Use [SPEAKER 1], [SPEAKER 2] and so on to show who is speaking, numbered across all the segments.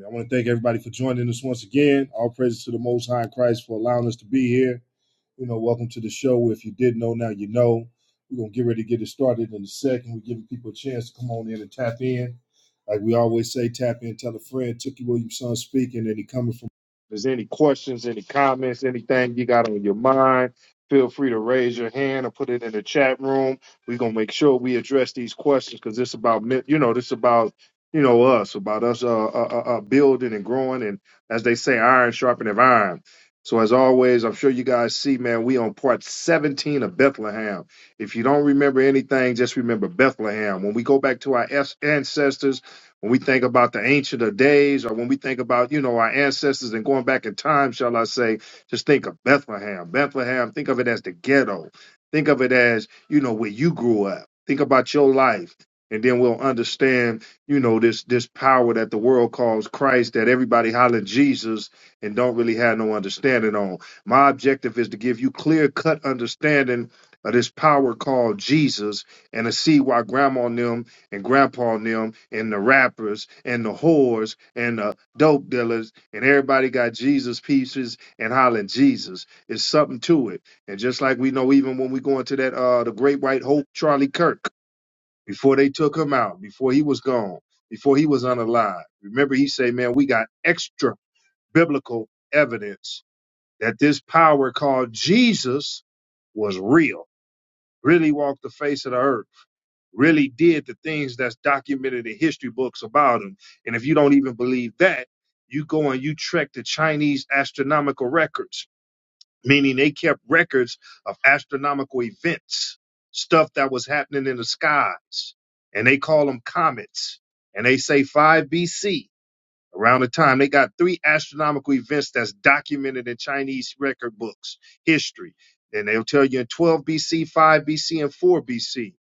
[SPEAKER 1] I want to thank everybody for joining us once again. All praises to the Most High in Christ for allowing us to be here. You know, welcome to the show. If you didn't know, now you know. We're gonna get ready to get it started in a second. We're giving people a chance to come on in and tap in. Like we always say, tap in, tell a friend. Tookie Williamson speaking, and he coming from. If there's any questions, any comments, anything you got on your mind, feel free to raise your hand or put it in the chat room. We're gonna make sure we address these questions because it's about you know, this about you know us, about us uh, uh, uh, uh, building and growing, and as they say, iron sharpening iron so as always, I'm sure you guys see, man, we on part 17 of Bethlehem. If you don't remember anything, just remember Bethlehem. When we go back to our as- ancestors, when we think about the ancient of days, or when we think about, you know, our ancestors and going back in time, shall I say, just think of Bethlehem. Bethlehem, think of it as the ghetto. Think of it as, you know, where you grew up. Think about your life. And then we'll understand, you know, this this power that the world calls Christ, that everybody hollering Jesus and don't really have no understanding on. My objective is to give you clear cut understanding of this power called Jesus and to see why grandma and them and grandpa and them and the rappers and the whores and the dope dealers and everybody got Jesus pieces and hollering Jesus. It's something to it. And just like we know even when we go into that uh the great white hope Charlie Kirk, before they took him out, before he was gone, before he was unalive. Remember he said, Man, we got extra biblical evidence that this power called Jesus was real, really walked the face of the earth, really did the things that's documented in history books about him. And if you don't even believe that, you go and you trek the Chinese astronomical records, meaning they kept records of astronomical events, stuff that was happening in the skies, and they call them comets. And they say 5 BC Around the time, they got three astronomical events that's documented in Chinese record books, history. And they'll tell you in 12 BC, 5 BC, and 4 BC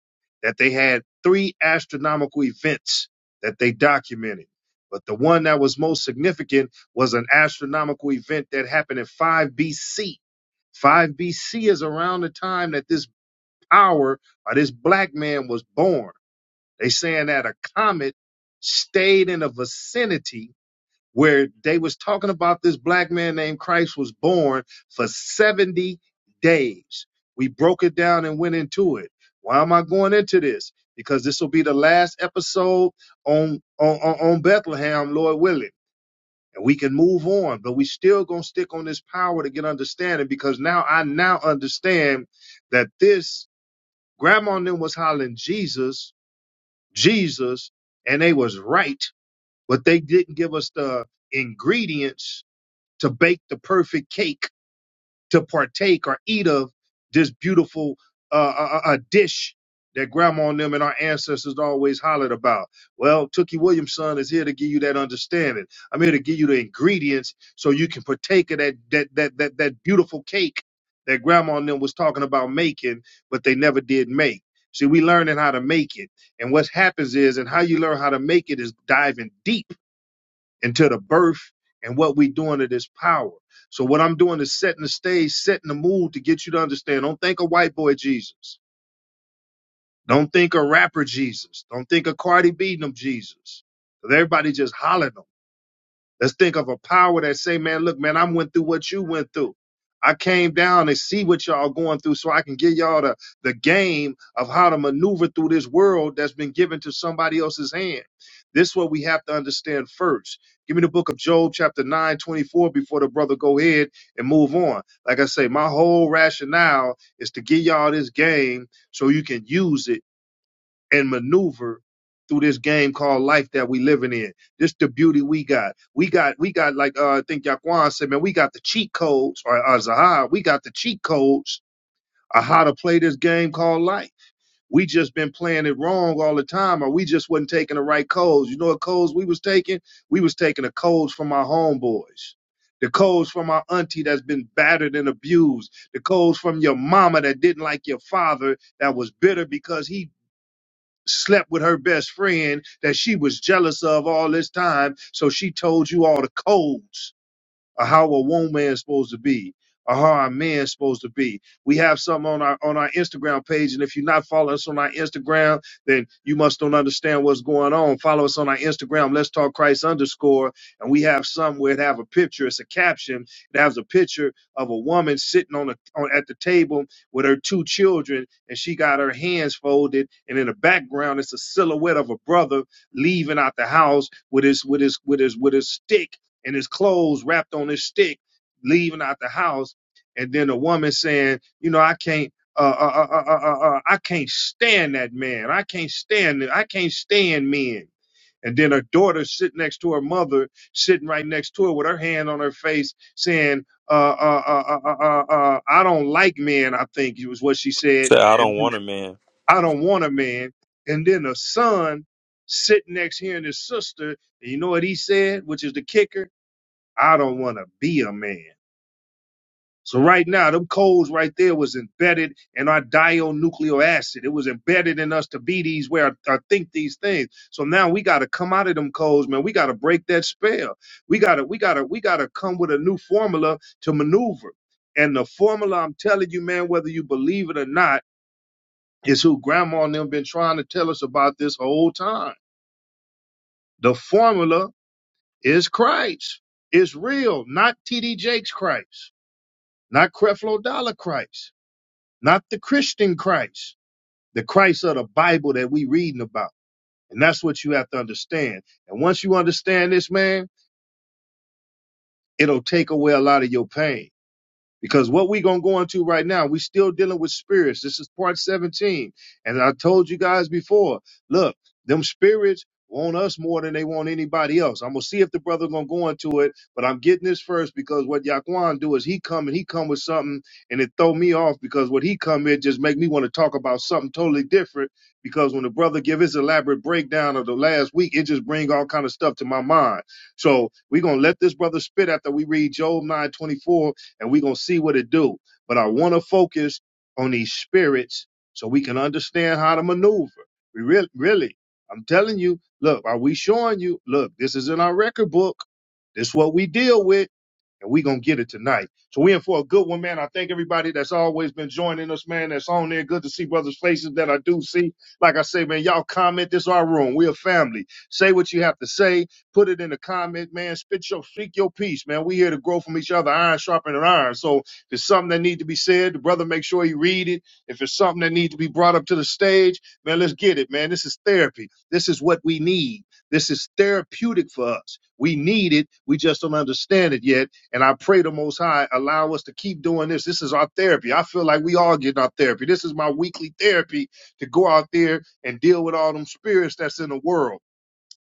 [SPEAKER 1] that they had three astronomical events that they documented. But the one that was most significant was an astronomical event that happened in 5 BC. 5 BC is around the time that this power or this black man was born. They saying that a comet stayed in the vicinity where they was talking about this black man named Christ was born for 70 days. We broke it down and went into it. Why am I going into this? Because this will be the last episode on on, on on Bethlehem, Lord willing. And we can move on, but we still gonna stick on this power to get understanding because now I now understand that this grandma and them was hollering Jesus, Jesus, and they was right, but they didn't give us the ingredients to bake the perfect cake to partake or eat of this beautiful uh, uh, uh, uh, dish that grandma and them and our ancestors always hollered about. Well, Tookie Williams' son is here to give you that understanding. I'm here to give you the ingredients so you can partake of that that that that, that beautiful cake that grandma and them was talking about making, but they never did make. See, we learning how to make it. And what happens is, and how you learn how to make it is diving deep into the birth and what we doing to this power. So what I'm doing is setting the stage, setting the mood to get you to understand. Don't think of white boy Jesus. Don't think of rapper Jesus. Don't think of Cardi B and them Jesus. everybody just hollering them. Let's think of a power that say, man, look, man, I went through what you went through. I came down and see what y'all going through so I can give y'all the, the game of how to maneuver through this world that's been given to somebody else's hand. This is what we have to understand first. Give me the book of Job, chapter 9 24 before the brother go ahead and move on. Like I say, my whole rationale is to give y'all this game so you can use it and maneuver through this game called life that we living in. This the beauty we got. We got we got like uh, I think Yaquan said, man, we got the cheat codes or uh, Zahar, we got the cheat codes of how to play this game called life. We just been playing it wrong all the time, or we just wasn't taking the right codes. You know what codes we was taking? We was taking the codes from our homeboys. The codes from our auntie that's been battered and abused. The codes from your mama that didn't like your father that was bitter because he slept with her best friend that she was jealous of all this time. So she told you all the codes or how a woman's supposed to be, or how a man's supposed to be. We have something on our on our Instagram page, and if you're not following us on our Instagram, then you must don't understand what's going on. Follow us on our Instagram. Let's talk Christ underscore, and we have some where it have a picture. It's a caption. It has a picture of a woman sitting on a on, at the table with her two children, and she got her hands folded, and in the background it's a silhouette of a brother leaving out the house with his with his with his with his stick and his clothes wrapped on his stick, leaving out the house. And then a woman saying, you know, I can't, uh, uh, uh, uh, uh, uh, uh, I can't stand that man. I can't stand it. I can't stand men. And then her daughter sitting next to her mother, sitting right next to her with her hand on her face, saying, uh, uh, uh, uh, uh, uh, uh, I don't like men, I think it was what she said.
[SPEAKER 2] Say, I
[SPEAKER 1] And
[SPEAKER 2] don't want a man.
[SPEAKER 1] I don't want a man. And then the son sitting next here and his sister, and you know what he said, which is the kicker? I don't want to be a man. So right now, them codes right there was embedded in our nuclear acid. It was embedded in us to be these where I or think these things. So now we got to come out of them codes, man. We got to break that spell. We got to, we got to, we got to come with a new formula to maneuver. And the formula, I'm telling you, man, whether you believe it or not, is who grandma and them been trying to tell us about this whole time. The formula is Christ. It's real, not TD Jakes Christ. not Creflo Dollar Christ, not the Christian Christ, the Christ of the Bible that we reading about. And that's what you have to understand. And once you understand this, man, it'll take away a lot of your pain. Because what we're going to go into right now, we're still dealing with spirits. This is part 17. And I told you guys before, look, them spirits want us more than they want anybody else. I'm going to see if the brother going to go into it, but I'm getting this first because what Yaquan do is he come and he come with something and it throw me off because what he come in just make me want to talk about something totally different because when the brother give his elaborate breakdown of the last week, it just bring all kind of stuff to my mind. So we're going to let this brother spit after we read Job 924 and we're gonna see what it do. But I wanna focus on these spirits so we can understand how to maneuver. We really really, I'm telling you, look, are we showing you, look, this is in our record book. This is what we deal with and we gonna get it tonight. So we in for a good one, man. I thank everybody that's always been joining us, man. That's on there. Good to see brothers' faces that I do see. Like I say, man, y'all comment. This is our room. We a family. Say what you have to say. Put it in the comment, man. Spit your speak your piece, man. We here to grow from each other, iron sharpening iron. So if it's something that need to be said, the brother make sure he read it. If it's something that need to be brought up to the stage, man, let's get it, man. This is therapy. This is what we need. This is therapeutic for us. We need it. We just don't understand it yet and I pray the Most High allow us to keep doing this. This is our therapy. I feel like we all getting our therapy. This is my weekly therapy to go out there and deal with all them spirits that's in the world.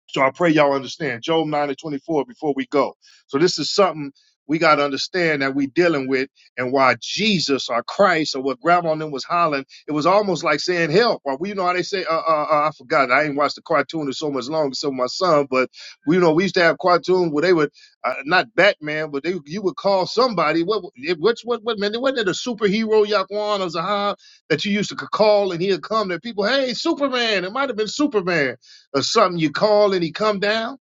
[SPEAKER 1] So I pray y'all understand. Job 9 and 24 before we go. So this is something we got to understand that we dealing with and why Jesus or Christ or what grandma and them was hollering, it was almost like saying help. Or we you know how they say, uh, uh, uh, I forgot. I ain't watched the cartoon in so much longer, so my son, but we you know, we used to have cartoon where they would, uh, not Batman, but they you would call somebody, what, it- which, what, what, man, wasn't it a superhero, Yaquan or Zahab, that you used to c- call and he'd come That people, hey, Superman, it might have been Superman or something you call and he come down?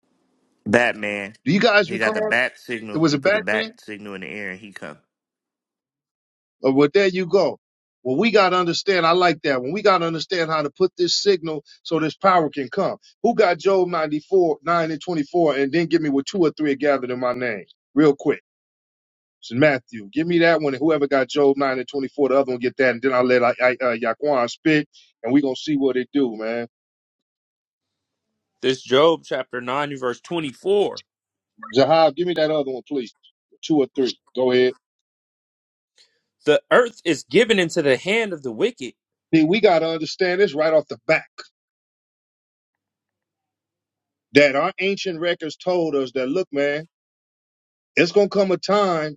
[SPEAKER 3] Batman.
[SPEAKER 1] Do you guys
[SPEAKER 3] He got the
[SPEAKER 1] recall
[SPEAKER 3] bat
[SPEAKER 1] it
[SPEAKER 3] signal.
[SPEAKER 1] was
[SPEAKER 3] You
[SPEAKER 1] a
[SPEAKER 3] put the
[SPEAKER 1] Batman?
[SPEAKER 3] bat signal in the air and he come.
[SPEAKER 1] Or well, there you go. Well, we gotta understand. I like that one. We gotta understand how to put this signal so this power can come. Who got Job 94, 9 and 24, and then give me what two or three are gathered in my name, real quick. It's Matthew, give me that one, and whoever got Job 9 and 24, the other one get that, and then I'll let I, I, uh, Yaquan spit, and we gonna see what it do, man.
[SPEAKER 2] This Job chapter 9, verse 24.
[SPEAKER 1] Jahab, give me that other one, please. Two or three. Go ahead.
[SPEAKER 2] The earth is given into the hand of the wicked.
[SPEAKER 1] See, we gotta understand this right off the bat. that our ancient records told us that look, man, it's gonna come a time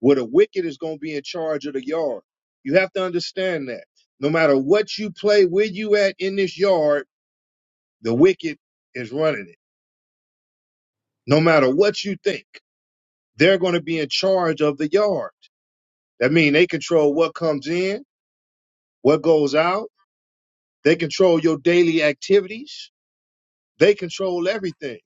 [SPEAKER 1] where the wicked is gonna be in charge of the yard. You have to understand that. No matter what you play, where you at in this yard, the wicked is running it. No matter what you think, they're gonna be in charge of the yard. That means they control what comes in, what goes out, they control your daily activities, they control everything.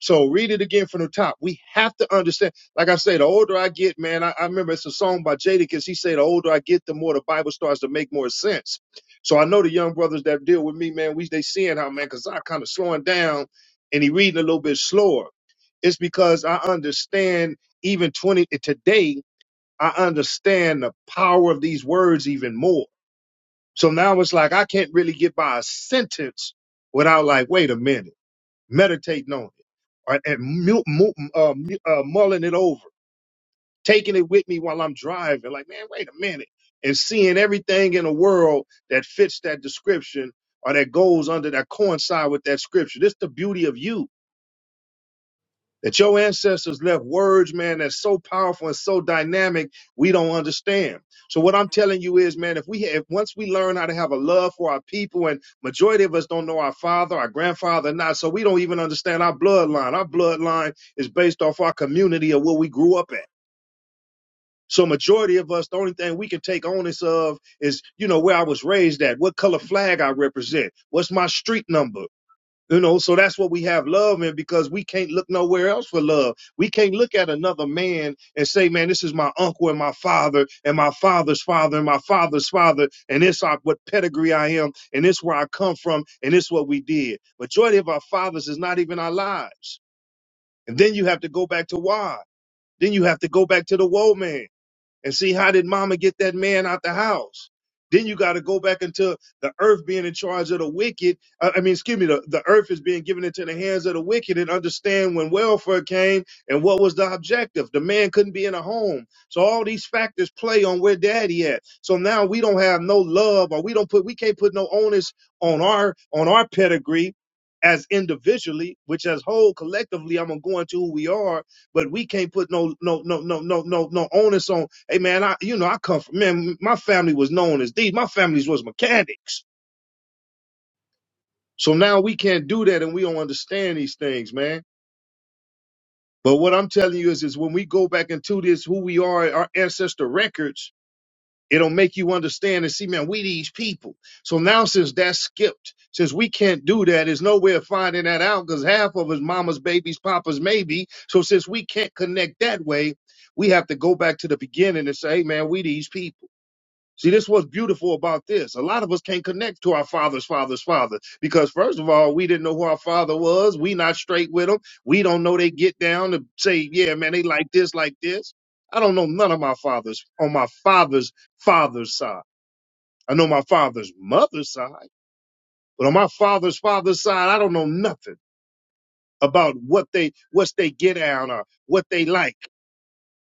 [SPEAKER 1] So read it again from the top. We have to understand. Like I say, the older I get, man, I, I remember it's a song by Jadakiss. He said, the older I get, the more the Bible starts to make more sense. So I know the young brothers that deal with me, man, we they seeing how man, cause I kind of slowing down and he reading a little bit slower. It's because I understand even 20 eh, today, I understand the power of these words even more. So now it's like I can't really get by a sentence without like, wait a minute meditating on it or, and mu- mu- uh, mu- uh, mulling it over, taking it with me while I'm driving. Like, man, wait a minute. And seeing everything in the world that fits that description or that goes under that coincide with that scripture. This is the beauty of you that your ancestors left words, man, that's so powerful and so dynamic, we don't understand. So what I'm telling you is, man, if we if once we learn how to have a love for our people, and majority of us don't know our father, our grandfather, not so we don't even understand our bloodline. Our bloodline is based off our community of where we grew up at. So majority of us, the only thing we can take onus of is, you know, where I was raised at, what color flag I represent, what's my street number, you know, so that's what we have love in because we can't look nowhere else for love. We can't look at another man and say, man, this is my uncle and my father and my father's father and my father's father. And this I, what pedigree I am and this is where I come from and this is what we did. Majority of our fathers is not even our lives. And then you have to go back to why. Then you have to go back to the woe man and see how did mama get that man out the house then you got to go back into the earth being in charge of the wicked i I mean excuse me the, the earth is being given into the hands of the wicked and understand when welfare came and what was the objective the man couldn't be in a home so all these factors play on where daddy at so now we don't have no love or we don't put we can't put no onus on our on our pedigree as individually which as whole collectively i'm gonna go into who we are but we can't put no no no no no no no onus on. Hey man, I you know I come from man. My family was known as these. My families was mechanics. So now we can't do that, and we don't understand these things, man. But what I'm telling you is, is when we go back into this, who we are, our ancestor records, It'll make you understand and see, man, we these people. So now since that's skipped, since we can't do that, there's no way of finding that out because half of us mama's babies, papa's maybe. So since we can't connect that way, we have to go back to the beginning and say, hey man, we these people. See, this was beautiful about this. A lot of us can't connect to our father's father's father because, first of all, we didn't know who our father was. We not straight with them. We don't know they get down to say, yeah, man, they like this, like this. I don't know none of my fathers on my father's father's side. I know my father's mother's side, but on my father's father's side, I don't know nothing about what they what they get down or what they like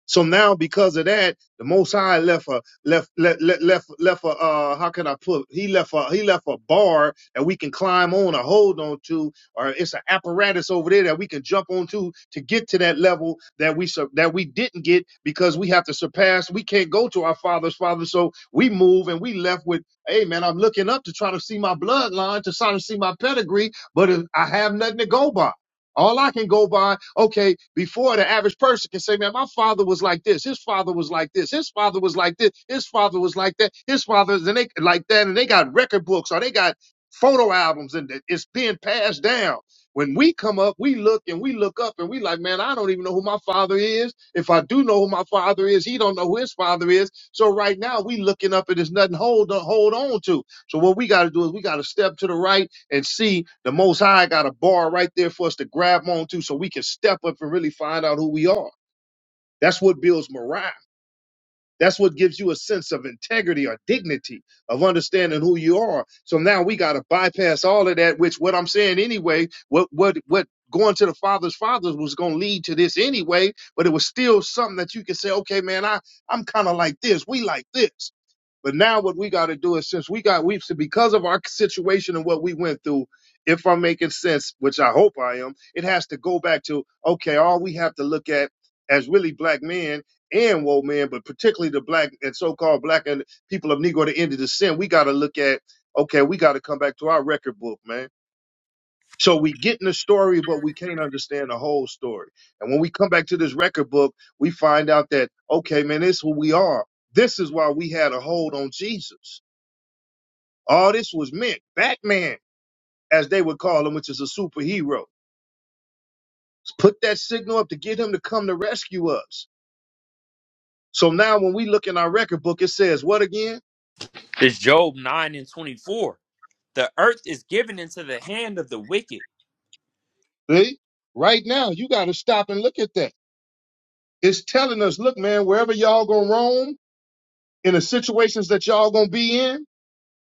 [SPEAKER 1] so now, because of that, the Most High left a left left left left, left a uh, how can I put? He left a he left a bar that we can climb on or hold on to, or it's an apparatus over there that we can jump onto to get to that level that we sur- that we didn't get because we have to surpass. We can't go to our father's father, so we move and we left with, hey man, I'm looking up to try to see my bloodline to try to see my pedigree, but I have nothing to go by. All I can go by, okay, before the average person can say, man, my father was like this, his father was like this, his father was like this, his father was like that, his father is and they like that, and they got record books or they got photo albums and it- it's being passed down. When we come up, we look and we look up and we like, man, I don't even know who my father is. If I do know who my father is, he don't know who his father is. So right now we looking up and there's nothing hold to hold on to. So what we got to do is we got to step to the right and see the most high got a bar right there for us to grab onto so we can step up and really find out who we are. That's what builds morale. That's what gives you a sense of integrity or dignity of understanding who you are. So now we got to bypass all of that, which what I'm saying anyway, what what what going to the father's fathers was going to lead to this anyway, but it was still something that you could say, okay, man, I I'm kind of like this. We like this. But now what we got to do is since we got we because of our situation and what we went through, if I'm making sense, which I hope I am, it has to go back to okay, all we have to look at as really black men and woke men, but particularly the black and so-called black and people of Negro to end of the sin, we got to look at okay, we got to come back to our record book, man so we get in the story, but we can't understand the whole story. And when we come back to this record book, we find out that, okay, man, this is who we are. This is why we had a hold on Jesus. All this was meant. Batman, as they would call him, which is a superhero. Put that signal up to get him to come to rescue us. So now when we look in our record book, it says what again?
[SPEAKER 2] This Job 9 and 24. The earth is given into the hand of the wicked.
[SPEAKER 1] See? Right now, you got to stop and look at that. It's telling us, look, man, wherever y'all gonna roam, in the situations that y'all gonna be in,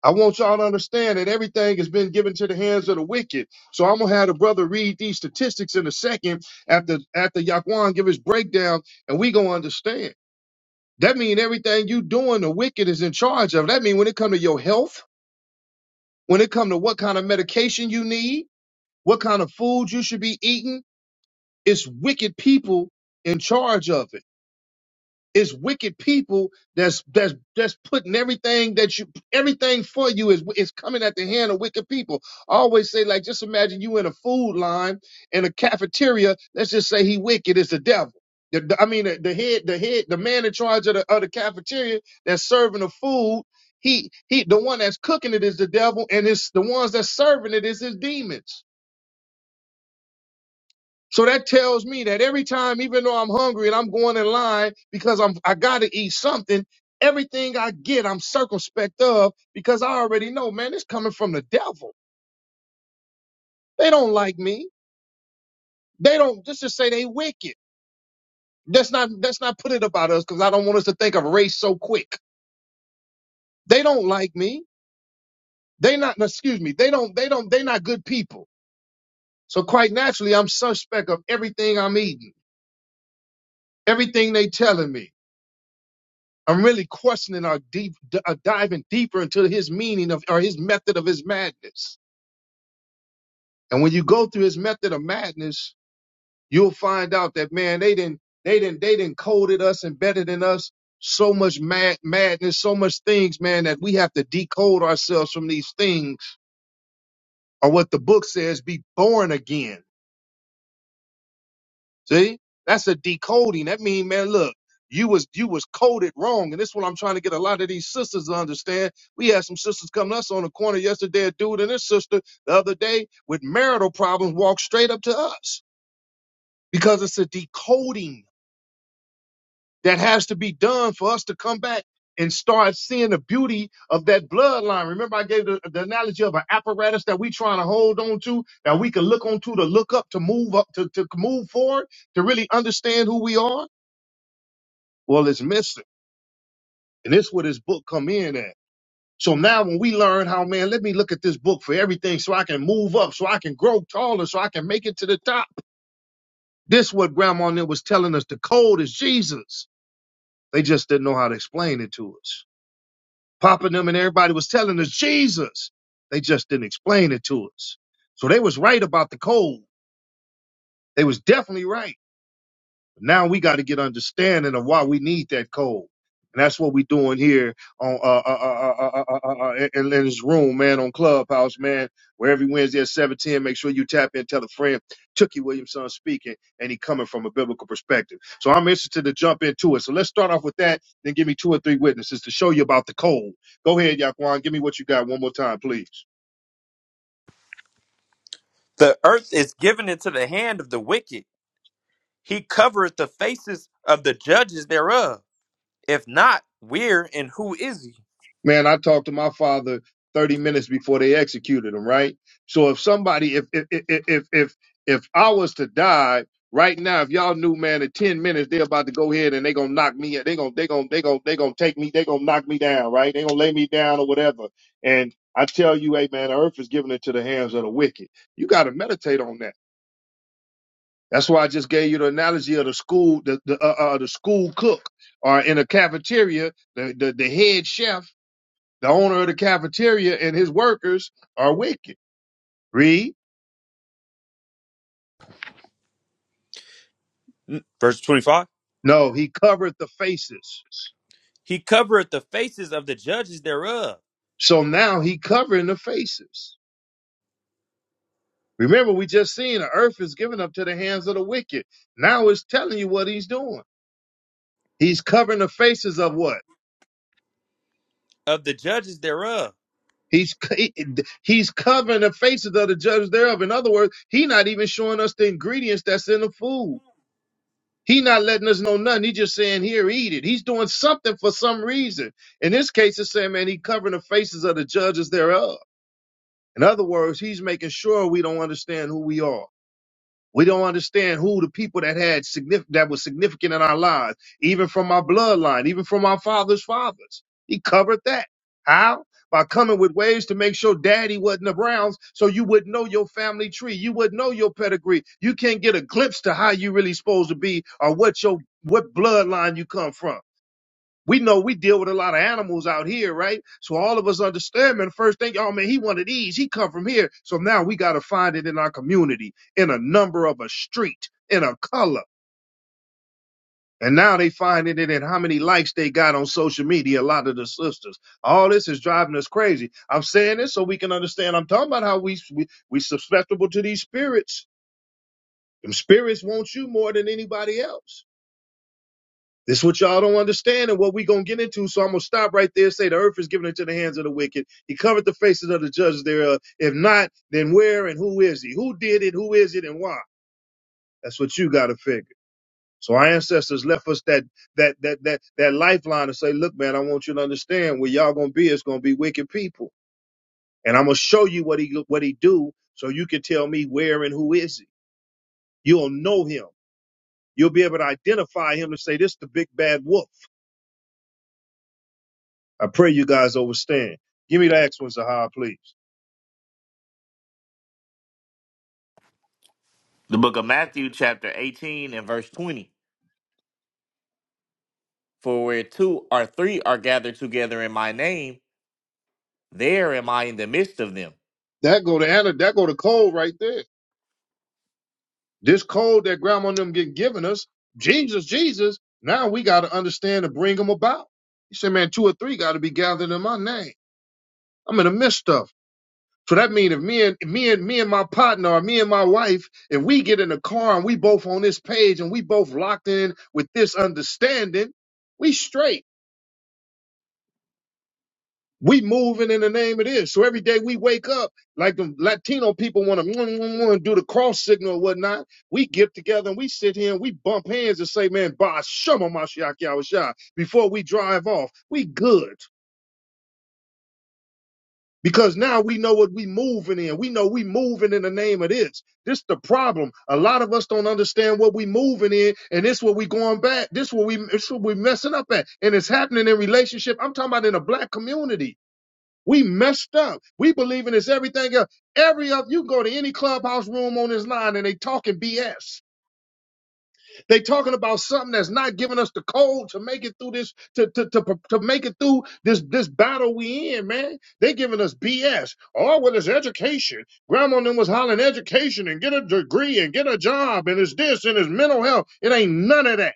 [SPEAKER 1] I want y'all to understand that everything has been given to the hands of the wicked. So I'm gonna have the brother read these statistics in a second after after Yaquan give his breakdown, and we gonna understand. That means everything you doing, the wicked is in charge of. That means when it come to your health, when it come to what kind of medication you need, what kind of food you should be eating, it's wicked people in charge of it. It's wicked people that's that's that's putting everything that you everything for you is is coming at the hand of wicked people. I always say like just imagine you in a food line in a cafeteria. Let's just say he wicked is the devil. The, the- I mean the, the head the head the man in charge of the of the cafeteria that's serving the food. He he the one that's cooking it is the devil, and it's the ones that's serving it is his demons. So that tells me that every time, even though I'm hungry and I'm going in line because I'm I gotta eat something, everything I get, I'm circumspect of because I already know, man, it's coming from the devil. They don't like me. They don't let's just say they wicked. That's not that's not put it about us because I don't want us to think of race so quick. They don't like me. They not no, excuse me, they don't they don't they not good people. So quite naturally, I'm suspect of everything I'm eating, everything they telling me. I'm really questioning or deep, d- uh, diving deeper into his meaning of or his method of his madness. And when you go through his method of madness, you'll find out that man, they didn't, they didn't, they didn't coded us and better than us so much mad madness, so much things, man, that we have to decode ourselves from these things or what the book says, be born again. See, that's a decoding. That mean, man, look, you was you was coded wrong, and this is what I'm trying to get a lot of these sisters to understand. We had some sisters come to us on the corner yesterday, a dude and his sister the other day with marital problems walked straight up to us because it's a decoding that has to be done for us to come back and start seeing the beauty of that bloodline. Remember, I gave the, the analogy of an apparatus that we trying to hold on to that we can look onto to to look up to move up to, to move forward to really understand who we are Well, it's missing. And this where this book come in at. So now when we learn how, man, let me look at this book for everything so I can move up, so I can grow taller, so I can make it to the top. This what grandma Nell was telling us. The code is Jesus. They just didn't know how to explain it to us. Papa and them and everybody was telling us Jesus. They just didn't explain it to us. So they was right about the code. They was definitely right. Now we got to get understanding of why we need that code. And that's what we're doing here on uh, uh, uh, uh, uh, uh, uh, uh, in, in this room, man, on Clubhouse, man, where every Wednesday at 710, make sure you tap in, tell a friend. Tookie Williamson speaking, and he coming from a biblical perspective. So I'm interested to jump into it. So let's start off with that, then give me two or three witnesses to show you about the code. Go ahead, Yaquan, give me what you got one more time, please.
[SPEAKER 2] The earth is given into the hand of the wicked. He covereth the faces of the judges thereof. If not, where and who is he?
[SPEAKER 1] man, I talked to my father 30 minutes before they executed him, right? So if somebody, if if if if if, if I was to die right now, if y'all knew, man, in 10 minutes they're about to go ahead and they gonna knock me, they gonna they gonna they gonna they gonna take me, they gonna knock me down, right? They gonna lay me down or whatever, and I tell you, hey man, the earth is given into the hands of the wicked. You got to meditate on that. That's why I just gave you the analogy of the school, the the, uh, uh, the school cook, or in a cafeteria, the, the the head chef the owner of the cafeteria and his workers are wicked. Read.
[SPEAKER 2] Mm, Verse 25.
[SPEAKER 1] No, he covered the faces.
[SPEAKER 2] He covereth the faces of the judges thereof.
[SPEAKER 1] So now he covering the faces. Remember, we just seen the earth is given up to the hands of the wicked. Now it's telling you what he's doing. He's covering the faces of what?
[SPEAKER 2] Of the judges thereof.
[SPEAKER 1] He's he's covering the faces of the judges thereof. In other words, he not even showing us the ingredients that's in the food. He not letting us know nothing. He just saying, here, eat it. He's doing something for some reason. In this case, it's saying, man, he covering the faces of the judges thereof. In other words, he's making sure we don't understand who we are. We don't understand who the people that had significant that was significant in our lives, even from our bloodline, even from our father's fathers. He covered that. How? By coming with ways to make sure daddy wasn't around so you wouldn't know your family tree. You wouldn't know your pedigree. You can't get a glimpse to how you really supposed to be or what your what bloodline you come from we know we deal with a lot of animals out here, right? So all of us understand, man, the first thing, oh man, he one of these, he come from here. So now we gotta find it in our community, in a number of a street, in a color. And now they finding it in how many likes they got on social media, a lot of the sisters. All this is driving us crazy. I'm saying this so we can understand. I'm talking about how we we, we susceptible to these spirits. Them spirits want you more than anybody else. This is what y'all don't understand and what we going to get into. So I'm going to stop right there and say the earth is given into the hands of the wicked. He covered the faces of the judges thereof. If not, then where and who is he? Who did it? Who is it and why? That's what you got to figure. So our ancestors left us that, that, that, that, that lifeline to say, look, man, I want you to understand where y'all going to be. It's going to be wicked people. And I'm going to show you what he, what he do so you can tell me where and who is he. You'll know him. You'll be able to identify him and say, this is the big bad wolf. I pray you guys overstand. Give me the Acts one, Zahar, please.
[SPEAKER 3] The book of Matthew, chapter 18 and verse 20. For where two or three are gathered together in my name, there am I in the midst of them.
[SPEAKER 1] That go to Anna, that go to cold right there. This code that grandma and them get given us, Jesus, Jesus. Now we got to understand to bring them about. He said, man, two or three got to be gathered in my name. I'm in the midst of. So that means if me and me and me and my partner or me and my wife, if we get in a car and we both on this page and we both locked in with this understanding, we straight. We moving in the name of this. So every day we wake up, like the Latino people want to do the cross signal or whatnot. We get together and we sit here and we bump hands and say, man, ba shama mashiach yahushua. Before we drive off, we good. Because now we know what we moving in. We know we moving in the name of this. This the problem. A lot of us don't understand what we moving in, and this what we going back. This what we this what we messing up at, and it's happening in relationship. I'm talking about in a black community. We messed up. We believe in this everything else. Every of you go to any clubhouse room on this line and they talking BS. They talking about something that's not giving us the code to make it through this, to, to, to, to make it through this, this battle we in, man. They giving us BS. Oh, well, it's education. Grandma and them was hollering education and get a degree and get a job and it's this and it's mental health. It ain't none of that.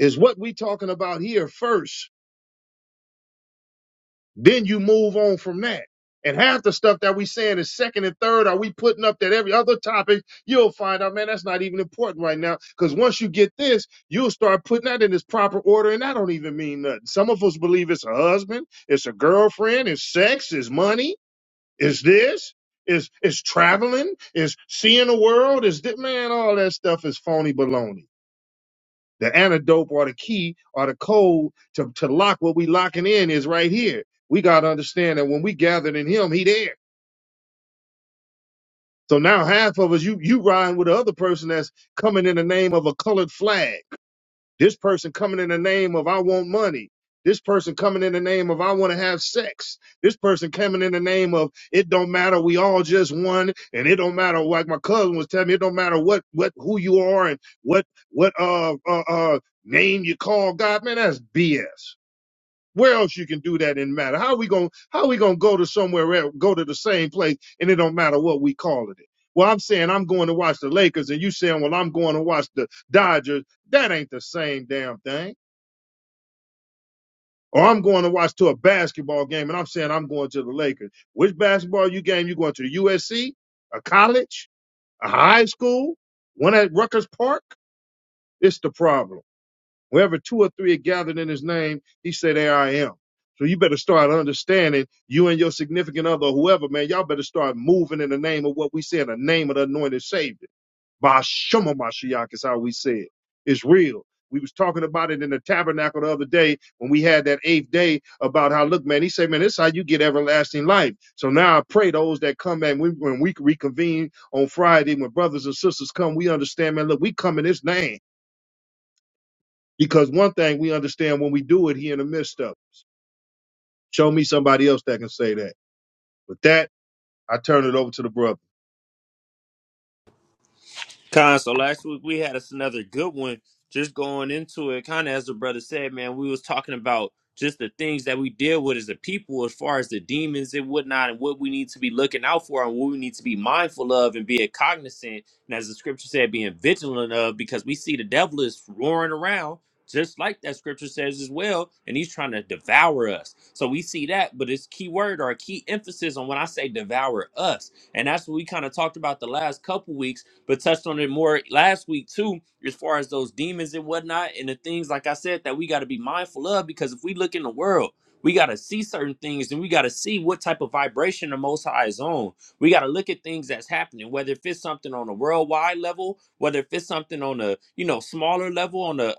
[SPEAKER 1] Is what we talking about here first. Then you move on from that. And half the stuff that we saying is second and third, are we putting up that every other topic? You'll find out, man, that's not even important right now. Because once you get this, you'll start putting that in its proper order, and that don't even mean nothing. Some of us believe it's a husband, it's a girlfriend, it's sex, it's money, it's this, it's it's traveling, it's seeing the world, it's thi- man, all that stuff is phony baloney. The antidote or the key or the code to, to lock what we locking in is right here. We gotta understand that when we gathered in him, he there. So now half of us, you you riding with the other person that's coming in the name of a colored flag. This person coming in the name of I want money. This person coming in the name of I want to have sex. This person coming in the name of it don't matter. We all just one, and it don't matter. Like my cousin was telling me, it don't matter what what who you are and what what uh uh, uh name you call God. Man, that's BS. Where else you can do that in matter? How we gonna how we gonna go to somewhere else, go to the same place, and it don't matter what we call it. Well, I'm saying I'm going to watch the Lakers, and you saying, well, I'm going to watch the Dodgers. That ain't the same damn thing. Or I'm going to watch to a basketball game, and I'm saying I'm going to the Lakers. Which basketball you game you going to? USC, a college, a high school, one at Rutgers Park? It's the problem. Wherever two or three are gathered in his name, he said, There I am. So you better start understanding you and your significant other, or whoever, man, y'all better start moving in the name of what we say in the name of the anointed savior. Bashoma Mashiach is how we say it. It's real. We was talking about it in the tabernacle the other day when we had that eighth day about how, look, man, he said, man, this is how you get everlasting life. So now I pray those that come, man, we, when we reconvene on Friday, when brothers and sisters come, we understand, man, look, we come in his name. Because one thing we understand when we do it, he in the midst of us. Show me somebody else that can say that. With that, I turn it over to the brother.
[SPEAKER 2] Con, so last week we had us another good one. Just going into it, kind of as the brother said, man, we was talking about just the things that we deal with as a people, as far as the demons and whatnot, and what we need to be looking out for, and what we need to be mindful of, and being cognizant, and as the scripture said, being vigilant of, because we see the devil is roaring around, just like that scripture says as well, and he's trying to devour us. So we see that, but it's key word or key emphasis on when I say devour us, and that's what we kind of talked about the last couple weeks but touched on it more last week too, as far as those demons and whatnot, and the things like I said that we got to be mindful of because if we look in the world, we got to see certain things and we got to see what type of vibration the Most High is on. We got to look at things that's happening, whether if it's something on a worldwide level, whether if it's something on a you know smaller level, on a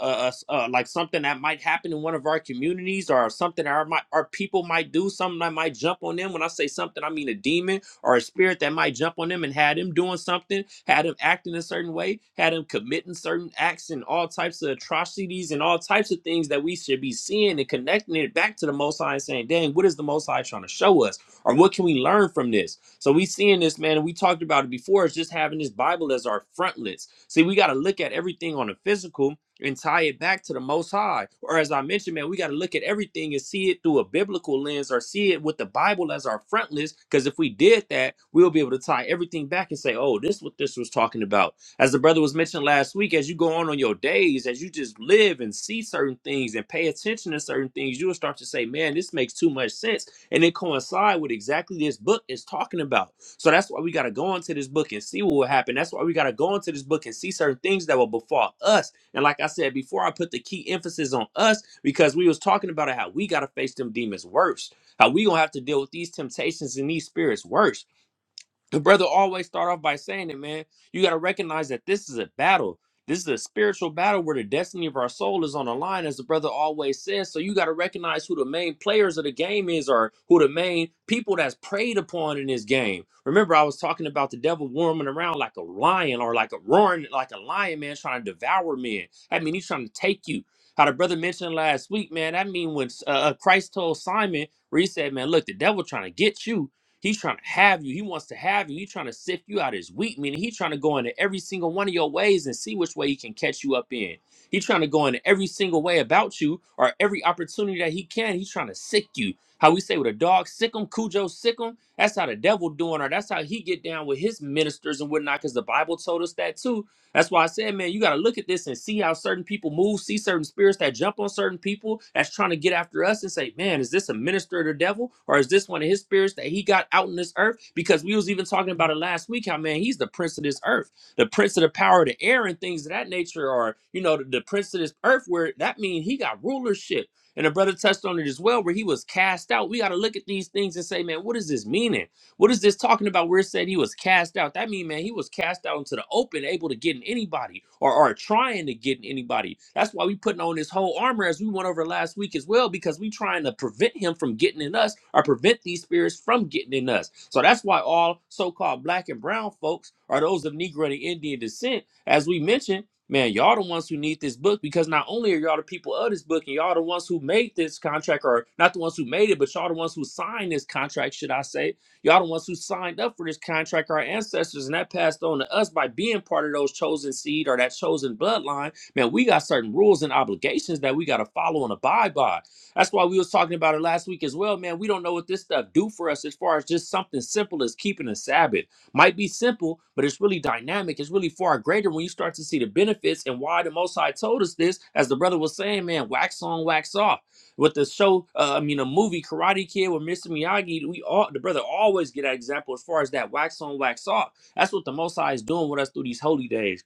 [SPEAKER 2] uh, like something that might happen in one of our communities or something our mi- our people might do, something that might jump on them. When I say something, I mean a demon or a spirit that might jump on them and had them doing something, had them acting a certain way, had them committing certain acts and all types of atrocities and all types of things that we should be seeing and connecting it back to the Most High and saying, dang, what is the Most High trying to show us? Or what can we learn from this? So we seeing this, man, and we talked about it before, is just having this Bible as our frontlets. See, we got to look at everything on the physical and tie it back to the most high or as i mentioned man we got to look at everything and see it through a biblical lens or see it with the bible as our front lens because if we did that we'll be able to tie everything back and say oh this is what this was talking about as the brother was mentioned last week as you go on on your days as you just live and see certain things and pay attention to certain things you will start to say man this makes too much sense and it coincide with exactly this book is talking about so that's why we got to go into this book and see what will happen that's why we got to go into this book and see certain things that will befall us and like I said before, I put the key emphasis on us because we was talking about how we gotta face them demons worse, how we gonna have to deal with these temptations and these spirits worse the brother always start off by saying it, man. You got to recognize that this is a battle. This is a spiritual battle where the destiny of our soul is on the line, as the brother always says. So you got to recognize who the main players of the game is, or who the main people that's preyed upon in this game. Remember, I was talking about the devil warming around like a lion, or like a roaring, like a lion, man, trying to devour men. I mean, he's trying to take you. How the brother mentioned last week, man. That mean when uh, uh, Christ told Simon, where he said, "Man, look, the devil trying to get you." He's trying to have you. He wants to have you. He's trying to sift you out as wheat, meaning he's trying to go into every single one of your ways and see which way he can catch you up in. He's trying to go into every single way about you or every opportunity that he can. He's trying to sick you. How we say with a dog, sick him, Cujo, sick him. That's how the devil doing, or that's how he get down with his ministers and whatnot, because the Bible told us that too that's why I said, man, you got to look at this and see how certain people move, see certain spirits that jump on certain people that's trying to get after us and say, man, is this a minister of the devil or is this one of his spirits that he got out in this earth? Because we was even talking about it last week how, man, he's the prince of this earth, the prince of the power of the air and things of that nature, or, you know, the, the prince of this earth, where that means he got rulership. And a brother touched on it as well, where he was cast out. We got to look at these things and say, man, what is this meaning? What is this talking about? Where it said he was cast out. That mean, man, he was cast out into the open, able to get in anybody or, or trying to get in anybody. That's why we putting on this whole armor as we went over last week as well, because we trying to prevent him from getting in us or prevent these spirits from getting in us. So that's why all so-called black and brown folks are those of Negro and Indian descent, as we mentioned, man, y'all the ones who need this book because not only are y'all the people of this book and y'all the ones who made this contract, or not the ones who made it, but y'all the ones who signed this contract, should I say, Y'all the ones who signed up for this contract, our ancestors, and that passed on to us by being part of those chosen seed or that chosen bloodline. Man, we got certain rules and obligations that we got to follow and abide by. That's why we was talking about it last week as well, man. We don't know what this stuff do for us as far as just something simple as keeping a Sabbath. Might be simple, but it's really dynamic. It's really far greater when you start to see the benefits and why the Most High told us this. As the brother was saying, man, wax on, wax off. With the show, uh, I mean, a movie, Karate Kid with Mr. Miyagi, we all the brother always get an example as far as that wax on, wax off. That's what the Most High is doing with us through these holy days.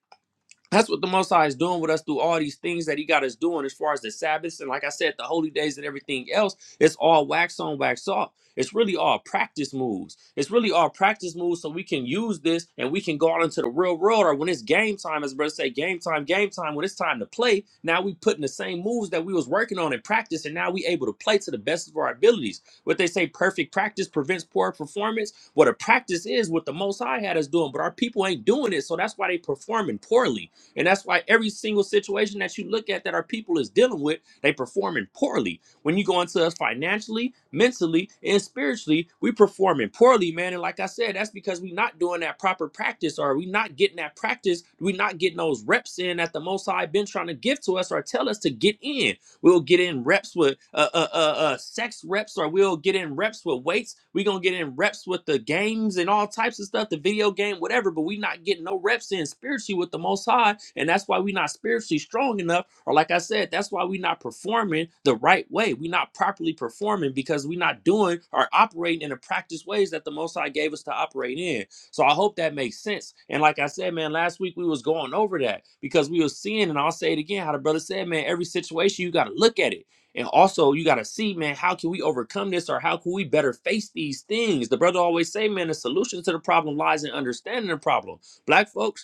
[SPEAKER 2] That's what the Most High is doing with us through all these things that He got us doing, as far as the Sabbaths and, like I said, the holy days and everything else. It's all wax on, wax off. It's really all practice moves. It's really all practice moves, so we can use this and we can go out into the real world. Or when it's game time, as brothers say, game time, game time. When it's time to play, now we putting the same moves that we was working on in practice, and now we able to play to the best of our abilities. What they say, perfect practice prevents poor performance. What a practice is, what the Most High had us doing, but our people ain't doing it, so that's why they performing poorly. And that's why every single situation that you look at that our people is dealing with, they performing poorly. When you go into us financially, mentally, and spiritually, we performing poorly, man. And like I said, that's because we not doing that proper practice, or we not getting that practice, we not getting those reps in that the Most High been trying to give to us or tell us to get in. We'll get in reps with uh, uh, uh, uh, sex reps, or we'll get in reps with weights. We're going to get in reps with the games and all types of stuff, the video game, whatever, but we not getting no reps in spiritually with the Most High. And that's why we not spiritually strong enough. Or, like I said, that's why we not performing the right way. we not properly performing because we not doing or operating in the practice ways that the Most High gave us to operate in. So I hope that makes sense. And like I said, man, last week we was going over that because we was seeing, and I'll say it again, how the brother said, man, every situation you got to look at it. And also you got to see, man, how can we overcome this or how can we better face these things? The brother always say, man, the solution to the problem lies in understanding the problem. Black folks,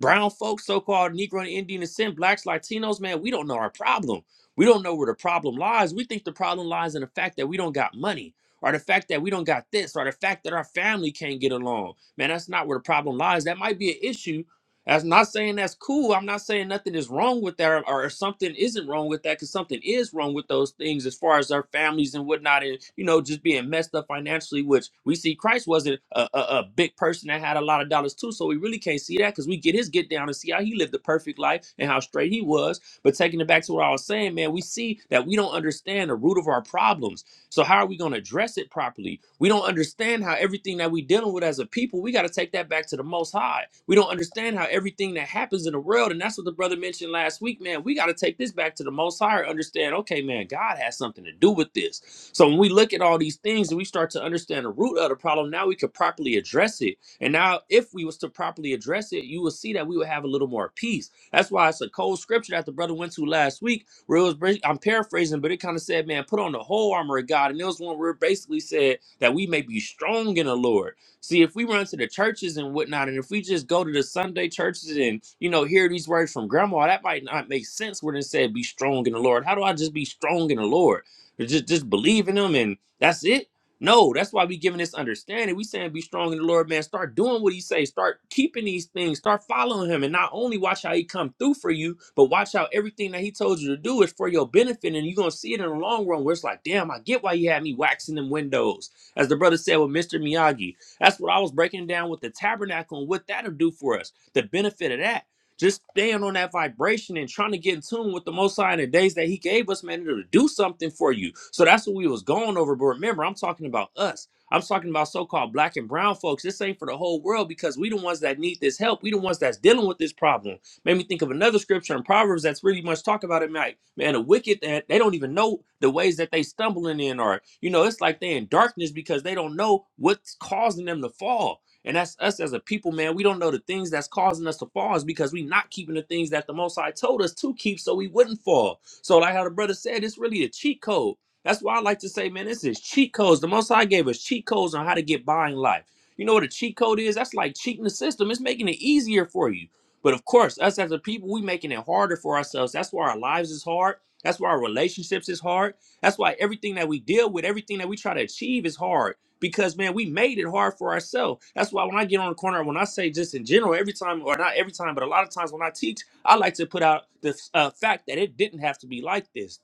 [SPEAKER 2] brown folks, so-called Negro and Indian descent, blacks, Latinos, man, we don't know our problem. We don't know where the problem lies. We think the problem lies in the fact that we don't got money, or the fact that we don't got this, or the fact that our family can't get along. Man, that's not where the problem lies. That might be an issue that's not saying that's cool. I'm not saying nothing is wrong with that or, or something isn't wrong with that because something is wrong with those things as far as our families and whatnot and, you know, just being messed up financially, which we see Christ wasn't a, a, a big person that had a lot of dollars too. So we really can't see that because we get his get down and see how he lived the perfect life and how straight he was. But taking it back to what I was saying, man, we see that we don't understand the root of our problems so how are we going to address it properly? We don't understand how everything that we're dealing with as a people, we got to take that back to the Most High. We don't understand how everything that happens in the world, and that's what the brother mentioned last week, man. We got to take this back to the Most High. and Understand? Okay, man, God has something to do with this. So when we look at all these things and we start to understand the root of the problem, now we could properly address it. And now, if we was to properly address it, you will see that we would have a little more peace. That's why it's a cold scripture that the brother went to last week where it was I'm paraphrasing, but it kind of said, man, put on the whole armor of God. And there was one where it basically said that we may be strong in the Lord. See, if we run to the churches and whatnot, and if we just go to the Sunday churches and, you know, hear these words from grandma, that might not make sense when it said be strong in the Lord. How do I just be strong in the Lord? Just just believe in him and that's it no, that's why we giving this understanding. We saying be strong in the Lord, man. Start doing what he says. Start keeping these things. Start following him. And not only watch how he come through for you, but watch how everything that he told you to do is for your benefit. And you're gonna see it in the long run where it's like, damn, I get why he had me waxing them windows. As the brother said with Mr. Miyagi. That's what I was breaking down with the tabernacle and what that'll do for us. The benefit of that. Just staying on that vibration and trying to get in tune with the Most High in the days that He gave us, man, to do something for you. So that's what we was going over. But remember, I'm talking about us. I'm talking about so-called black and brown folks. This ain't for the whole world because we the ones that need this help. We the ones that's dealing with this problem. Made me think of another scripture in Proverbs that's really much talk about it, Mike. Man, the wicked that they don't even know the ways that they stumbling in, or you know, it's like they in darkness because they don't know what's causing them to fall and that's us as a people, man. We don't know the things that's causing us to fall is because we not keeping the things that the Most High told us to keep so we wouldn't fall. So, like how the brother said, it's really a cheat code. That's why I like to say, man, this is cheat codes. The Most High gave us cheat codes on how to get by in life. You know what a cheat code is? That's like cheating the system. It's making it easier for you. But of course, us as a people, we making it harder for ourselves. That's why our lives is hard. That's why our relationships is hard. That's why everything that we deal with, everything that we try to achieve is hard because man, we made it hard for ourselves. That's why when I get on the corner, when I say just in general, every time or not every time, but a lot of times when I teach, I like to put out the uh, fact that it didn't have to be like this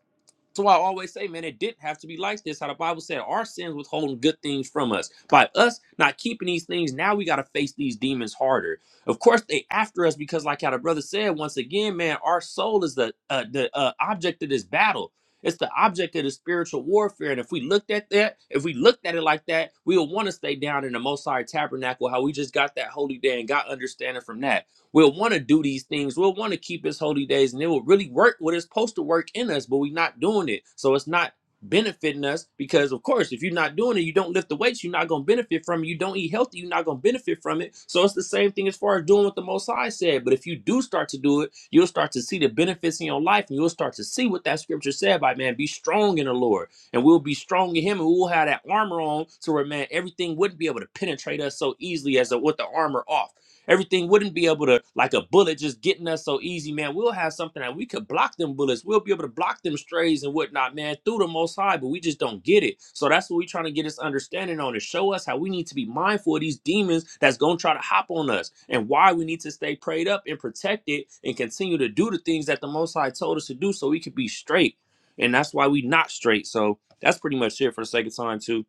[SPEAKER 2] so I always say, man, it didn't have to be like this. How the Bible said our sins withholding good things from us. By us not keeping these things, now we got to face these demons harder. Of course, they after us because, like how the brother said, once again, man, our soul is the uh, the uh, object of this battle. It's the object of the spiritual warfare. And if we looked at that, if we looked at it like that, we would want to stay down in the Most High Tabernacle, how we just got that holy day and got understanding from that. We'll want to do these things. We'll want to keep his holy days and it will really work what it's supposed to work in us, but we're not doing it. So it's not benefiting us because of course if you're not doing it you don't lift the weights you're not going to benefit from it you don't eat healthy you're not going to benefit from it so it's the same thing as far as doing what the most high said but if you do start to do it you'll start to see the benefits in your life and you'll start to see what that scripture said by man be strong in the lord and we'll be strong in him and we'll have that armor on so where man everything wouldn't be able to penetrate us so easily as a, with the armor off Everything wouldn't be able to, like a bullet, just getting us so easy, man. We'll have something that we could block them bullets. We'll be able to block them strays and whatnot, man, through the most high, but we just don't get it. So that's what we're trying to get this understanding on to show us how we need to be mindful of these demons that's going to try to hop on us and why we need to stay prayed up and protected and continue to do the things that the most high told us to do so we could be straight. And that's why we not straight. So that's pretty much it for the sake of time, too.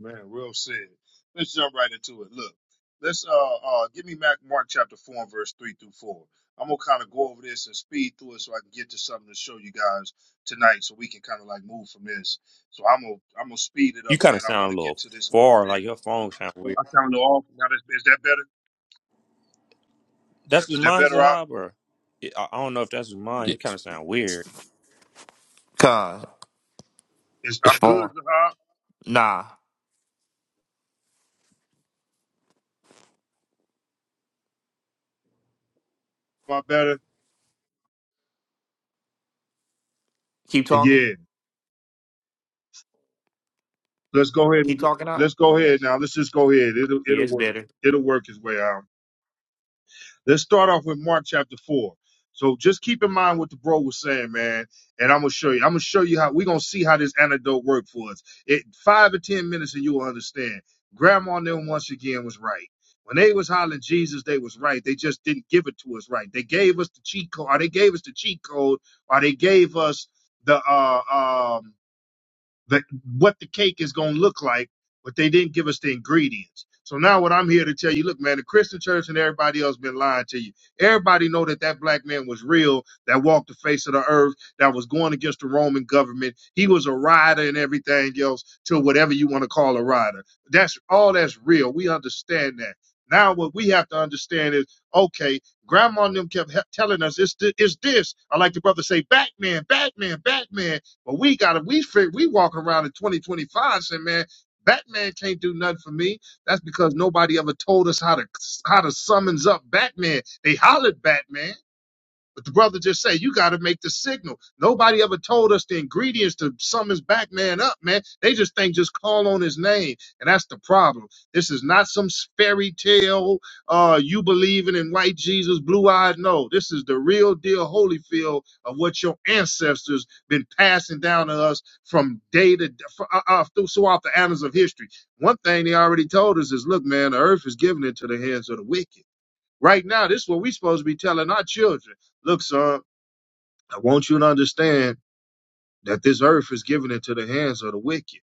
[SPEAKER 1] Man, real sad. Let's jump right into it. Look, let's uh uh give me Mac Mark chapter four and verse three through four. I'm gonna kind of go over this and speed through it so I can get to something to show you guys tonight, so we can kind of like move from this. So I'm gonna I'm gonna speed it
[SPEAKER 2] You
[SPEAKER 1] up,
[SPEAKER 2] kind of
[SPEAKER 1] man. I want
[SPEAKER 2] sound a
[SPEAKER 1] to get
[SPEAKER 2] little
[SPEAKER 1] to this whole
[SPEAKER 2] far,
[SPEAKER 1] thing.
[SPEAKER 2] like your phone sound
[SPEAKER 1] Oh,
[SPEAKER 2] weird.
[SPEAKER 1] I sound off now. Is, is that better?
[SPEAKER 2] That's his
[SPEAKER 1] Is that
[SPEAKER 2] mind,
[SPEAKER 1] better? Out?
[SPEAKER 2] Zahab, or it, I I don't know if that's his mind. It kind
[SPEAKER 3] Yes.
[SPEAKER 2] of sounds weird.
[SPEAKER 3] Con,
[SPEAKER 1] Is
[SPEAKER 3] it's
[SPEAKER 1] I'm good?
[SPEAKER 3] far.
[SPEAKER 1] Zahab?
[SPEAKER 3] Nah.
[SPEAKER 1] Am I better?
[SPEAKER 3] Keep talking.
[SPEAKER 1] Yeah. Let's go ahead. And,
[SPEAKER 3] Keep talking out.
[SPEAKER 1] let's go ahead now. Let's just go ahead. It'll
[SPEAKER 3] Yeah,
[SPEAKER 1] it'll
[SPEAKER 3] it's
[SPEAKER 1] work.
[SPEAKER 3] better.
[SPEAKER 1] It'll work its way out. Let's start off with Mark chapter four. So just keep in mind what the bro was saying, man. And I'm gonna show you. I'm gonna show you how we're gonna see how this antidote worked for us. It five or ten minutes and you will understand. Grandma and them once again was right. When they was hollering Jesus, they was right. They just didn't give it to us right. They gave us the cheat code, or they gave us the cheat code, or they gave us the uh um that what the cake is going to look like, but they didn't give us the ingredients. So now what I'm here to tell you, look, man, the Christian church and everybody else been lying to you. Everybody know that that black man was real, that walked the face of the earth, that was going against the Roman government. He was a rider and everything else to whatever you want to call a rider. That's all that's real. We understand that. Now what we have to understand is, okay, grandma and them kept he- telling us it's, th- it's this. I like the brother say, Batman, Batman, Batman. But we got to we fig- we walk around in 2025 saying, man, Batman can't do nothing for me. That's because nobody ever told us how to how to summons up Batman. They hollered Batman, but the brother just say, you got to make the signal. Nobody ever told us the ingredients to sum his back man up, man. They just think just call on his name. And that's the problem. This is not some fairy tale, uh, you believing in white Jesus, blue eyed. No, this is the real deal Holyfield of what your ancestors been passing down to us from day to fr- uh, uh, through- throughout the annals of history. One thing they already told us is, look, man, the earth is given into the hands of the wicked. Right now, this is what we supposed to be telling our children. Look, son, I want you to understand that this earth is given into the hands of the wicked.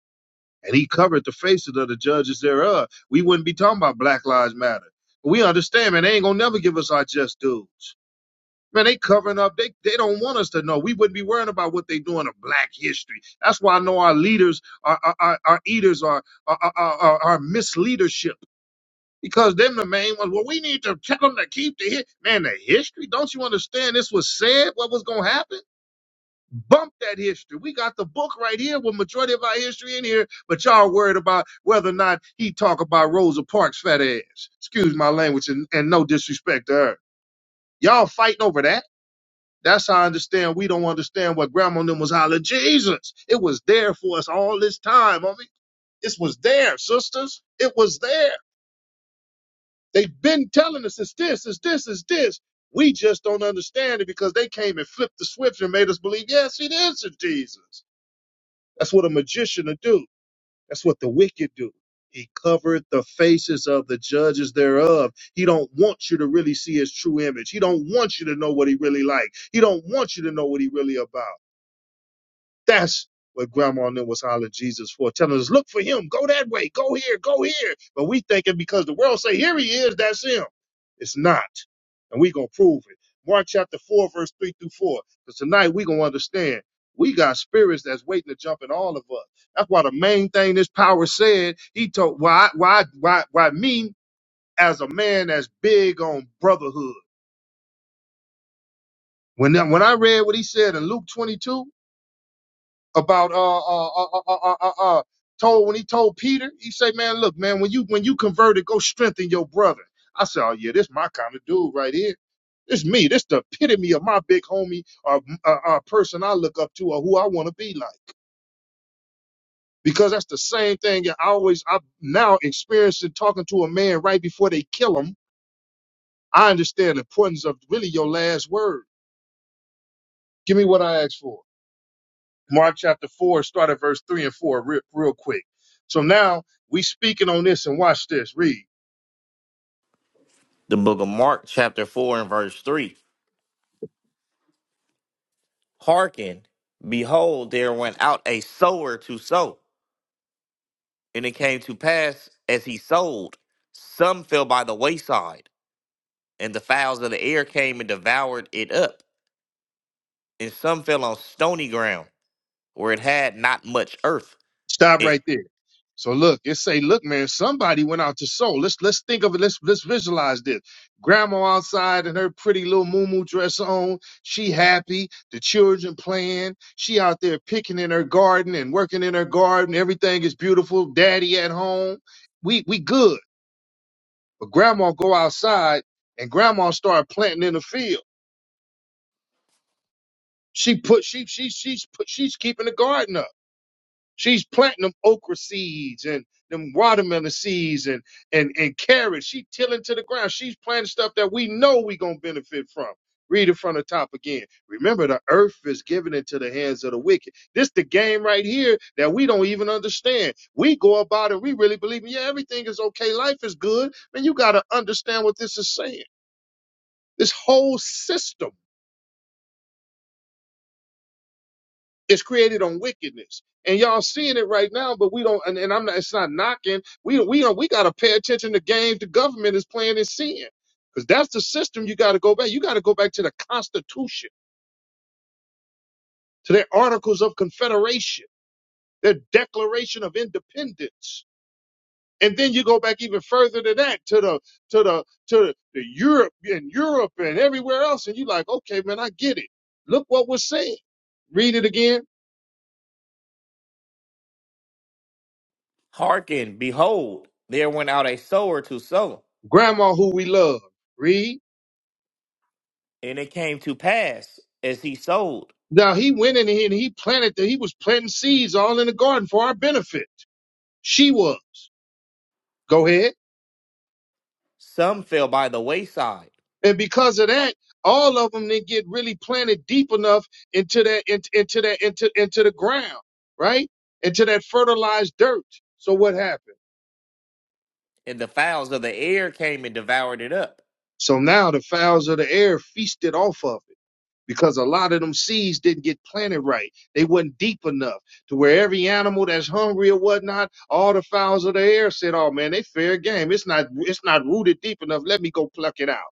[SPEAKER 1] And he covered the faces of the judges thereof. We wouldn't be talking about Black Lives Matter. We understand, man, they ain't gonna never give us our just dues. Man, they covering up. They they don't want us to know. We wouldn't be worrying about what they doing to black history. That's why I know our leaders, our our, our our eaters, our, our, our, our our misleadership because them the main ones. Well, we need to tell them to keep the hit. Man, the history. Don't you understand? This was said. What was gonna happen? Bump that history. We got the book right here with majority of our history in here, but y'all worried about whether or not he talk about Rosa Parks' fat ass. Excuse my language, and, and no disrespect to her. Y'all fighting over that. That's how I understand. We don't understand what grandma and them was hollering. Jesus, it was there for us all this time. I mean, this was there, sisters. It was there. They've been telling us it's this, it's this, it's this. We just don't understand it because they came and flipped the switch and made us believe, yes, it is a Jesus. That's what a magician will do. That's what the wicked do. He covered the faces of the judges thereof. He don't want you to really see his true image. He don't want you to know what he really like. He don't want you to know what he really about. That's what grandma and them was hollering Jesus for, telling us, look for him, go that way, go here, go here. But we thinking because the world say, here he is, that's him. It's not. And we going to prove it. Mark chapter 4, verse 3 through 4. Because tonight we going to understand we got spirits that's waiting to jump in all of us. That's why the main thing this power said, he told, why, why, why, why me as a man that's big on brotherhood. When, when I read what he said in Luke 22, about uh uh uh uh uh, uh, uh uh, told when he told Peter, he say, man, look, man, when you when you converted, go strengthen your brother. I said, oh yeah, this my kind of dude right here. This me. This the epitome of my big homie or uh, uh, person I look up to or who I want to be like. Because that's the same thing. I always I now experiencing talking to a man right before they kill him. I understand the importance of really your last word. Give me what I asked for. Mark chapter 4, start at verse 3 and 4 real, real quick. So now we speaking on this and watch this. Read.
[SPEAKER 3] The book of Mark, chapter 4 and verse 3. Hearken, behold, there went out a sower to sow. And it came to pass as he sowed, some fell by the wayside and the fowls of the air came and devoured it up, and some fell on stony ground, where it had not much earth.
[SPEAKER 1] Stop
[SPEAKER 3] It
[SPEAKER 1] right there. So look, it say, look, man, somebody went out to sow. Let's let's think of it. Let's let's visualize this. Grandma outside in her pretty little moo dress on. She happy. The children playing. She out there picking in her garden and working in her garden. Everything is beautiful. Daddy at home. We we good. But grandma go outside and grandma start planting in the field She put she she she's put she's keeping the garden up. She's planting them okra seeds and them watermelon seeds and and and carrots. She tilling to the ground. She's planting stuff that we know we gonna benefit from. Read it from the top again. Remember, the earth is given into the hands of the wicked. This the game right here that we don't even understand. We go about it. We really believe, yeah, everything is okay. Life is good. Man, you gotta understand what this is saying. This whole system. It's created on wickedness. And y'all seeing it right now, but we don't and, and I'm not it's not knocking. We we don't we gotta pay attention to games the government is playing and seeing. Because that's the system you gotta go back. You gotta go back to the Constitution, to their Articles of Confederation, their Declaration of Independence. And then you go back even further than that, to the to the to the Europe and Europe and everywhere else, and you like, okay, man, I get it. Look what we're saying. Read it again.
[SPEAKER 3] hearkened, behold, there went out a sower to sow,
[SPEAKER 1] Grandma who we love. Read.
[SPEAKER 3] and it came to pass as he sowed.
[SPEAKER 1] Now he went in here and he planted that he was planting seeds all in the garden for our benefit. She was. Go ahead.
[SPEAKER 3] Some fell by the wayside,
[SPEAKER 1] And because of that, all of them didn't get really planted deep enough into that into, into that into into the ground, right? Into that fertilized dirt. So what happened?
[SPEAKER 3] and the fowls of the air came and devoured it up.
[SPEAKER 1] So now the fowls of the air feasted off of it. because a lot of them seeds didn't get planted right. They wasn't deep enough to where every animal that's hungry or whatnot, all the fowls of the air said, "Oh man, they fair game. It's not it's not rooted deep enough. Let me go pluck it out."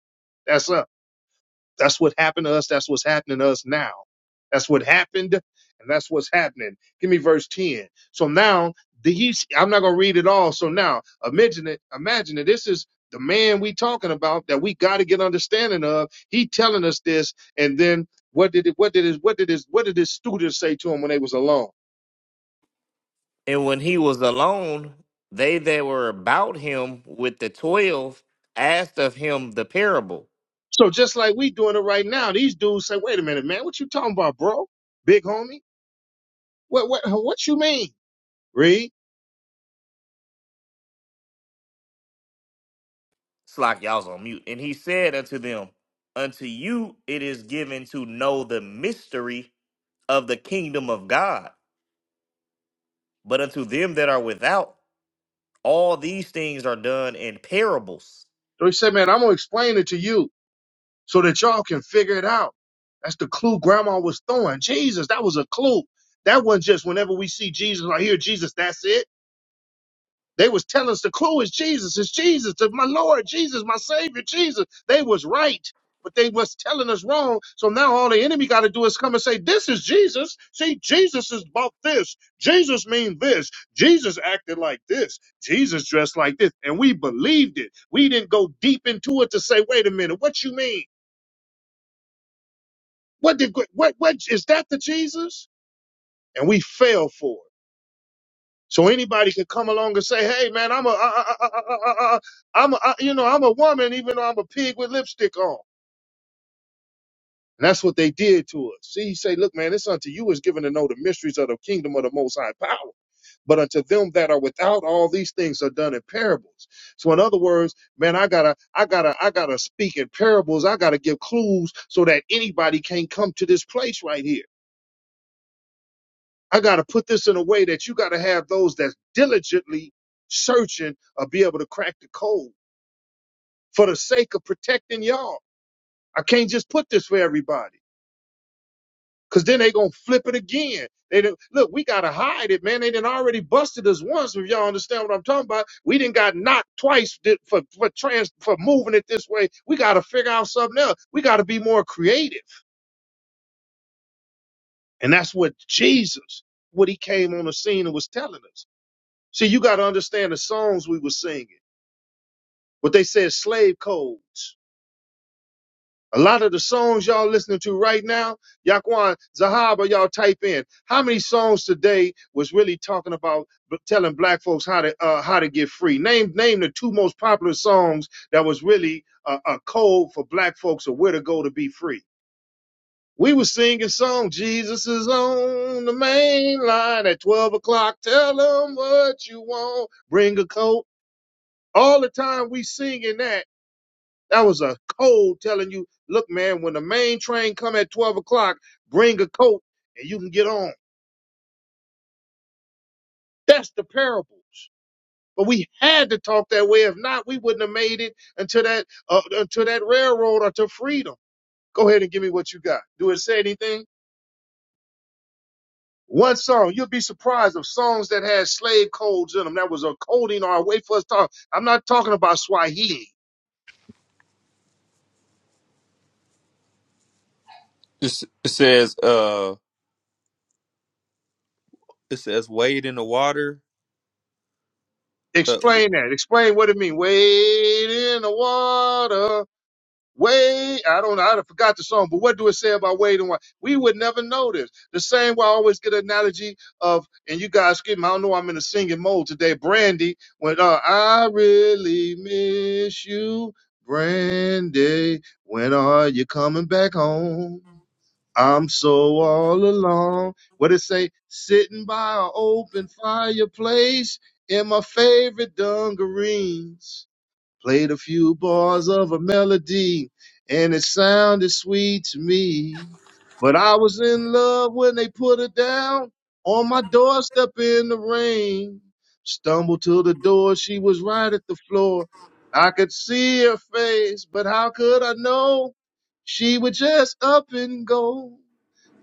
[SPEAKER 1] That's us. That's what happened to us. That's what's happening to us now. That's what happened, and that's what's happening. Give me verse 10. So now these I'm not gonna read it all. So now imagine it, imagine it. This is the man we talking about that we gotta get understanding of. He telling us this, and then what did it what did his what did his what did his students say to him when they was alone?
[SPEAKER 3] And when he was alone, they that were about him with the twelve asked of him the parable.
[SPEAKER 1] So just like we doing it right now, these dudes say, wait a minute, man, what you talking about, bro? Big homie? What what what you mean? Read.
[SPEAKER 3] Slack, y'all's on mute. And he said unto them, Unto you it is given to know the mystery of the kingdom of God, but unto them that are without, all these things are done in parables.
[SPEAKER 1] So he said, man, I'm gonna explain it to you. so that y'all can figure it out. That's the clue grandma was throwing. Jesus, that was a clue. That wasn't just whenever we see Jesus or hear Jesus, that's it. They was telling us the clue is Jesus, it's Jesus, it's my Lord, Jesus, my Savior, Jesus. They was right, but they was telling us wrong. So now all the enemy got to do is come and say, this is Jesus. See, Jesus is about this. Jesus mean this. Jesus acted like this. Jesus dressed like this. And we believed it. We didn't go deep into it to say, wait a minute, what you mean? What did what what is that the Jesus? And we fell for it. So anybody could come along and say, "Hey, man, I'm a, am a, I, you know, I'm a woman, even though I'm a pig with lipstick on." And that's what they did to us. See, he say, "Look, man, it's unto you is given to know the mysteries of the kingdom of the Most High power, but unto them that are without, all these things are done in parables." So, in other words, man, I gotta, I gotta, I gotta speak in parables. I gotta give clues so that anybody can't come to this place right here. I got to put this in a way that you got to have those that's diligently searching or be able to crack the code for the sake of protecting y'all. I can't just put this for everybody because then they going to flip it again. They done, look, we got to hide it, man. They done already busted us once. If y'all understand what I'm talking about, we didn't got knocked twice di- for, for trans, for moving it this way. We got to figure out something else. We got to be more creative. And that's what Jesus, what he came on the scene and was telling us. See, you got to understand the songs we were singing. what they say is slave codes. A lot of the songs y'all listening to right now, Yaquan, Zahaba, y'all type in. How many songs today was really talking about b- telling black folks how to uh, how to get free? Name name the two most popular songs that was really a, a code for black folks of where to go to be free. We was singing song Jesus is on the main line at 12 o'clock. Tell them what you want. Bring a coat. All the time we singing that That was a code telling you, look, man, when the main train come at 12 o'clock, bring a coat and you can get on. That's the parables. But we had to talk that way. If not, we wouldn't have made it until that uh, until that railroad or to freedom. Go ahead and give me what you got. Do it say anything? One song, you'll be surprised of songs that had slave codes in them. That was a coding or a way for us to talk. I'm not talking about Swahili.
[SPEAKER 2] It, it says, uh, it says wade in the water. Uh,
[SPEAKER 1] Explain that. Explain what it means. Wade in the water. Wade, I don't know, I forgot the song, but what do it say about Wade and Wade? We would never know this. The same way I always get an analogy of, and you guys skip me, I don't know I'm in a singing mode today. Brandy, when uh, I really miss you, Brandy, when are you coming back home? I'm so all alone. What it say? Sitting by an open fireplace in my favorite dungarees. Played a few bars of a melody, and it sounded sweet to me. But I was in love when they put it down on my doorstep in the rain. Stumbled to the door, she was right at the floor. I could see her face, but how could I know? She would just up and go.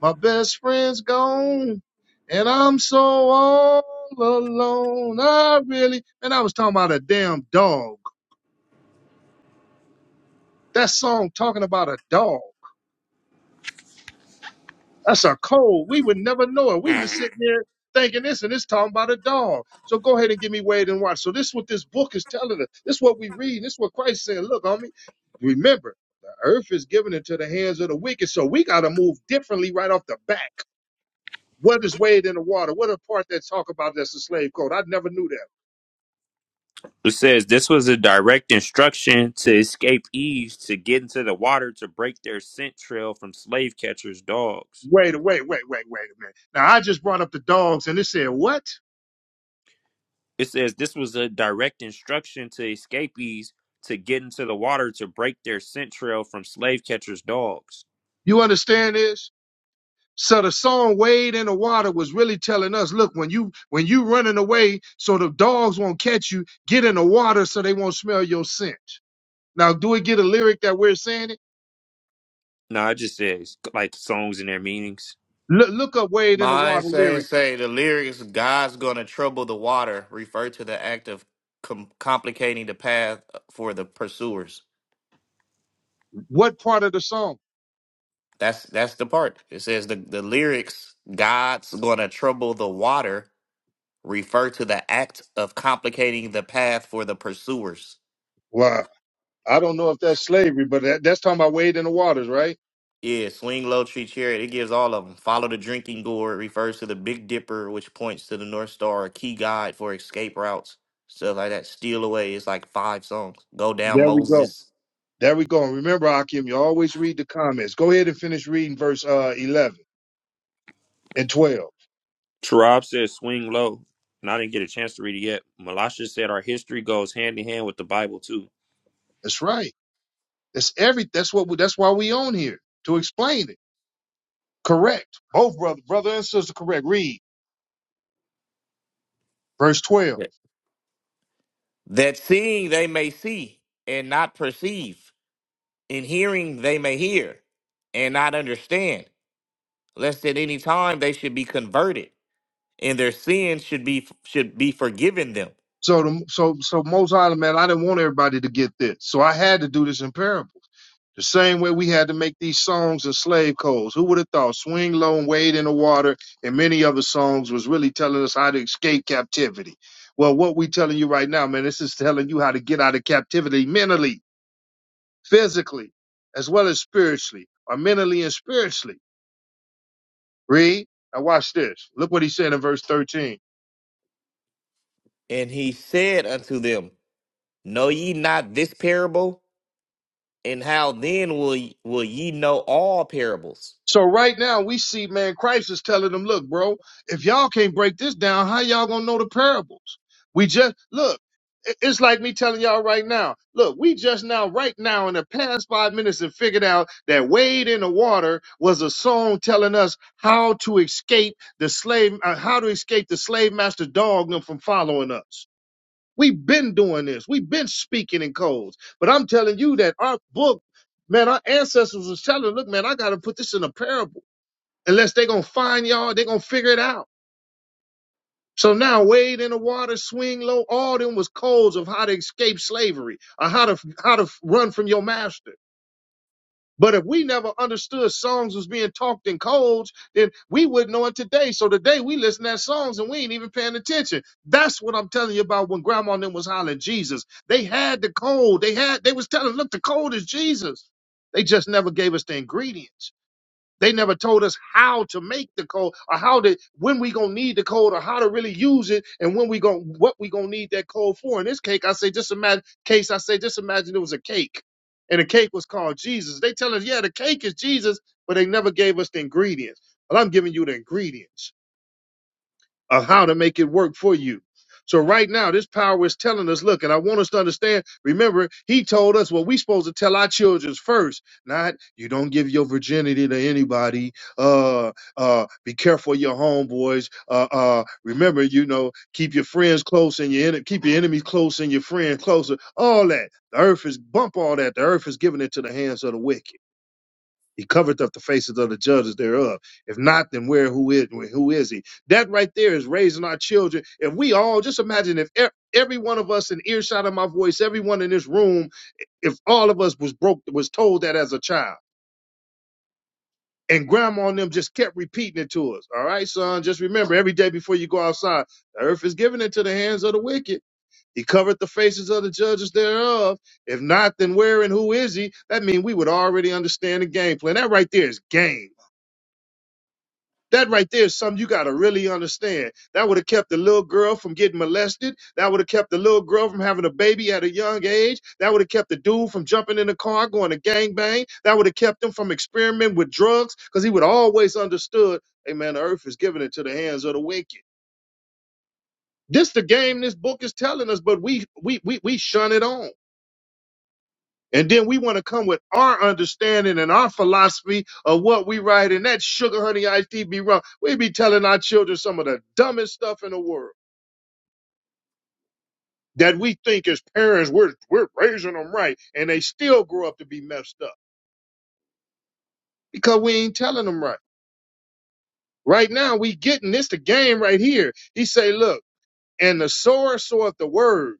[SPEAKER 1] My best friend's gone, and I'm so all alone. I really, and I was talking about a damn dog. That song talking about a dog. That's a code. We would never know it. We was sitting there thinking this and it's talking about a dog. So go ahead and give me Wade and Watch. So this is what this book is telling us. This is what we read. This is what Christ is saying. Look, homie, remember, the earth is given into the hands of the wicked. So we got to move differently right off the back. What is Wade in the water? What a part that talk about that's a slave code? I never knew that.
[SPEAKER 2] It says this was a direct instruction to escape Eve to get into the water to break their scent trail from slave catchers' dogs.
[SPEAKER 1] Wait, wait, wait, wait, wait a minute. Now I just brought up the dogs and it said, what?
[SPEAKER 2] It says this was a direct instruction to escapees to get into the water to break their scent trail from slave catchers' dogs.
[SPEAKER 1] You understand this? So the song Wade in the Water was really telling us, look, when you when you running away so the dogs won't catch you, get in the water so they won't smell your scent. Now, do we get a lyric that we're saying it?
[SPEAKER 2] No, it just says like songs and their meanings.
[SPEAKER 1] Look, look up Wade in the
[SPEAKER 3] Mine
[SPEAKER 1] Water
[SPEAKER 3] say,
[SPEAKER 1] lyric.
[SPEAKER 3] say the lyrics, God's gonna trouble the water, refer to the act of com- complicating the path for the pursuers.
[SPEAKER 1] What part of the song?
[SPEAKER 3] That's that's the part. It says the, the lyrics, God's gonna trouble the water, refer to the act of complicating the path for the pursuers.
[SPEAKER 1] Wow. I don't know if that's slavery, but that, that's talking about Wade in the Waters, right?
[SPEAKER 3] Yeah, swing low, tree chariot. It gives all of them. Follow the drinking gourd refers to the Big Dipper, which points to the North Star, a key guide for escape routes, stuff like that. Steal away is like five songs. Go down,
[SPEAKER 1] There we go.
[SPEAKER 3] Moses.
[SPEAKER 1] There we go. And remember, Akim, you always read the comments. Go ahead and finish reading verse uh, 11 and 12.
[SPEAKER 2] Tarab says swing low, and I didn't get a chance to read it yet. Malasha said our history goes hand in hand with the Bible too.
[SPEAKER 1] That's right. That's every. That's what. We, that's why we on here to explain it. Correct. Both brother, brother and sister, correct. Read verse twelve.
[SPEAKER 3] Yeah. That seeing they may see and not perceive, and hearing they may hear and not understand, lest at any time they should be converted, and their sins should be should be forgiven them.
[SPEAKER 1] So the so so most High, man, I didn't want everybody to get this, so I had to do this in parables. The same way we had to make these songs and slave codes. Who would have thought "Swing Low and Wade in the Water" and many other songs was really telling us how to escape captivity? Well, what we telling you right now, man, this is telling you how to get out of captivity mentally, physically, as well as spiritually, or mentally and spiritually. Read. Now watch this. Look what he said in verse thirteen.
[SPEAKER 3] And he said unto them, Know ye not this parable? And how then will ye, will ye know all parables?
[SPEAKER 1] So right now we see, man, Christ is telling them, look, bro, if y'all can't break this down, how y'all gonna know the parables? We just look, i- it's like me telling y'all right now, look, we just now, right now, in the past five minutes, have figured out that Wade in the Water was a song telling us how to escape the slave, uh, how to escape the slave master dog from following us. We've been doing this. We've been speaking in codes. But I'm telling you that our book, man, our ancestors was telling, look, man, I gotta put this in a parable unless they gonna find y'all, they gonna figure it out. So now wade in the water, swing low. All them was codes of how to escape slavery or how to how to run from your master. But if we never understood songs was being talked in codes, then we wouldn't know it today. So today we listen to songs and we ain't even paying attention. That's what I'm telling you about when grandma and them was hollering Jesus. They had the code. They had they was telling, look, the code is Jesus. They just never gave us the ingredients. They never told us how to make the code or how to when we gonna need the code or how to really use it and when we gonna what we gonna need that code for. In this cake, I say just imagine case, I say just imagine it was a cake. And the cake was called Jesus. They tell us, yeah, the cake is Jesus, but they never gave us the ingredients. But I'm giving you the ingredients. Of how to make it work for you. So right now, this power is telling us, look, and I want us to understand, remember, he told us what we supposed to tell our children first, not you don't give your virginity to anybody. Uh uh, be careful of your homeboys. Uh uh, remember, you know, keep your friends close and your en- keep your enemies close and your friends closer. All that. The earth is bump all that. The earth is giving it to the hands of the wicked. He covered up the faces of the judges thereof. If not, then where who is who is he? That right there is raising our children. If we all just imagine if e- every one of us in earshot of my voice, everyone in this room, if all of us was broke was told that as a child. And grandma and them just kept repeating it to us. All right, son, just remember every day before you go outside, the earth is given into the hands of the wicked. He covered the faces of the judges thereof. If not, then where and who is he? That means we would already understand the game plan. That right there is game That right there is something you got to really understand. That would have kept the little girl from getting molested. That would have kept the little girl from having a baby at a young age. That would have kept the dude from jumping in the car, going to gangbang. That would have kept him from experimenting with drugs because he would always understood, hey man, the earth is given into the hands of the wicked. This the game this book is telling us, but we we we we shun it on. And then we want to come with our understanding and our philosophy of what we write, and that sugar honey iced tea be wrong. We be telling our children some of the dumbest stuff in the world that we think as parents we're we're raising them right, and they still grow up to be messed up because we ain't telling them right. Right now, we getting this the game right here. He say, look, and the sower soweth the word.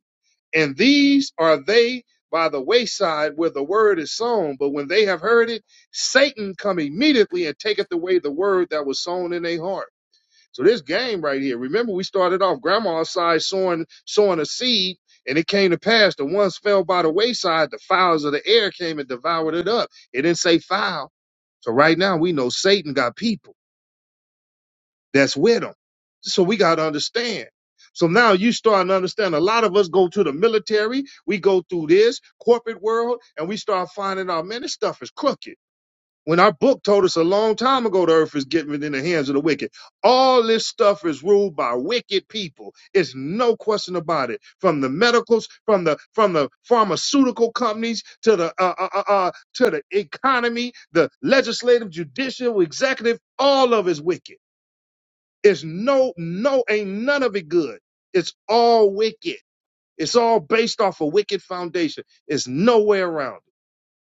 [SPEAKER 1] And these are they by the wayside where the word is sown. But when they have heard it, Satan come immediately and taketh away the word that was sown in their heart. So this game right here, remember we started off grandma's side sowing sowing a seed, and it came to pass. The ones fell by the wayside, the fowls of the air came and devoured it up. It didn't say foul. So right now we know Satan got people that's with them. So we got to understand. So now you starting to understand a lot of us go to the military, we go through this corporate world, and we start finding out, man, this stuff is crooked. When our book told us a long time ago the earth is given in the hands of the wicked. All this stuff is ruled by wicked people. It's no question about it. From the medicals, from the from the pharmaceutical companies to the uh, uh, uh, uh, to the economy, the legislative, judicial, executive, all of it's wicked. It's no, no, ain't none of it good. It's all wicked. It's all based off a wicked foundation. It's no way around it.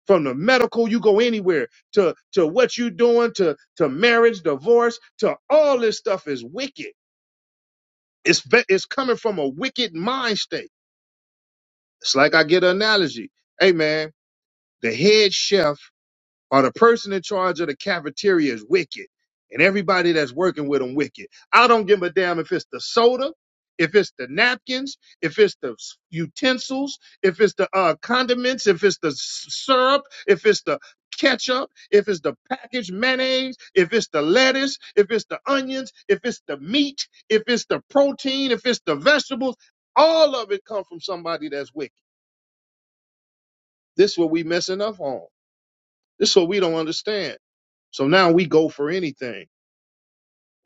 [SPEAKER 1] From the medical, you go anywhere to, to what you doing to, to marriage, divorce, to all this stuff is wicked. It's, ba- it's coming from a wicked mind state. It's like I get an analogy. Hey man, the head chef or the person in charge of the cafeteria is wicked and everybody that's working with them wicked. I don't give a damn if it's the soda, if it's the napkins, if it's the s- utensils, if it's the uh, condiments, if it's the s- syrup, if it's the ketchup, if it's the packaged mayonnaise, if it's the lettuce, if it's the onions, if it's the meat, if it's the protein, if it's the vegetables, all of it comes from somebody that's wicked. This is what we messing up on. This is what we don't understand. So now we go for anything.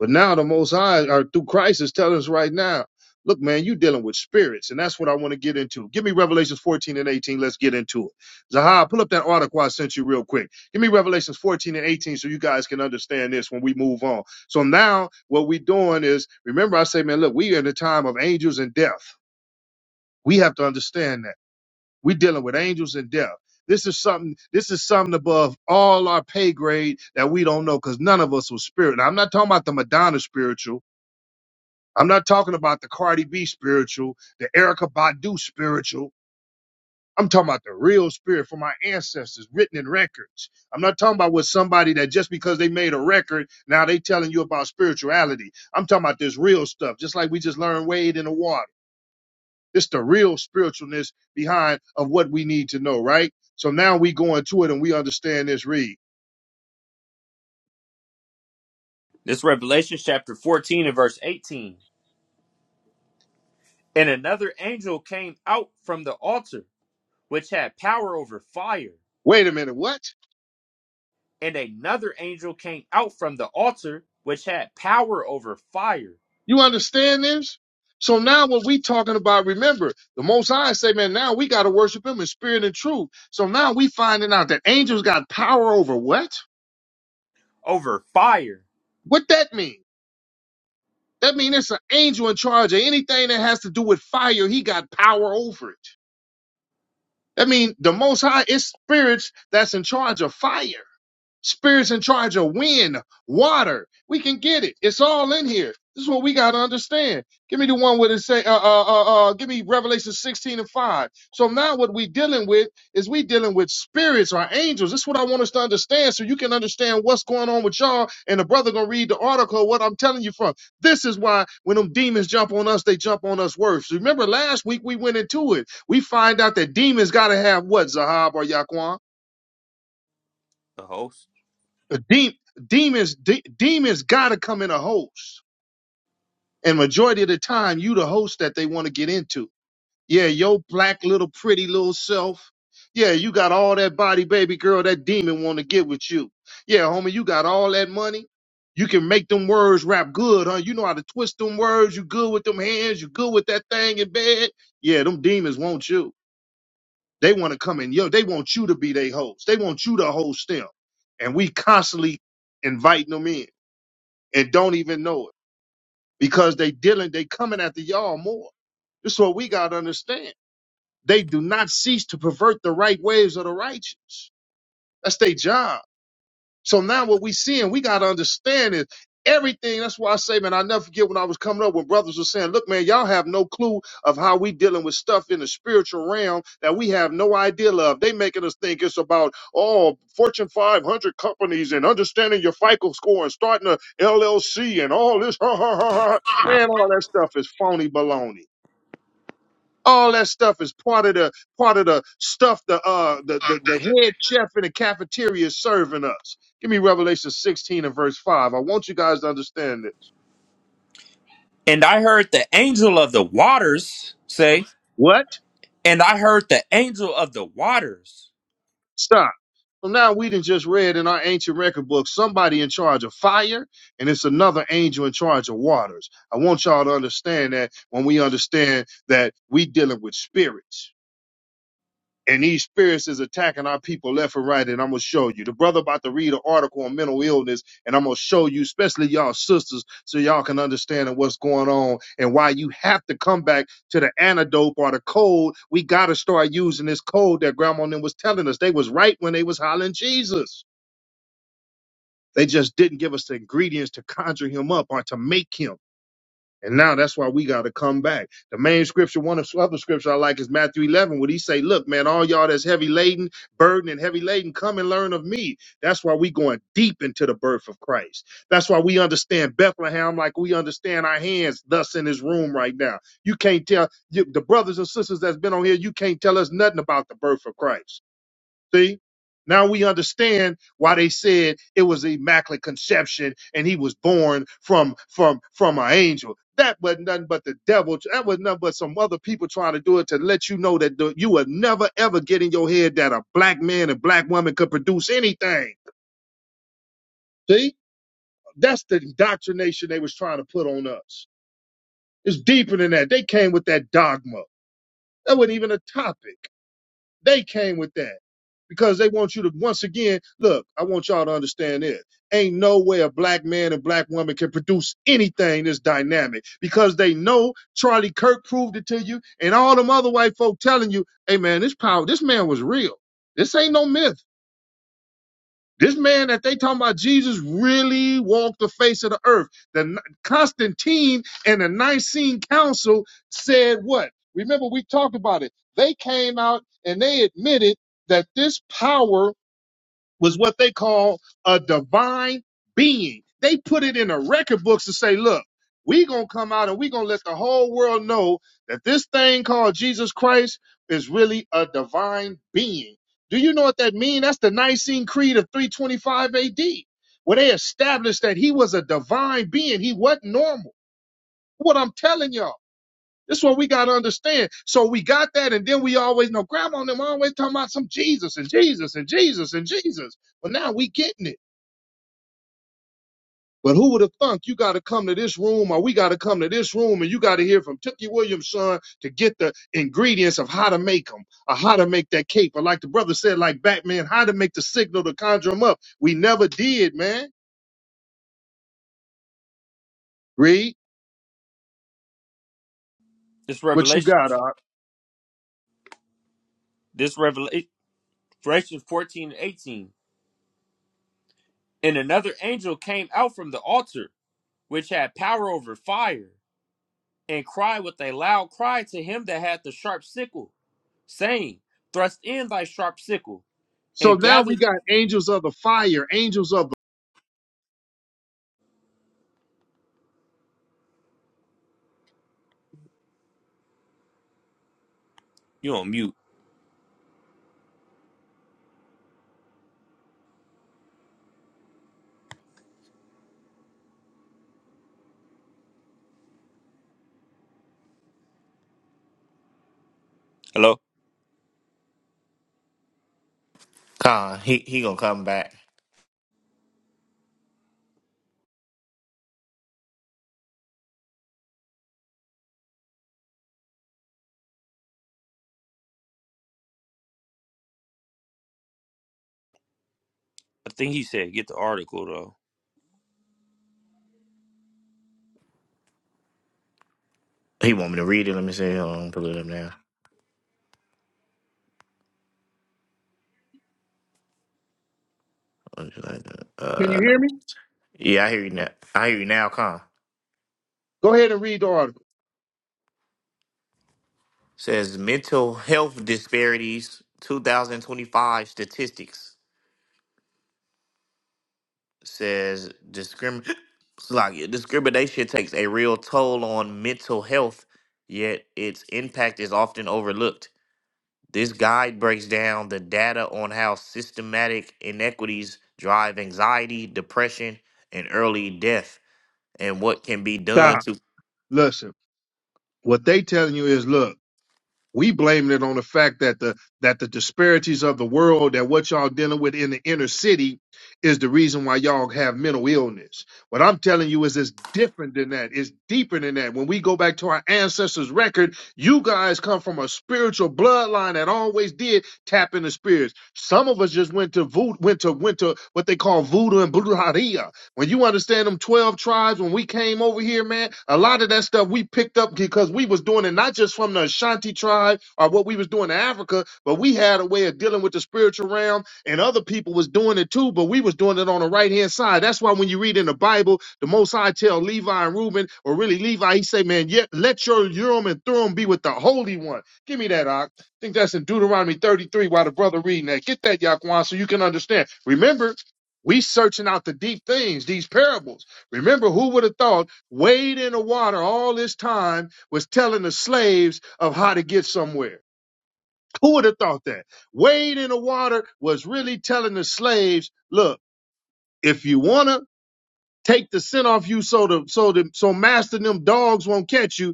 [SPEAKER 1] But now the Most High, or through Christ, is telling us right now, look, man, you dealing with spirits, and that's what I want to get into. Give me Revelations 14 and 18. Let's get into it. Zahar, pull up that article I sent you real quick. Give me Revelations 14 and 18 so you guys can understand this when we move on. So now what we are doing is, remember I say, man, look, we are in a time of angels and death. We have to understand that. We're dealing with angels and death. This is something. This is something above all our pay grade that we don't know because none of us was spirit. And I'm not talking about the Madonna spiritual. I'm not talking about the Cardi B spiritual, the Erica Badu spiritual. I'm talking about the real spirit from our ancestors, written in records. I'm not talking about with somebody that just because they made a record, now they telling you about spirituality. I'm talking about this real stuff, just like we just learned Wade in the water. This the real spiritualness behind of what we need to know, right? So now we go into it and we understand this. Read.
[SPEAKER 2] This Revelation chapter 14 and verse 18. And another angel came out from the altar, which had power over fire.
[SPEAKER 1] Wait a minute, what?
[SPEAKER 2] And another angel came out from the altar, which had power over fire,
[SPEAKER 1] You understand this? So now when we talking about, remember, the Most High say, man, now we got to worship Him in spirit and truth. So now we finding out that angels got power over what?
[SPEAKER 2] over fire.
[SPEAKER 1] What that mean? That mean it's an angel in charge of anything that has to do with fire. He got power over it. That mean, the Most High is spirits that's in charge of fire. Spirits in charge of wind, water. We can get it. It's all in here. This is what we got to understand. Give me the one where it say, uh, uh, uh, uh, give me Revelation 16 and 5. So now what we dealing with is we dealing with spirits or angels. This is what I want us to understand so you can understand what's going on with y'all. And the brother going to read the article, what I'm telling you from. This is why when them demons jump on us, they jump on us worse. Remember last week we went into it. We find out that demons got to have what, Zahab or Yaquan?
[SPEAKER 2] The host.
[SPEAKER 1] The de- demons, de- demons gotta come in a host, and majority of the time, you the host that they want to get into. Yeah, your black little pretty little self. Yeah, you got all that body, baby girl. That demon want to get with you. Yeah, homie, you got all that money. You can make them words rap good, huh? You know how to twist them words. You good with them hands. You good with that thing in bed. Yeah, them demons want you. They want to come in. Yo, they want you to be their host. They want you to host them, and we constantly inviting them in and don't even know it because they dealing, they coming after y'all more. This is what we got to understand. They do not cease to pervert the right ways of the righteous. That's their job. So now what we see and we got to understand is everything. That's why I say, man, I never forget when I was coming up when brothers were saying, look, man, y'all have no clue of how we dealing with stuff in the spiritual realm that we have no idea of. They making us think it's about, oh, Fortune 500 companies and understanding your FICO score and starting a LLC and all this. Ha, ha, ha, ha. Man, all that stuff is phony baloney. All that stuff is part of the part of the stuff the uh the, the, the head chef in the cafeteria is serving us. Give me Revelation 16 and verse 5. I want you guys to understand this.
[SPEAKER 2] And I heard the angel of the waters say,
[SPEAKER 1] What?
[SPEAKER 2] and I heard the angel of the waters.
[SPEAKER 1] Stop. So now we done just read in our ancient record book somebody in charge of fire, and it's another angel in charge of waters. I want y'all to understand that when we understand that we dealing with spirits. and these spirits is attacking our people left and right. And I'm gonna show you. The brother about to read an article on mental illness, and I'm gonna show you, especially y'all sisters, so y'all can understand what's going on and why you have to come back to the antidote or the code. We gotta start using this code that grandma and them was telling us. They was right when they was hollering Jesus. They just didn't give us the ingredients to conjure him up or to make him. And now that's why we got to come back. The main scripture, one of the other scripture I like is Matthew 11, where he say, look, man, all y'all that's heavy laden, burden and heavy laden, come and learn of me. That's why we going deep into the birth of Christ. That's why we understand Bethlehem like we understand our hands thus in this room right now. You can't tell you, the brothers and sisters that's been on here, you can't tell us nothing about the birth of Christ. See? Now we understand why they said it was immaculate conception and he was born from from from an angel. That was nothing but the devil. That was nothing but some other people trying to do it to let you know that the, you would never ever get in your head that a black man and black woman could produce anything. See? That's the indoctrination they was trying to put on us. It's deeper than that. They came with that dogma. That wasn't even a topic. They came with that because they want you to once again look. I want y'all to understand this. Ain't no way a black man and black woman can produce anything this dynamic because they know Charlie Kirk proved it to you, and all them other white folk telling you, "Hey man, this power, this man was real. This ain't no myth." This man that they talking about, Jesus, really walked the face of the earth. The Constantine and the Nicene Council said what? Remember, we talked about it. They came out and they admitted that this power was what they call a divine being. They put it in the record books to say, look, we gonna come out and we gonna let the whole world know that this thing called Jesus Christ is really a divine being. Do you know what that means? That's the Nicene Creed of 325 AD, where they established that he was a divine being. He wasn't normal. What I'm telling y'all. This one we gotta understand. So we got that, and then we always know grandma and them always talking about some Jesus and Jesus and Jesus and Jesus. But now we getting it. But who would have thunk you gotta come to this room or we gotta come to this room and you gotta hear from Tookie Williams' son to get the ingredients of how to make them or how to make that cake. But like the brother said, like Batman, how to make the signal to conjure them up. We never did, man. Read
[SPEAKER 2] This
[SPEAKER 1] what you
[SPEAKER 2] revelation.
[SPEAKER 1] got, Art.
[SPEAKER 2] This revelation. Galatians 14 and 18. And another angel came out from the altar, which had power over fire, and cried with a loud cry to him that had the sharp sickle, saying, Thrust in thy sharp sickle,
[SPEAKER 1] So
[SPEAKER 2] and
[SPEAKER 1] now
[SPEAKER 2] gather.
[SPEAKER 1] we got angels of the fire, angels of the.
[SPEAKER 2] You on mute. Hello?
[SPEAKER 3] Con, he he gonna come back.
[SPEAKER 2] I think he said, Get the article, though.
[SPEAKER 3] He want me to read it. Let me see. Hold on, pull it up now.
[SPEAKER 1] Can you
[SPEAKER 3] Uh,
[SPEAKER 1] hear me?
[SPEAKER 3] yeah, I hear you now. I hear you now, Con.
[SPEAKER 1] Go ahead and read the article.
[SPEAKER 3] Says mental health disparities 2025 statistics says discrim like yeah, discrimination takes a real toll on mental health, yet its impact is often overlooked. This guide breaks down the data on how systematic inequities drive anxiety, depression, and early death, and what can be
[SPEAKER 1] Nah.
[SPEAKER 3] done to.
[SPEAKER 1] Listen, what they telling you is, look, we blaming it on the fact that the that the disparities of the world that what y'all dealing with in the inner city is the reason why y'all have mental illness. What I'm telling you is it's different than that. It's deeper than that. When we go back to our ancestors' record, you guys come from a spiritual bloodline that always did tap into spirits. Some of us just went to voodoo, went to went to what they call voodoo and brujeria when you understand them 12 tribes, when we came over here, man, a lot of that stuff we picked up because we was doing it not just from the Ashanti tribe or what we was doing in Africa, but we had a way of dealing with the spiritual realm and other people was doing it too, but we was doing it on the right hand side. That's why when you read in the Bible, the most High tell Levi and Reuben, or really Levi, he say, man, yet let your Urim and Thummim be with the Holy One. Give me that, Ock I think that's in Deuteronomy 33 while the brother reading that. Get that, Yaquan, so you can understand. Remember, we searching out the deep things, these parables. Remember, who would have thought Wade in the water all this time was telling the slaves of how to get somewhere? Who would have thought that? Wade in the water was really telling the slaves, look, if you wanna take the sin off you so the so the so master and them dogs won't catch you,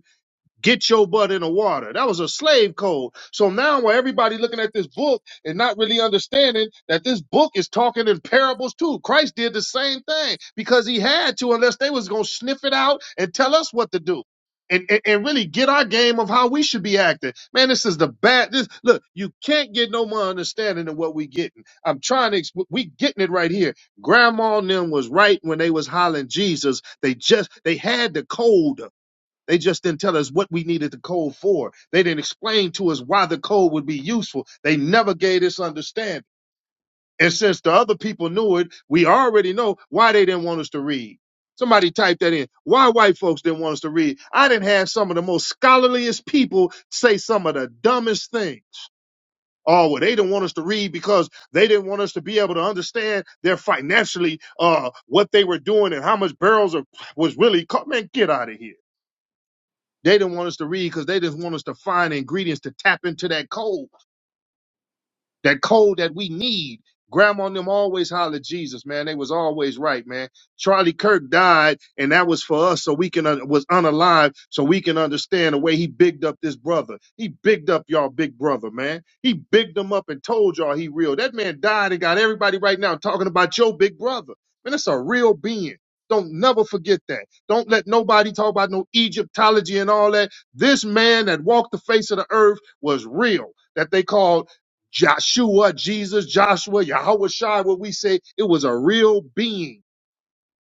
[SPEAKER 1] get your butt in the water. That was a slave code. So now where everybody looking at this book and not really understanding that this book is talking in parables too. Christ did the same thing because he had to, unless they was gonna sniff it out and tell us what to do. And, and, and really get our game of how we should be acting. Man, this is the bad. This look, you can't get no more understanding than what we getting. I'm trying to. Exp- we getting it right here. Grandma and them was right when they was hollering Jesus. They just they had the code. They just didn't tell us what we needed the code for. They didn't explain to us why the code would be useful. They never gave us understanding. And since the other people knew it, we already know why they didn't want us to read. Somebody type that in. Why white folks didn't want us to read. I didn't have some of the most scholarliest people say some of the dumbest things. Oh, well, they didn't want us to read because they didn't want us to be able to understand their financially uh, what they were doing and how much barrels of, was really caught. Man, get out of here. They didn't want us to read because they just want us to find ingredients to tap into that code that code that we need. Grandma and them always hollered Jesus, man. They was always right, man. Charlie Kirk died, and that was for us, so we can un- was unalive, so we can understand the way he bigged up this brother. He bigged up y'all, big brother, man. He bigged him up and told y'all he real. That man died and got everybody right now talking about your big brother, man. That's a real being. Don't never forget that. Don't let nobody talk about no Egyptology and all that. This man that walked the face of the earth was real. That they called Joshua, Jesus, Joshua, Yahweh Shai, what we say, it was a real being.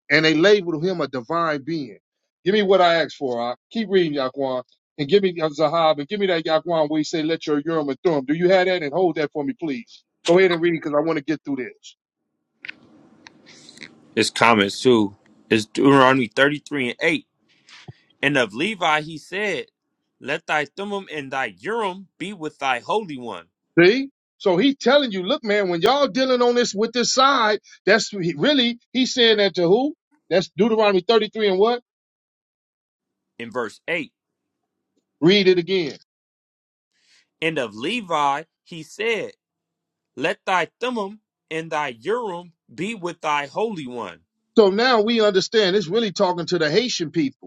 [SPEAKER 1] And they labeled him a divine being. Give me what I asked for. I keep reading, Yaquan. And give me uh, Zahab, and give me that Yaquan where he say, let your Urim and Thummim. Do you have that? And hold that for me, please. Go ahead and read it because I want to get through this.
[SPEAKER 2] It's comments, too. It's Deuteronomy 33 and 8. And of Levi he said, Let thy thummim and thy urim be with thy holy one.
[SPEAKER 1] See? So he telling you, look, man, when y'all dealing on this with this side, that's he- really, he's saying that to who? That's Deuteronomy 33 and what?
[SPEAKER 2] In verse 8.
[SPEAKER 1] Read it again.
[SPEAKER 2] And of Levi he said, Let thy Thummim and thy Urim be with thy Holy One.
[SPEAKER 1] So now we understand it's really talking to the Haitian people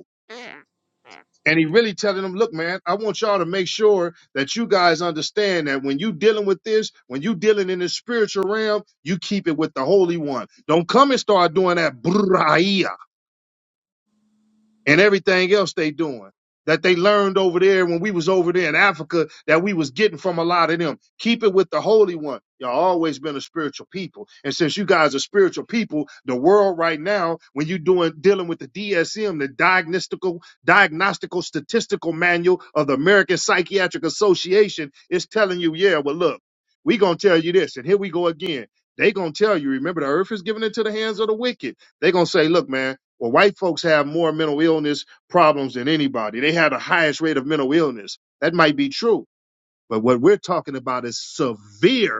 [SPEAKER 1] And he really telling them, look, man, I want y'all to make sure that you guys understand that when you dealing with this, when you dealing in the spiritual realm, you keep it with the Holy One. Don't come and start doing that and everything else they doing that they learned over there when we was over there in Africa that we was getting from a lot of them. Keep it with the Holy One. Y'all always been a spiritual people. And since you guys are spiritual people, the world right now, when you doing dealing with the DSM, the diagnostical diagnostical statistical manual of the American Psychiatric Association, is telling you, yeah, well look, we gonna tell you this. And here we go again. They gonna tell you, remember the earth is given into the hands of the wicked. They gonna say, look, man. Well, white folks have more mental illness problems than anybody. They have the highest rate of mental illness. That might be true. But what we're talking about is severe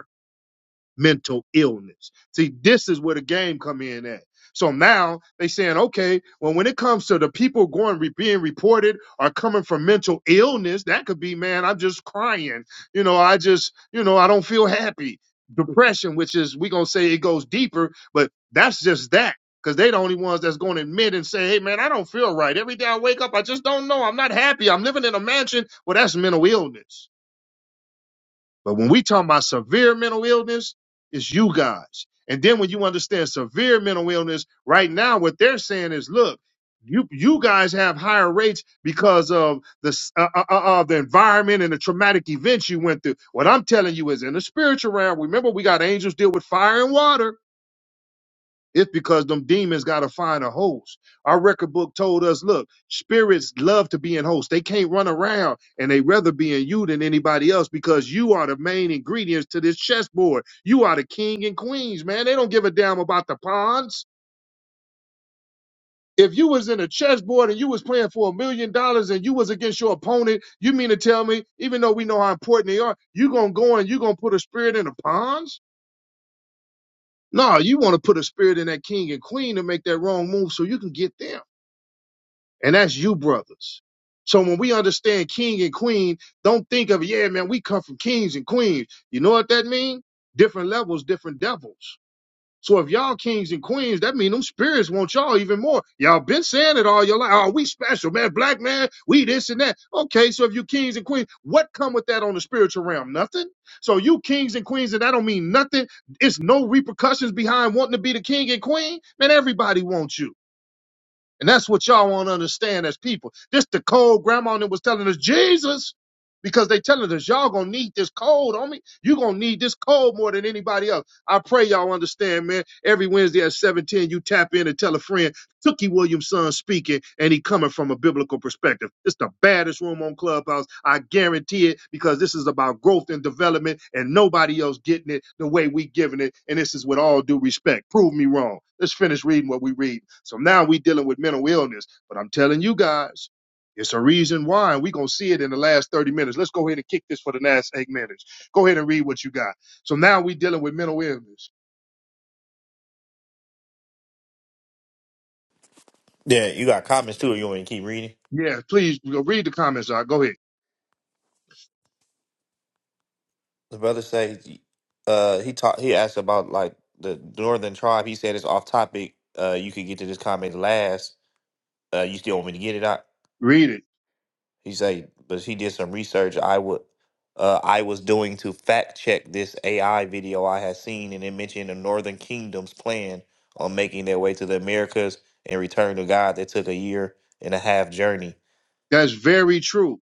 [SPEAKER 1] mental illness. See, this is where the game come in at. So now they saying, okay, well, when it comes to the people going re- being reported are coming from mental illness, that could be, man, I'm just crying. You know, I just, you know, I don't feel happy. Depression, which is we gonna say it goes deeper, but that's just that. Cause they the only ones that's gonna admit and say, hey man, I don't feel right. Every day I wake up, I just don't know. I'm not happy. I'm living in a mansion. Well, that's mental illness. But when we talk about severe mental illness, it's you guys. And then when you understand severe mental illness, right now what they're saying is, look, you you guys have higher rates because of the s- uh, uh, uh, uh, the environment and the traumatic events you went through. What I'm telling you is, in the spiritual realm, remember we got angels deal with fire and water. It's because them demons got to find a host. Our record book told us, look, spirits love to be in hosts. They can't run around and they rather be in you than anybody else because you are the main ingredients to this chessboard. You are the king and queens, man. They don't give a damn about the pawns. If you was in a chessboard and you was playing for a million dollars and you was against your opponent, you mean to tell me, even though we know how important they are, you gonna go and you gonna put a spirit in the pawns? No, you want to put a spirit in that king and queen to make that wrong move so you can get them. and that's you brothers. So when we understand king and queen, don't think of yeah, man, we come from kings and queens. You know what that means? Different levels, different devils. So if y'all kings and queens, that means them spirits want y'all even more. Y'all been saying it all your life. Oh, we special, man, black man, we this and that. Okay, so if you kings and queens, what come with that on the spiritual realm? Nothing. So you kings and queens, and that don't mean nothing. It's no repercussions behind wanting to be the king and queen. Man, everybody wants you. And that's what y'all won't understand as people. This the cold grandma that was telling us, Jesus, because they telling us y'all gonna need this cold, homie. You gonna need this cold more than anybody else. I pray y'all understand, man. Every Wednesday at seven ten, you tap in and tell a friend. Tookie Williamson speaking, and he coming from a biblical perspective. It's the baddest room on Clubhouse. I guarantee it because this is about growth and development, and nobody else getting it the way we giving it. And this is with all due respect. Prove me wrong. Let's finish reading what we read. So now we dealing with mental illness, but I'm telling you guys. It's a reason why, and we're going to see it in the last 30 minutes. Let's go ahead and kick this for the last eight minutes. Go ahead and read what you got. So now we're dealing with mental illness.
[SPEAKER 3] Yeah, you got comments too. Or you want me to keep reading?
[SPEAKER 1] Yeah, please read the comments. I Go ahead.
[SPEAKER 3] The brother say, uh, he talked. He asked about like the northern tribe. He said it's off topic. Uh, you could get to this comment last. Uh, you still want me to get it out?
[SPEAKER 1] Read it.
[SPEAKER 3] He said, but he did some research. I would, uh, I was doing to fact check this AI video I had seen, and it mentioned the Northern Kingdom's plan on making their way to the Americas and return to God. That took a year and a half journey.
[SPEAKER 1] That's very true.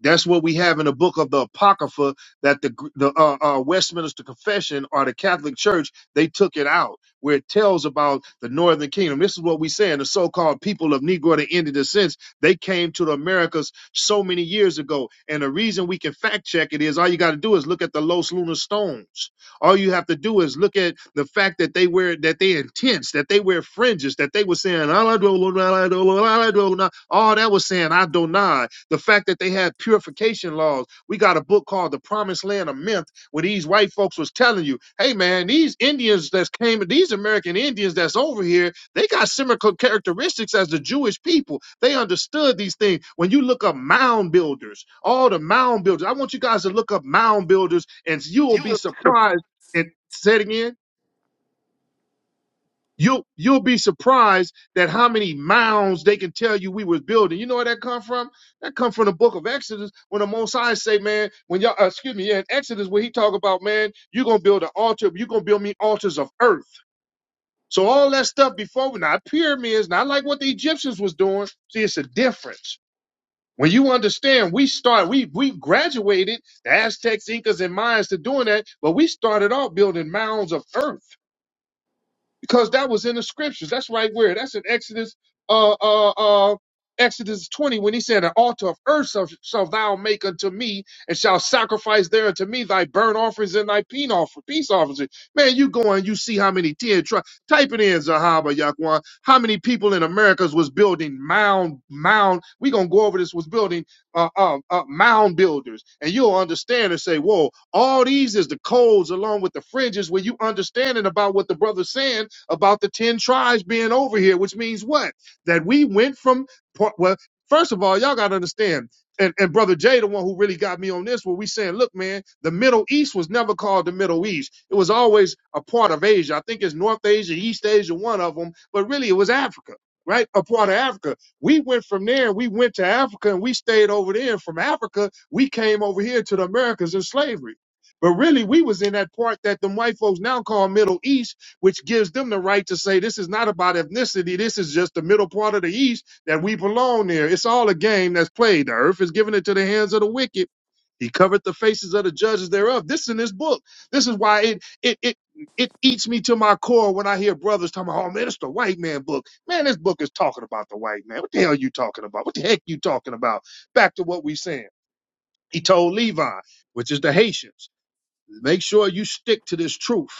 [SPEAKER 1] That's what we have in the book of the Apocrypha that the the uh, uh, Westminster Confession or the Catholic Church they took it out where it tells about the Northern Kingdom. This is what we say in the so-called people of Negro to Indian descent. They came to the Americas so many years ago, and the reason we can fact check it is all you got to do is look at the Los Lunar stones all you have to do is look at the fact that they wear that they intense, that they wear fringes, that they were saying "Allah do- do- do- do- do- do- do," all that was saying I do not. The fact that they had purification laws. We got a book called The Promised Land of Myth, where these white folks was telling you, hey man, these Indians that's came, these American Indians that's over here, they got similar characteristics as the Jewish people. They understood these things. When you look up mound builders, all the mound builders, I want you guys to look up mound builders, and you will
[SPEAKER 3] You
[SPEAKER 1] be
[SPEAKER 3] would-
[SPEAKER 1] surprised and say it again. You'll you'll be surprised that how many mounds they can tell you we was building. You know where that come from? That come from the book of Exodus when the Mosai say, man, when y'all uh, excuse me, yeah, in Exodus where he talk about, man, you're gonna build an altar, you're gonna build me altars of earth. So all that stuff before not pyramids, not like what the Egyptians was doing. See, it's a difference. When you understand, we start, we we graduated the Aztecs, Incas, and Mayans to doing that, but we started off building mounds of earth. because that was in the scriptures. That's right where. That's in Exodus, uh, uh, uh, Exodus 20, when he said, An altar of earth shall, shall thou make unto me, and shall sacrifice there unto me thy burnt offerings and thy peace offer, peace offerings. Man, you go and you see how many ten tri- type it in Zahaba Yakwan. How many people in Americas was building mound mound? We gonna go over this was building uh, uh, uh mound builders, and you'll understand and say, whoa, all these is the codes along with the fringes where you understanding about what the brother's saying about the 10 tribes being over here, which means what? That we went from, well, first of all, y'all got to understand, and, and Brother Jay, the one who really got me on this, where we saying, look, man, the Middle East was never called the Middle East. It was always a part of Asia. I think it's North Asia, East Asia, one of them, but really it was Africa. Right, a part of Africa. We went from there and we went to Africa and we stayed over there. And from Africa, we came over here to the Americas in slavery. But really, we was in that part that them white folks now call Middle East which gives them the right to say this is not about ethnicity. This is just the middle part of the East that we belong there. It's all a game that's played. The earth is given into the hands of the wicked. He covered the faces of the judges thereof. This is in this book. This is why it it it it eats me to my core when I hear brothers talking about, oh man, it's the white man book. Man, this book is talking about the white man. What the hell are you talking about? What the heck you talking about? Back to what we saying. He told Levi, which is the Haitians, make sure you stick to this truth.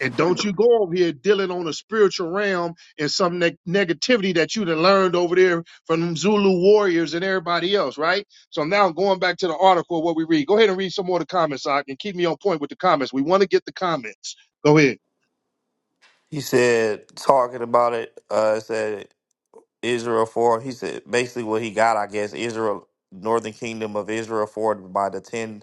[SPEAKER 1] And don't you go over here dealing on a spiritual realm and some neg- negativity that you done learned over there from them Zulu warriors and everybody else, right? So now going back to the article, what we read. Go ahead and read some more of the comments, so I and keep me on point with the comments. We want to get the comments. Go ahead.
[SPEAKER 3] He said, talking about it, uh, said Israel for. He said basically what he got, I guess, Israel, Northern Kingdom of Israel forward by the ten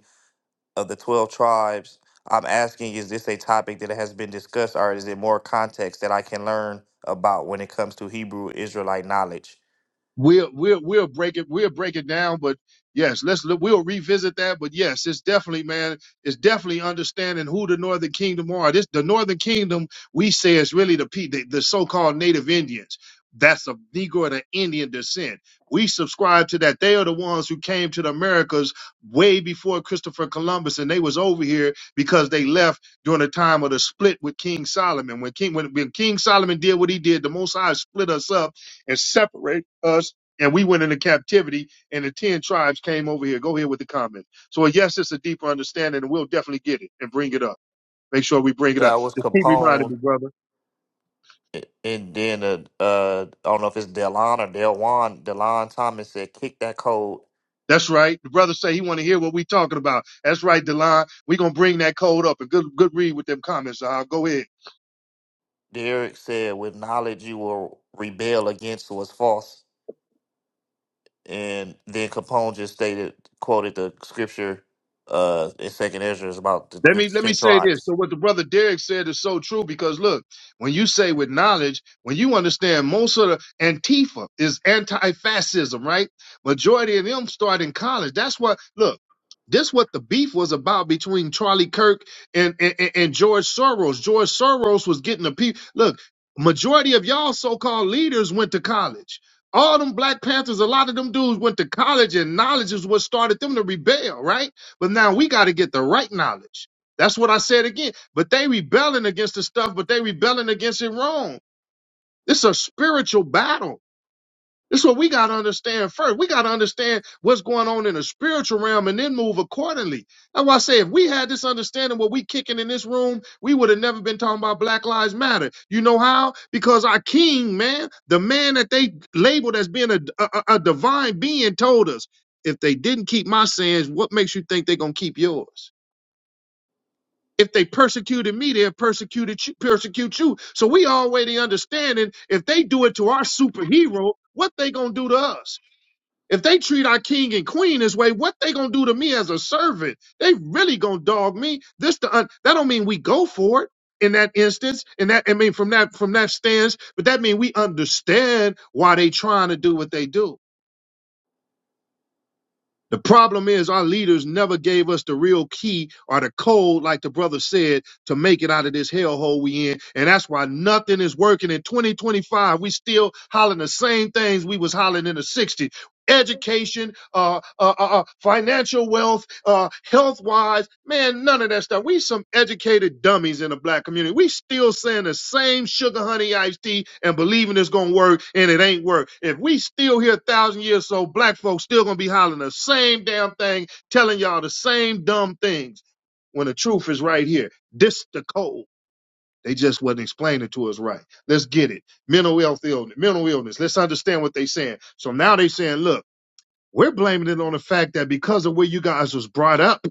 [SPEAKER 3] of the 12 tribes. I'm asking, is this a topic that has been discussed or is it more context that I can learn about when it comes to Hebrew Israelite knowledge?
[SPEAKER 1] We'll we'll we'll break it we'll break it down, but yes, let's look- we'll revisit that. But yes, it's definitely man, it's definitely understanding who the Northern Kingdom are. This the Northern Kingdom we say is really the pe- the, the so-called Native Indians. That's a Negro and an Indian descent. We subscribe to that. They are the ones who came to the Americas way before Christopher Columbus, and they was over here because they left during the time of the split with King Solomon. When King when, when King Solomon did what he did, the Most High split us up and separate us. And we went into captivity, and the 10 tribes came over here. Go here with the comment. So, yes, it's a deeper understanding, and we'll definitely get it and bring it up. Make sure we bring it up.
[SPEAKER 3] That was
[SPEAKER 1] Just keep reminding
[SPEAKER 3] Capone.
[SPEAKER 1] me, brother.
[SPEAKER 3] a- And then, uh, uh, I don't know if it's Delon or Delwan. Delon Thomas said, kick that code.
[SPEAKER 1] That's right. The brother say he want to hear what we talking about. That's right, Delon. we going to bring that code up and good good read with them comments. Uh, go ahead.
[SPEAKER 3] Derek said, with knowledge you will rebel against was false. And then Capone just stated, quoted the scripture uh, in Second Ezra is about the,
[SPEAKER 1] Let
[SPEAKER 3] the
[SPEAKER 1] me let
[SPEAKER 3] 10
[SPEAKER 1] me say this.
[SPEAKER 3] tribes.
[SPEAKER 1] So what the brother Derek said is so true because look, when you say with knowledge, when you understand most of the Antifa is anti-fascism, right? Majority of them start in college. That's what look. This what the beef was about between Charlie Kirk and and, and and George Soros. George Soros was getting the people. Look, majority of y'all so-called leaders went to college. All them Black Panthers, a lot of them dudes went to college, and knowledge is what started them to rebel, right? But now we got to get the right knowledge. That's what I said again. But they rebelling against the stuff, but they rebelling against it wrong. It's a spiritual battle. This is what we got to understand first. We got to understand what's going on in the spiritual realm and then move accordingly. That's why I say if we had this understanding what we kicking in this room, we would have never been talking about Black Lives Matter. You know how? Because our king, man, the man that they labeled as being a, a, a divine being told us, if they didn't keep my sins, what makes you think they're going to keep yours? If they persecuted me, they'll persecuted you, persecute you. So we already understanding if they do it to our superhero, what they gonna do to us? If they treat our king and queen this way, what they gonna do to me as a servant? They really gonna dog me. This the un- that don't mean we go for it in that instance. And that I mean from that from that stance, but that mean we understand why they trying to do what they do. The problem is our leaders never gave us the real key or the code, like the brother said, to make it out of this hellhole we in. And that's why nothing is working in 2025. We still hollering the same things we was hollering in the 60s education, uh, uh, uh, uh, financial wealth, uh, health wise. Man, none of that stuff. We some educated dummies in the black community. We still saying the same sugar honey iced tea and believing it's gonna work and it ain't work. If we still here a thousand years so, black folks still gonna be hollering the same damn thing, telling y'all the same dumb things when the truth is right here. This the code. They just wasn't explaining it to us right. Let's get it. Mental health illness. Mental illness. Let's understand what they saying. So now they saying, look. We're blaming it on the fact that because of where you guys was brought up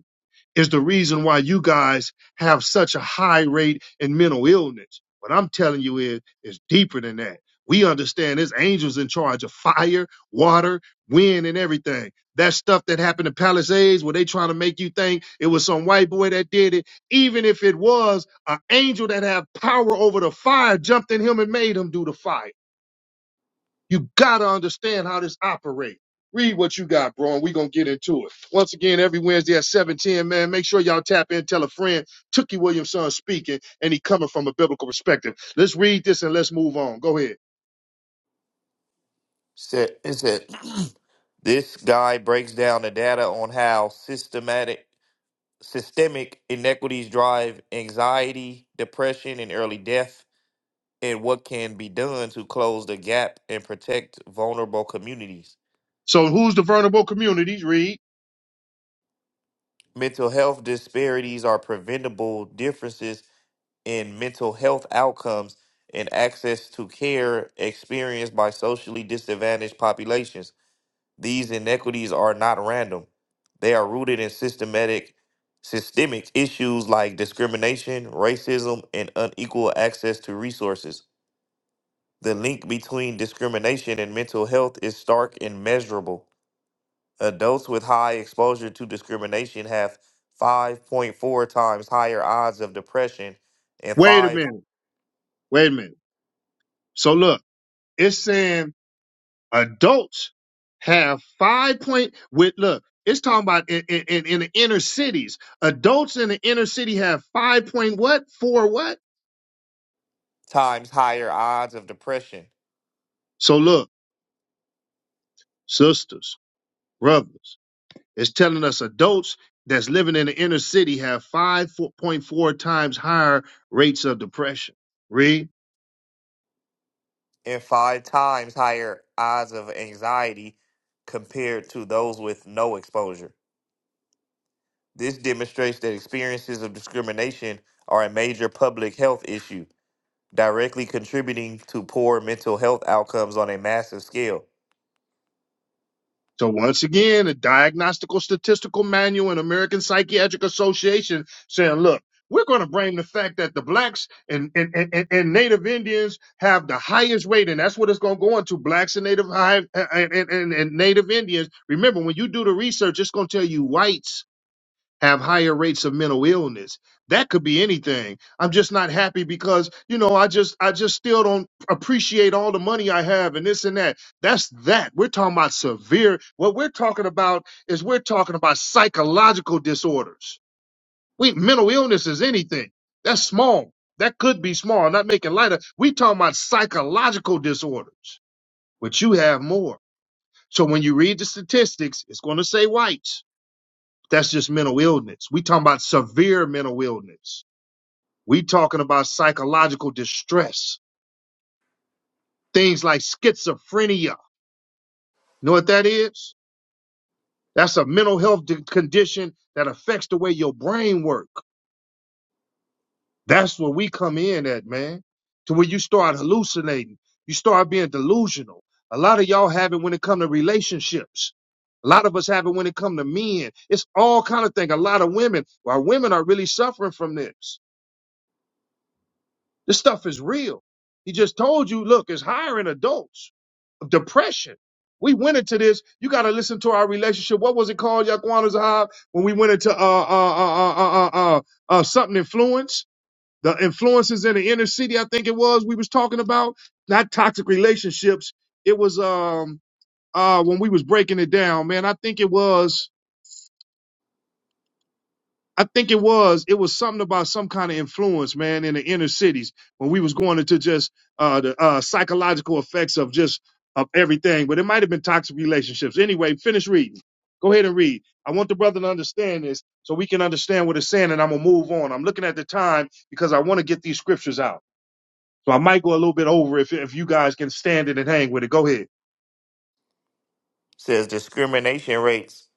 [SPEAKER 1] is the reason why you guys have such a high rate in mental illness. What I'm telling you is, it's deeper than that. We understand there's angels in charge of fire, water, wind, and everything. That stuff that happened to Palisades, where they trying to make you think it was some white boy that did it, even if it was an angel that had power over the fire, jumped in him and made him do the fire. You gotta understand how this operates. Read what you got, bro, and we're gonna get into it. Once again, every Wednesday at 710, man, make sure y'all tap in, tell a friend. Tookie Williamson speaking, and he coming from a biblical perspective. Let's read this and let's move on. Go ahead.
[SPEAKER 3] said it said this guy breaks down the data on how systematic systemic inequities drive anxiety, depression, and early death, and what can be done to close the gap and protect vulnerable communities.
[SPEAKER 1] So who's the vulnerable communities? Read.
[SPEAKER 3] Mental health disparities are preventable differences in mental health outcomes and access to care experienced by socially disadvantaged populations These inequities are not random. They are rooted in systematic systemic issues like discrimination, racism, and unequal access to resources. The link between discrimination and mental health is stark and measurable. Adults with high exposure to discrimination have 5.4 times higher odds of depression and
[SPEAKER 1] Wait a
[SPEAKER 3] 5
[SPEAKER 1] minute. Wait a minute. So look, it's saying adults have five point with look, it's talking about in, in, in in the inner cities. Adults in the inner city have five point what? Four what?
[SPEAKER 3] times higher odds of depression
[SPEAKER 1] So look. sisters, brothers. It's telling us adults that's living in the inner city have 5.4 times higher rates of depression. Read.
[SPEAKER 3] and five times higher odds of anxiety compared to those with no exposure. This demonstrates that experiences of discrimination are a major public health issue, directly contributing to poor mental health outcomes on a massive scale.
[SPEAKER 1] So once again, a diagnostical statistical manual and American Psychiatric Association saying, look, we're going to blame the fact that the blacks and, and, and, and native Indians have the highest rate. And that's what it's going to go into blacks and native, high, and, and and native Indians. Remember, when you do the research, it's going to tell you whites have higher rates of mental illness. That could be anything. I'm just not happy because, you know, I just I just still don't appreciate all the money I have and this and that. That's that. We're talking about severe what we're talking about is we're talking about psychological disorders. We mental illness is anything. That's small. That could be small. I'm not making light of we talking about psychological disorders, but you have more. So when you read the statistics, it's gonna say whites that's just mental illness. We talking about severe mental illness. We talking about psychological distress, things like schizophrenia. You know what that is? That's a mental health di- condition that affects the way your brain work. That's where we come in at, man. To where you start hallucinating, you start being delusional. A lot of y'all have it when it come to relationships. A lot of us have it when it come to men. It's all kind of thing. A lot of women, our women are really suffering from this This stuff is real. He just told you, look, it's higher in adults depression. We went into this. You got to listen to our relationship. What was it called, Yaquan Zahab, when we went into uh, uh, uh, uh, uh, uh, uh, something influence? The influences in the inner city, I think it was, we was talking about. Not toxic relationships. It was um uh when we was breaking it down, man. I think it was I think it was it was something about some kind of influence, man, in the inner cities when we was going into just uh, the uh, psychological effects of just of everything. But it might have been toxic relationships. Anyway, finish reading. Go ahead and read. I want the brother to understand this so we can understand what it's saying, and I'm gonna move on. I'm looking at the time because I want to get these scriptures out. So I might go a little bit over if if you guys can stand it and hang with it. Go ahead.
[SPEAKER 3] Says discrimination rates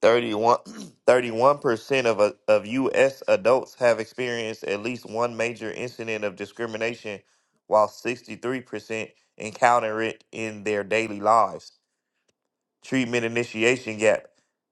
[SPEAKER 3] thirty one, thirty one percent of, uh, of U.S. adults have experienced at least one major incident of discrimination, while 63% encounter it in their daily lives. treatment initiation gap.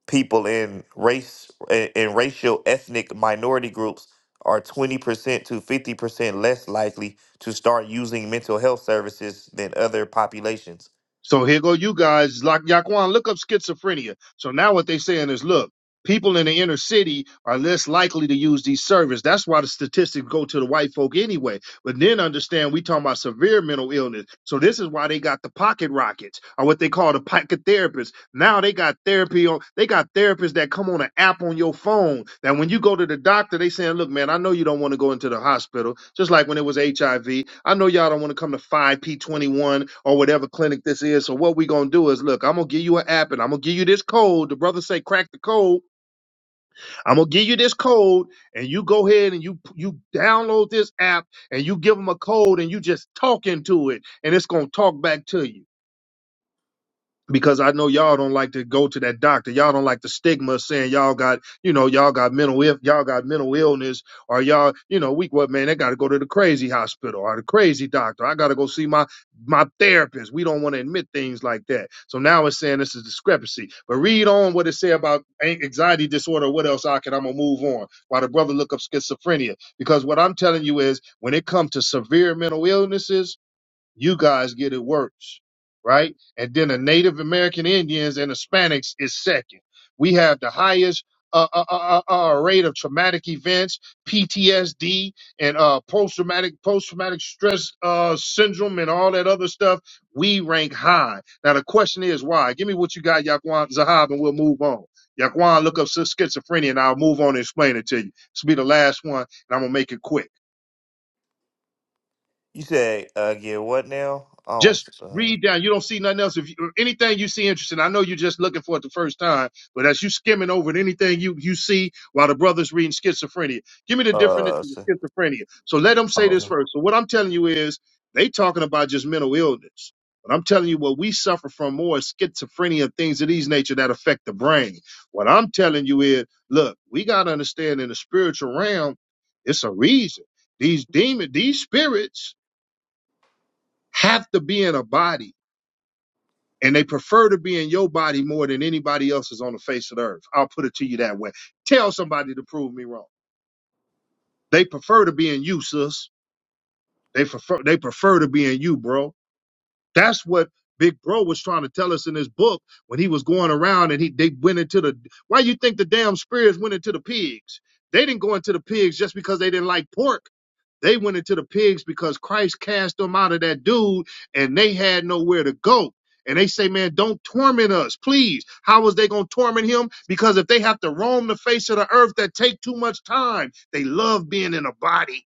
[SPEAKER 3] People in race in racial ethnic minority groups are 20% to 50% less likely to start using mental health services than other populations.
[SPEAKER 1] So here go you guys. Like Yaquan, look up schizophrenia. So now what they saying is, look, people in the inner city are less likely to use these services. That's why the statistics go to the white folk anyway. But then understand we talking about severe mental illness. So this is why they got the pocket rockets or what they call the pocket therapists. Now they got therapy on they got therapists that come on an app on your phone. That when you go to the doctor, they saying, look, man, I know you don't want to go into the hospital. Just like when it was HIV. I know y'all don't want to come to 5P21 or whatever clinic this is. So what we gonna do is look, I'm gonna give you an app and I'm gonna give you this code. The brother say crack the code. I'm gonna give you this code and you go ahead and you you download this app and you give them a code and you just talk into it and it's gonna talk back to you because I know y'all don't like to go to that doctor. Y'all don't like the stigma saying y'all got, you know, y'all got mental if y'all got mental illness or y'all, you know, we what man, they got to go to the crazy hospital or the crazy doctor. I got to go see my my therapist. We don't want to admit things like that. So now it's saying this is discrepancy. But read on what it say about anxiety disorder. What else I can? I'm gonna move on while the brother look up schizophrenia because what I'm telling you is when it comes to severe mental illnesses you guys get it worse, right? And then the Native American Indians and Hispanics is second. We have the highest uh, uh, uh, uh, uh, rate of traumatic events, PTSD, and uh, post traumatic post traumatic stress uh, syndrome, and all that other stuff. We rank high. Now the question is why? Give me what you got, Yaquan Zahab, and we'll move on. Yaquan, look up schizophrenia, and I'll move on and explain it to you. This will be the last one, and I'm gonna make it quick.
[SPEAKER 3] You said uh, again what now? Oh,
[SPEAKER 1] Just
[SPEAKER 3] uh,
[SPEAKER 1] read down. You don't see nothing else. If you, or anything you see interesting, I know you're just looking for it the first time, but as you skimming over it, anything you you see while the brother's reading schizophrenia, give me the definition
[SPEAKER 3] uh, s-
[SPEAKER 1] of schizophrenia. So let them say this
[SPEAKER 3] oh,
[SPEAKER 1] first. So what I'm telling you is they talking about just mental illness. But I'm telling you what we suffer from more is schizophrenia, things of these nature that affect the brain. What I'm telling you is, look, we gotta understand in the spiritual realm, it's a reason. These demon, these spirits have to be in a body and they prefer to be in your body more than anybody else's on the face of the earth. I'll put it to you that way. Tell somebody to prove me wrong. They prefer to be in you, sis. They prefer they prefer to be in you, bro. That's what Big Bro was trying to tell us in his book when he was going around and he they went into the why you think the damn spirits went into the pigs? They didn't go into the pigs just because they didn't like pork. They went into the pigs because Christ cast them out of that dude and they had nowhere to go. And they say, man, don't torment us, please. How was they going to torment him? Because if they have to roam the face of the earth, that take too much time. They love being in a body.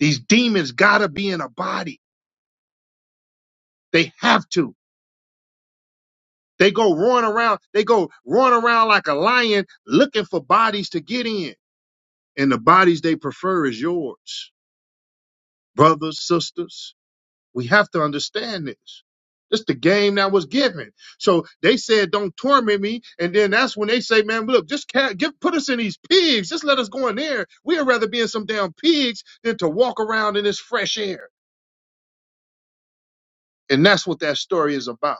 [SPEAKER 1] These demons gotta be in a body. They have to. They go roaring around. They go roaring around like a lion looking for bodies to get in. And the bodies they prefer is yours, brothers, sisters. We have to understand this. It's the game that was given. So they said, "Don't torment me," and then that's when they say, "Man, look, just ca- give, put us in these pigs. Just let us go in there. We'd rather be in some damn pigs than to walk around in this fresh air." And that's what that story is about.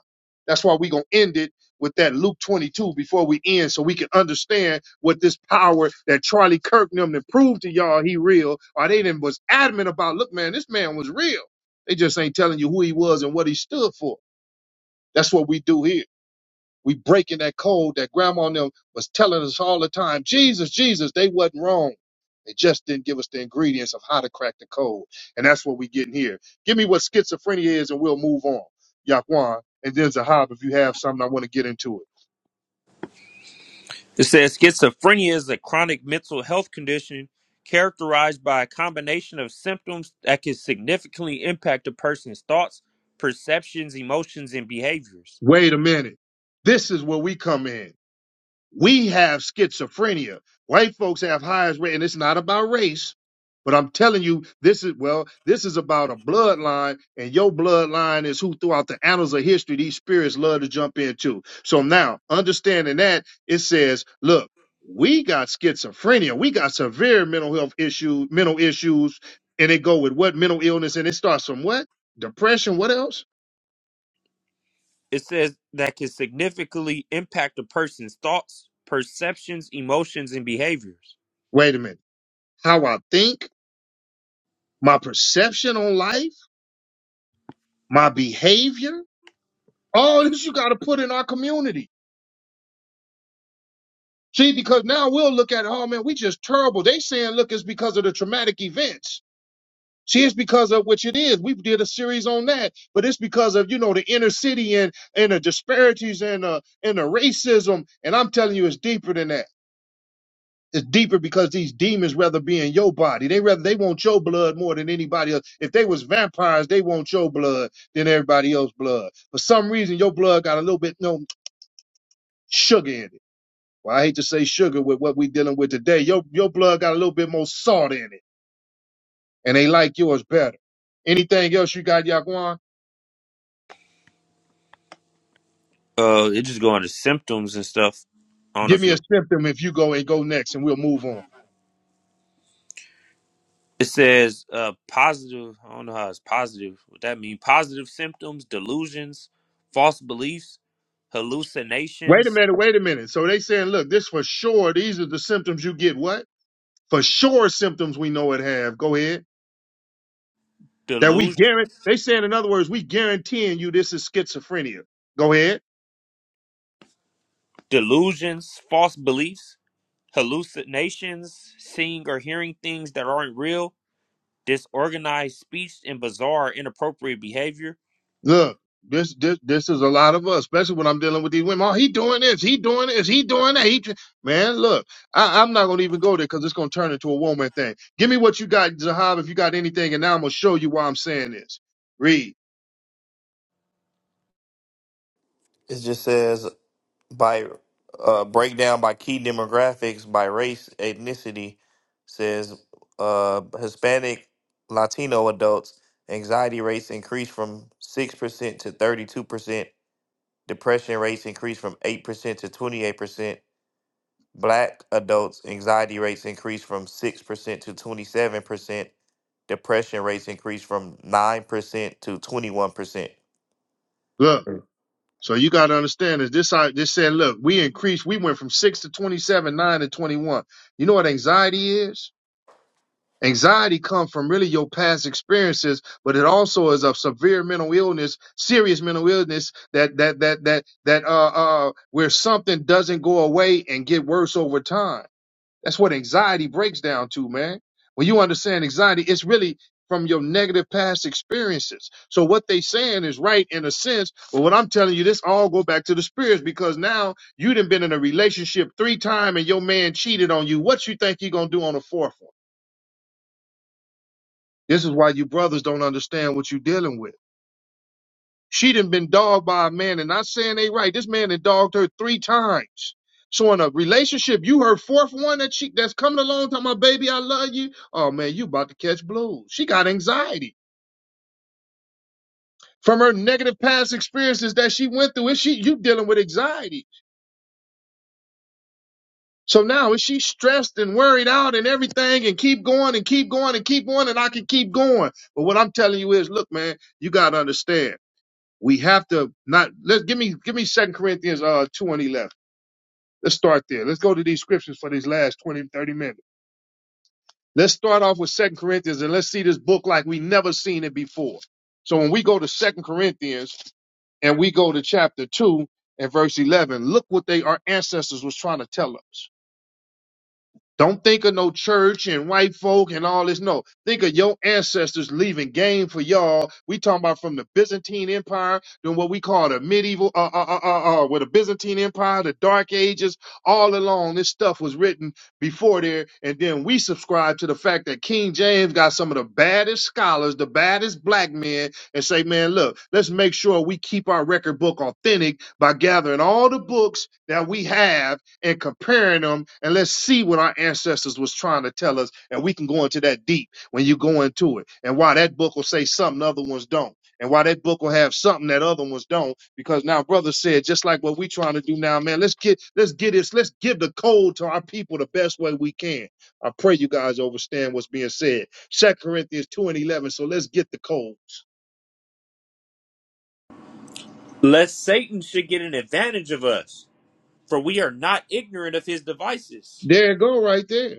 [SPEAKER 1] That's why we gonna end it with that Luke 22 before we end, so we can understand what this power that Charlie Kirk and them to prove to y'all he real, or they didn't was adamant about. Look, man, this man was real. They just ain't telling you who he was and what he stood for. That's what we do here. We breaking that code that grandma and them was telling us all the time. Jesus, Jesus, they wasn't wrong. They just didn't give us the ingredients of how to crack the code. And that's what we getting here. Give me what schizophrenia is and we'll move on. Yaquan. And then Zahab, if you have something, I want to get into it.
[SPEAKER 2] It says schizophrenia is a chronic mental health condition characterized by a combination of symptoms that can significantly impact a person's thoughts, perceptions, emotions, and behaviors.
[SPEAKER 1] Wait a minute. This is where we come in. We have schizophrenia. White folks have highest rate, and it's not about race. But I'm telling you, this is well, this is about a bloodline, and your bloodline is who throughout the annals of history these spirits love to jump into. So now, understanding that, it says, look, we got schizophrenia, we got severe mental health issues, mental issues, and they go with what mental illness, and it starts from what? Depression, what else?
[SPEAKER 2] It says that can significantly impact a person's thoughts, perceptions, emotions, and behaviors.
[SPEAKER 1] Wait a minute. How I think, my perception on life, my behavior All this you got to put in our community. See, because now we'll look at, oh man, we just terrible. They saying, look, it's because of the traumatic events. See, it's because of which it is. We did a series on that, but it's because of you know the inner city and and the disparities and uh and the racism. And I'm telling you, it's deeper than that. It's deeper because these demons rather be in your body. They rather they want your blood more than anybody else. If they was vampires, they want your blood than everybody else's blood. For some reason, your blood got a little bit no sugar in it. Well, I hate to say sugar with what we dealing with today. Your your blood got a little bit more salt in it, and they like yours better. Anything else you got, Yaquan?
[SPEAKER 2] Uh, it just go into symptoms and stuff. I don't know
[SPEAKER 1] Give
[SPEAKER 2] if you.
[SPEAKER 1] me a symptom if you go and go next, and we'll move on.
[SPEAKER 2] It says uh, positive. I don't know how it's positive. What that mean? Positive symptoms, delusions, false beliefs,
[SPEAKER 1] Wait a
[SPEAKER 2] hallucinations,
[SPEAKER 1] minute, wait a minute. So they saying, look, this for sure. These are the symptoms you get. What for sure symptoms we know it have. Go ahead. That we
[SPEAKER 2] delusion,
[SPEAKER 1] guarantee. They saying, in other words, we guaranteeing you this is schizophrenia. Go ahead.
[SPEAKER 2] delusions, false beliefs, hallucinations, seeing or hearing things that aren't real, disorganized speech, and bizarre, inappropriate behavior.
[SPEAKER 1] Look, this this this is a lot of us, especially when I'm dealing with these women. Oh, he doing this, he doing this, he doing that. He, tr- man, look, I, I'm not gonna even go there because it's gonna turn into a woman thing. Give me what you got, Zahab, if you got anything, and now I'm gonna show you why I'm saying this. Read,
[SPEAKER 3] it just says by uh, breakdown by key demographics by race ethnicity says uh, Hispanic Latino adults anxiety rates increased from six percent to thirty two percent. Depression rates increased from eight percent to twenty eight percent. Black adults anxiety rates increased from six percent to twenty seven percent. Depression rates increased from nine percent to twenty one percent.
[SPEAKER 1] look. So you gotta understand this. This I this said, look, we increased. We went from six to twenty-seven, nine to twenty-one. You know what anxiety is? Anxiety comes from really your past experiences, but it also is a severe mental illness, serious mental illness that that that that that uh uh where something doesn't go away and get worse over time. That's what anxiety breaks down to, man. When you understand anxiety, it's really from your negative past experiences. So what they saying is right in a sense, but what I'm telling you, this all go back to the spirits because now you done been in a relationship three time and your man cheated on you. What you think he gonna do on the fourth one? This is why you brothers don't understand what you're dealing with. She done been dogged by a man, and not saying they right. This man done dogged her three times. So in a relationship, you her fourth one that she that's coming along, talking about baby, I love you. Oh man, you about to catch blues. She got anxiety from her negative past experiences that she went through. Is she you dealing with anxiety? So now is she stressed and worried out and everything and keep going and keep going and keep going and I can keep going. But what I'm telling you is, look, man, you gotta understand. We have to not let give me give me Second Corinthians uh two and eleven. Let's start there. Let's go to these scriptures for these last 20 30 minutes. Let's start off with Second Corinthians and let's see this book like we never seen it before. So when we go to Second Corinthians and we go to chapter two and verse eleven, look what they our ancestors was trying to tell us. Don't think of no church and white folk and all this. No, think of your ancestors leaving game for y'all. We talking about from the Byzantine Empire, then what we call the medieval, uh, uh, uh, uh, uh, with the Byzantine Empire, the Dark Ages, all along. This stuff was written before there, and then we subscribe to the fact that King James got some of the baddest scholars, the baddest black men, and say, man, look, let's make sure we keep our record book authentic by gathering all the books that we have and comparing them and let's see what our ancestors was trying to tell us and we can go into that deep when you go into it and why that book will say something other ones don't and why that book will have something that other ones don't because now brother said just like what we trying to do now man let's get let's get this let's give the code to our people the best way we can i pray you guys understand what's being said second corinthians 2 and 11 so let's get the code
[SPEAKER 2] Lest Satan should get an advantage of us, for we are not ignorant of his devices.
[SPEAKER 1] there it go right there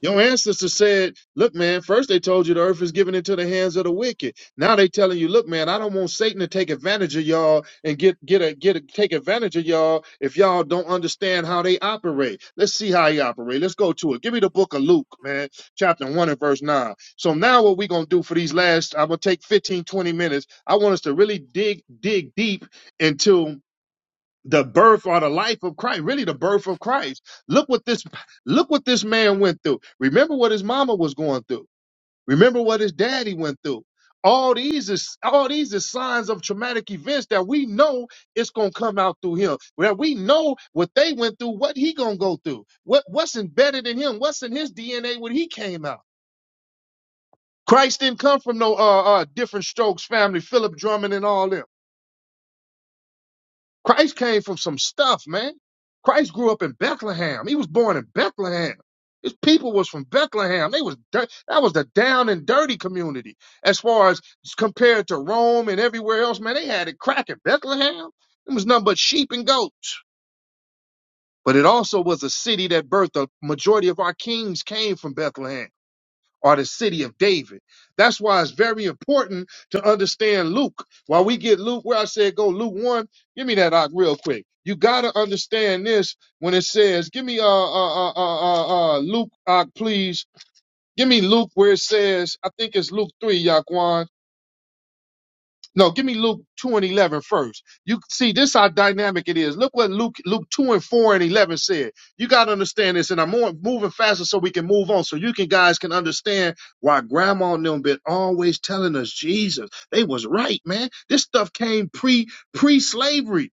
[SPEAKER 1] Your ancestors said, look, man, first they told you the earth is given into the hands of the wicked. Now they telling you, look, man, I don't want Satan to take advantage of y'all and get get a get a, take advantage of y'all if y'all don't understand how they operate. Let's see how he operate. Let's go to it. Give me the book of Luke, man, chapter one and verse nine. So now what we gonna do for these last, I'm gonna take 15 20 minutes. I want us to really dig, dig deep into the birth or the life of Christ, really the birth of Christ. Look what this look what this man went through. Remember what his mama was going through. Remember what his daddy went through. All these is all these is signs of traumatic events that we know it's gonna come out through him. Where we know what they went through, what he gonna go through, what what's embedded in him, what's in his DNA when he came out. Christ didn't come from no uh, uh different strokes family, Philip Drummond and all them. Christ came from some stuff, man. Christ grew up in Bethlehem. He was born in Bethlehem. His people was from Bethlehem. They was dirt. That was the down and dirty community. As far as compared to Rome and everywhere else, man, they had it cracking. Bethlehem, it was nothing but sheep and goats. But it also was a city that birthed the majority of our kings came from Bethlehem or the city of David. That's why it's very important to understand Luke. While we get Luke, where I said go Luke 1, give me that Ock, real quick. You got to understand this when it says, give me uh, uh, uh, uh, uh, uh, Luke Ock, please. Give me Luke where it says, I think it's Luke 3, Yaquan no, give me Luke 2 and 11 first. You see, this how dynamic it is. Look what Luke Luke 2 and 4 and 11 said. You got to understand this, and I'm more, moving faster so we can move on, so you can guys can understand why Grandma and them been always telling us Jesus. They was right, man. This stuff came pre pre slavery.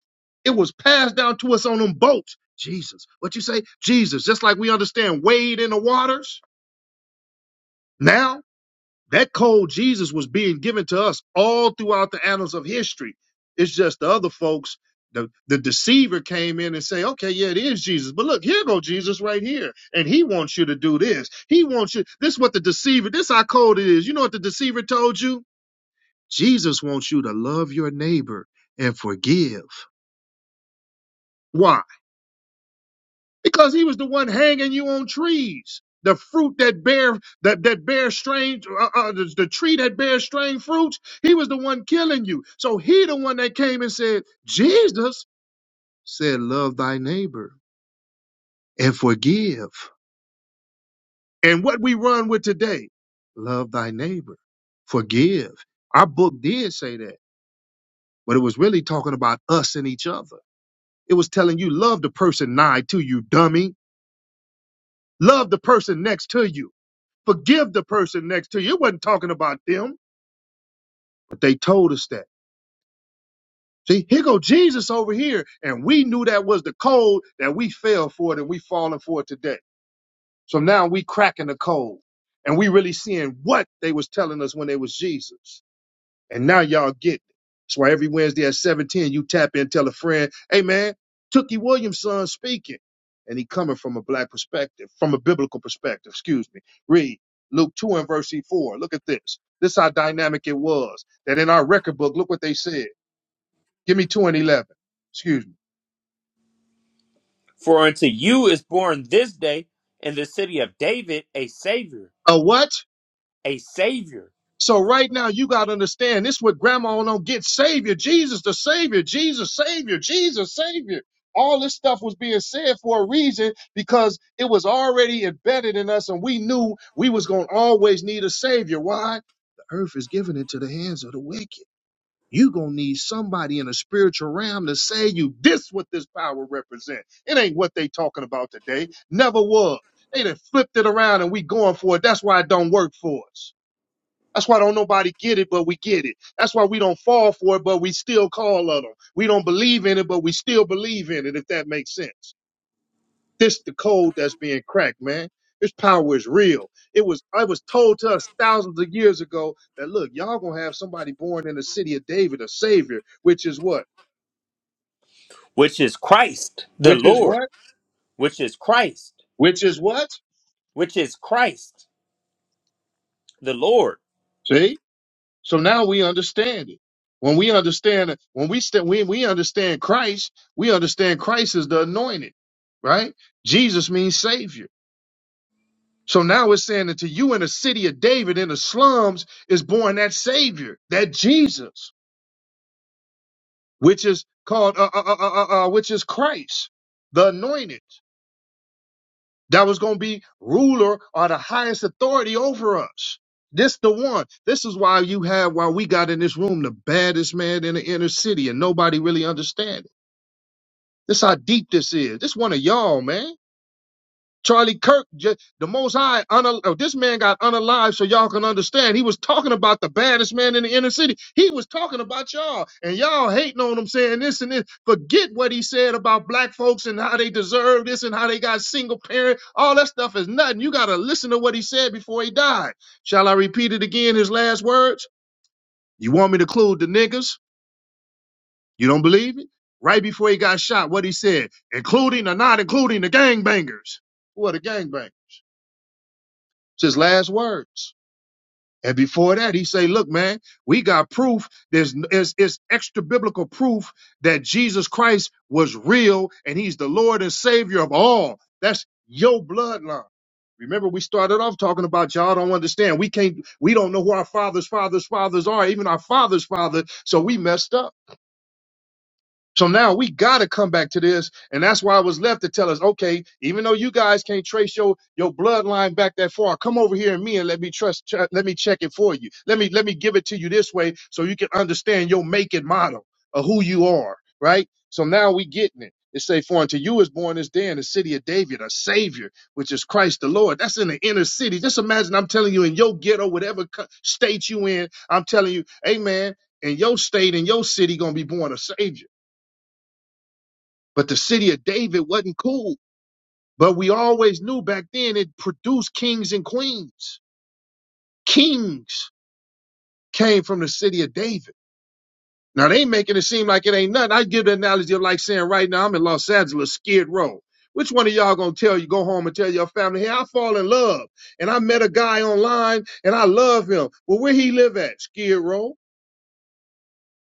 [SPEAKER 1] It was passed down to us on them boats. Jesus, what you say? Jesus, just like we understand wade in the waters now. That cold Jesus was being given to us all throughout the annals of history. It's just the other folks, the, the deceiver came in and say, okay, yeah, it is Jesus. But look, here go Jesus right here. And he wants you to do this. He wants you. This is what the deceiver, this how cold it is. You know what the deceiver told you? Jesus wants you to love your neighbor and forgive. Why? because he was the one hanging you on trees. The fruit that bear that that bear strange uh, uh, the, the tree that bears strange fruits, he was the one killing you. So he the one that came and said, Jesus said, love thy neighbor and forgive. And what we run with today, love thy neighbor, forgive. Our book did say that, but it was really talking about us and each other. It was telling you love the person nigh to you, dummy. Love the person next to you. Forgive the person next to you. It wasn't talking about them, but they told us that. See, here go Jesus over here, and we knew that was the code that we fell for it, and we falling for it today. So now we cracking the code, and we really seeing what they was telling us when they was Jesus. And now y'all get it. That's why every Wednesday at 710, you tap in, tell a friend, hey man, Tookie Williamson speaking. And he coming from a black perspective, from a biblical perspective, excuse me. Read Luke 2 and verse 4. Look at this. This is how dynamic it was. That in our record book, look what they said. Give me 2 and 11. Excuse me.
[SPEAKER 2] For unto you is born this day in the city of David a Savior
[SPEAKER 1] A what?
[SPEAKER 2] a Savior,
[SPEAKER 1] So right now you gotta understand this what grandma don't get. Savior, Jesus the Savior, Jesus, Savior, Jesus, Savior. All this stuff was being said for a reason because it was already embedded in us and we knew we was gonna always need a savior. Why? The earth is given into the hands of the wicked. You gonna need somebody in a spiritual realm to say you this what this power represent. It ain't what they talking about today. Never was. They done flipped it around and we going for it. That's why it don't work for us. That's why don't nobody get it, but we get it. That's why we don't fall for it, but we still call on them. We don't believe in it, but we still believe in it, if that makes sense. This the code that's being cracked, man. This power is real. It was I was told to us thousands of years ago that look, y'all gonna have somebody born in the city of David, a savior, which is what?
[SPEAKER 2] which is Christ the
[SPEAKER 1] Which is
[SPEAKER 2] Lord,
[SPEAKER 1] what?
[SPEAKER 2] which is Christ,
[SPEAKER 1] Which is what?
[SPEAKER 2] which is Christ the Lord.
[SPEAKER 1] See? So now we understand it. When we understand it, when we st- when we understand Christ, we understand Christ is the anointed, right? Jesus means savior. So now it's saying that to you in the city of David in the slums is born that savior, that Jesus, which is called uh, uh, uh, uh, uh, uh, which is Christ, the anointed. that was going to be ruler or the highest authority over us. This the one. This is why you had why we got in this room the baddest man in the inner city and nobody really understand it. This how deep this is. This one of y'all, man. Charlie Kirk, ju- the Most High, un- oh, this man got unalive so y'all can understand. He was talking about the baddest man in the inner city. He was talking about y'all, and y'all hating on him, saying this and this. Forget what he said about black folks and how they deserve this and how they got single parent. All that stuff is nothing. You got to listen to what he said before he died. Shall I repeat it again, his last words? You want me to include the niggas? You don't believe it? Right before he got shot, what he said, including or not including the gangbangers. What a gangbang. It's his last words. And before that, he say, "Look, man, we got proof. There's there's, it's extra biblical proof that Jesus Christ was real, and He's the Lord and Savior of all. That's your bloodline." Remember, we started off talking about y'all don't understand. We can't. We don't know who our fathers' fathers' fathers are, even our fathers' father. So we messed up. So now we got to come back to this, and that's why I was left to tell us, okay, even though you guys can't trace your your bloodline back that far, come over here and me and let me trust, ch- let me check it for you. Let me let me give it to you this way, so you can understand your make and model of who you are, right? So now we getting it. It say, for unto you is born this day in the city of David a Savior, which is Christ the Lord. That's in the inner city. Just imagine I'm telling you in your ghetto, whatever co- state you in, I'm telling you, hey man, in your state, in your city, gonna be born a Savior but the city of David wasn't cool. But we always knew back then it produced kings and queens. Kings came from the city of David. Now they making it seem like it ain't nothing. I give the analogy of like saying right now I'm in Los Angeles, Skid Row. Which one of y'all gonna tell you go home and tell your family, hey, I fall in love and I met a guy online and I love him. Well, where he live at? Skid Row.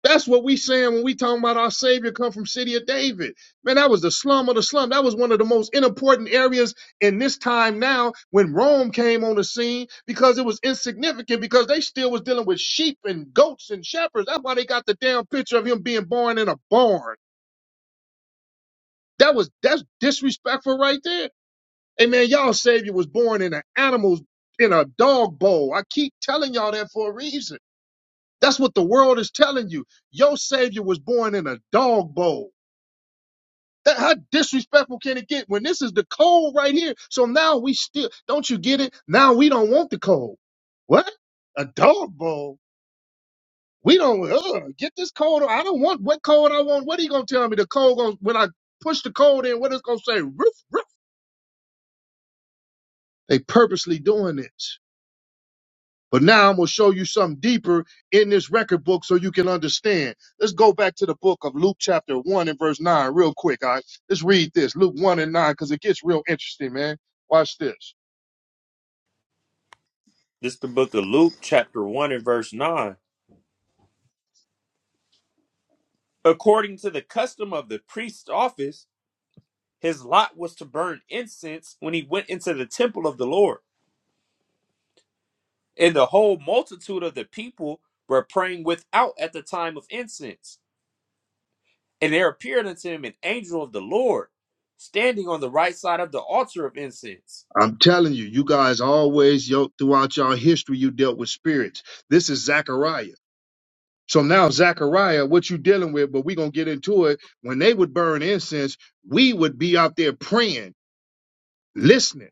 [SPEAKER 1] That's what we saying when we talking about our Savior come from city of David. Man, that was the slum of the slum. That was one of the most unimportant areas in this time now when Rome came on the scene because it was insignificant because they still was dealing with sheep and goats and shepherds. That's why they got the damn picture of him being born in a barn. That was that's disrespectful right there. Hey man, y'all Savior was born in an animal's in a dog bowl. I keep telling y'all that for a reason. That's what the world is telling you. Your Savior was born in a dog bowl. That how disrespectful can it get when this is the code right here? So now we still don't you get it? Now we don't want the code. What? A dog bowl. We don't ugh, get this code. I don't want what code I want. What are you gonna tell me? The code going when I push the code in, what it's gonna say? Roof, roof. They purposely doing this. But now I'm gonna show you something deeper in this record book so you can understand. Let's go back to the book of Luke chapter one and verse nine real quick. All right. Let's read this. Luke one and nine, because it gets real interesting, man. Watch this.
[SPEAKER 2] This is the book of Luke, chapter 1 and verse 9. According to the custom of the priest's office, his lot was to burn incense when he went into the temple of the Lord. And the whole multitude of the people were praying without at the time of incense. And there appeared unto him an angel of the Lord standing on the right side of the altar of incense.
[SPEAKER 1] I'm telling you, you guys always yo, throughout y'all history, you dealt with spirits. This is Zechariah. So now Zechariah, what you dealing with, but we gonna get into it. When they would burn incense, we would be out there praying, listening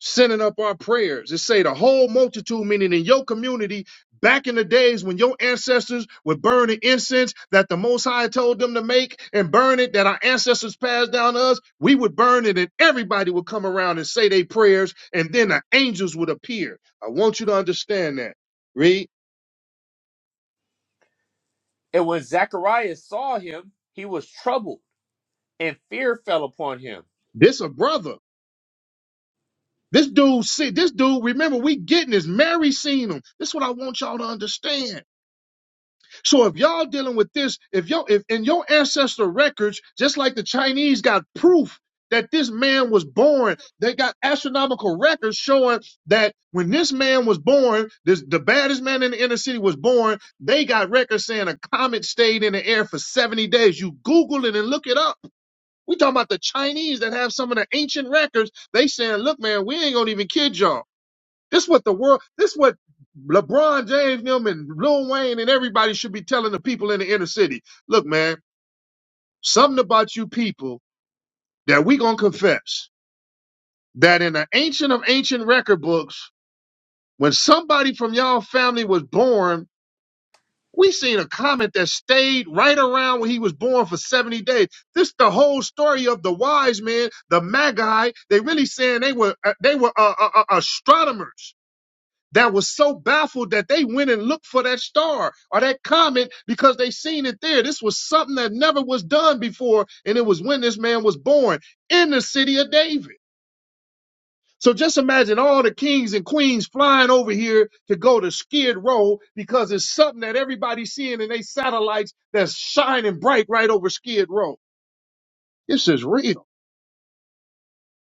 [SPEAKER 1] sending up our prayers. It say the whole multitude, meaning in your community, back in the days when your ancestors were burning incense that the Most High told them to make and burn it that our ancestors passed down to us, we would burn it and everybody would come around and say their prayers and then the angels would appear. I want you to understand that. Read,
[SPEAKER 2] And when Zacharias saw him, he was troubled, and fear fell upon him.
[SPEAKER 1] this a brother. This dude, see, this dude, remember, we getting this. Mary seen him. This is what I want y'all to understand. So if y'all dealing with this, if your if in your ancestor records, just like the Chinese got proof that this man was born, they got astronomical records showing that when this man was born, this the baddest man in the inner city was born. They got records saying a comet stayed in the air for 70 days. You Google it and look it up. We talking about the Chinese that have some of the ancient records. They saying, look, man, we ain't gonna even kid y'all. This what the world. This what LeBron James, and them, and Lil Wayne, and everybody should be telling the people in the inner city. Look, man, something about you people that we gonna confess that in the ancient of ancient record books, when somebody from y'all family was born, we seen a comment that stayed right around when he was born for seventy days. This the whole story of the wise men, the magi. They really saying they were uh, they were uh, uh, uh, astronomers that was so baffled that they went and looked for that star or that comet because they seen it there. This was something that never was done before, and it was when this man was born in the city of David. So just imagine all the kings and queens flying over here to go to Skid Row because it's something that everybody's seeing in their satellites that's shining bright right over Skid Row. This is real.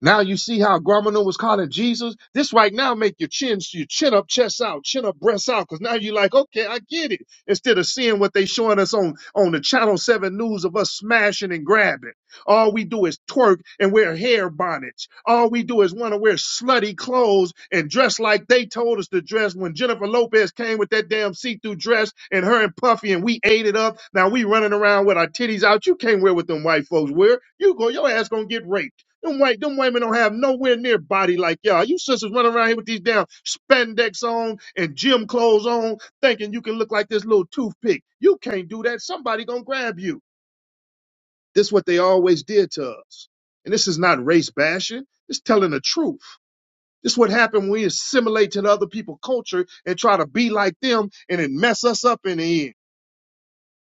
[SPEAKER 1] Now you see how Gromino was calling Jesus. This right now make your chin, your chin up, chest out, chin up, breast out. Cause now you are like, okay, I get it. Instead of seeing what they showing us on on the Channel Seven News of us smashing and grabbing, all we do is twerk and wear hair bonnets. All we do is want to wear slutty clothes and dress like they told us to dress. When Jennifer Lopez came with that damn see-through dress and her and Puffy and we ate it up. Now we running around with our titties out. You can't wear what them white folks wear. You go, your ass gonna get raped. Them white, them women don't have nowhere near body like y'all. You sisters running around here with these damn spandex on and gym clothes on, thinking you can look like this little toothpick. You can't do that. Somebody gonna grab you. This what they always did to us. And this is not race bashing. It's telling the truth. This what happened when we assimilate to the other people's culture and try to be like them and it mess us up in the end.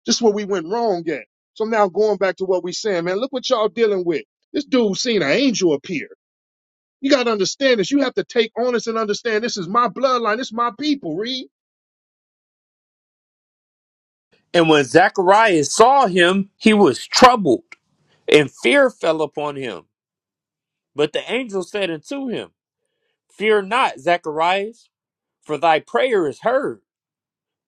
[SPEAKER 1] This where we went wrong at. So now going back to what we saying, man, look what y'all dealing with. This dude seen an angel appear. You got to understand this. You have to take on this and understand this is my bloodline. This is my people. Read.
[SPEAKER 2] And when Zacharias saw him, he was troubled, and fear fell upon him. But the angel said unto him, Fear not, Zacharias, for thy prayer is heard,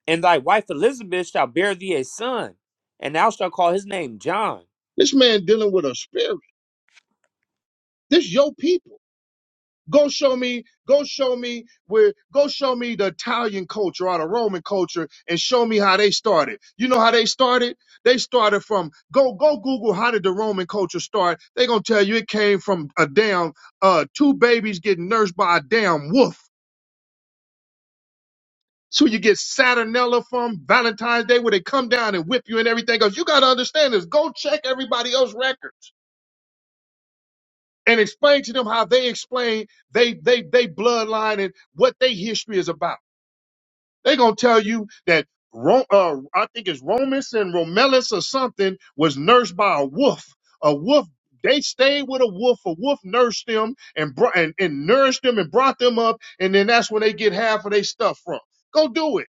[SPEAKER 2] and thy wife Elizabeth shall bear thee a son, and thou shalt call his name John.
[SPEAKER 1] This man dealing with a spirit. This your people. Go show me, go show me where, go show me the Italian culture or the Roman culture and show me how they started. You know how they started? They started from, go, go Google how did the Roman culture start. they going to tell you it came from a damn, uh, two babies getting nursed by a damn wolf So you get Saturnella from Valentine's Day where they come down and whip you and everything else. You got to understand this. Go check everybody else's records and explain to them how they explain they they they bloodline and what their history is about. They're gonna tell you that Ro- uh, I think it's Romus and Romulus or something was nursed by a wolf. A wolf. They stayed with a wolf. A wolf nursed them and brought and, and nourished them and brought them up. And then that's when they get half of their stuff from. Go do it.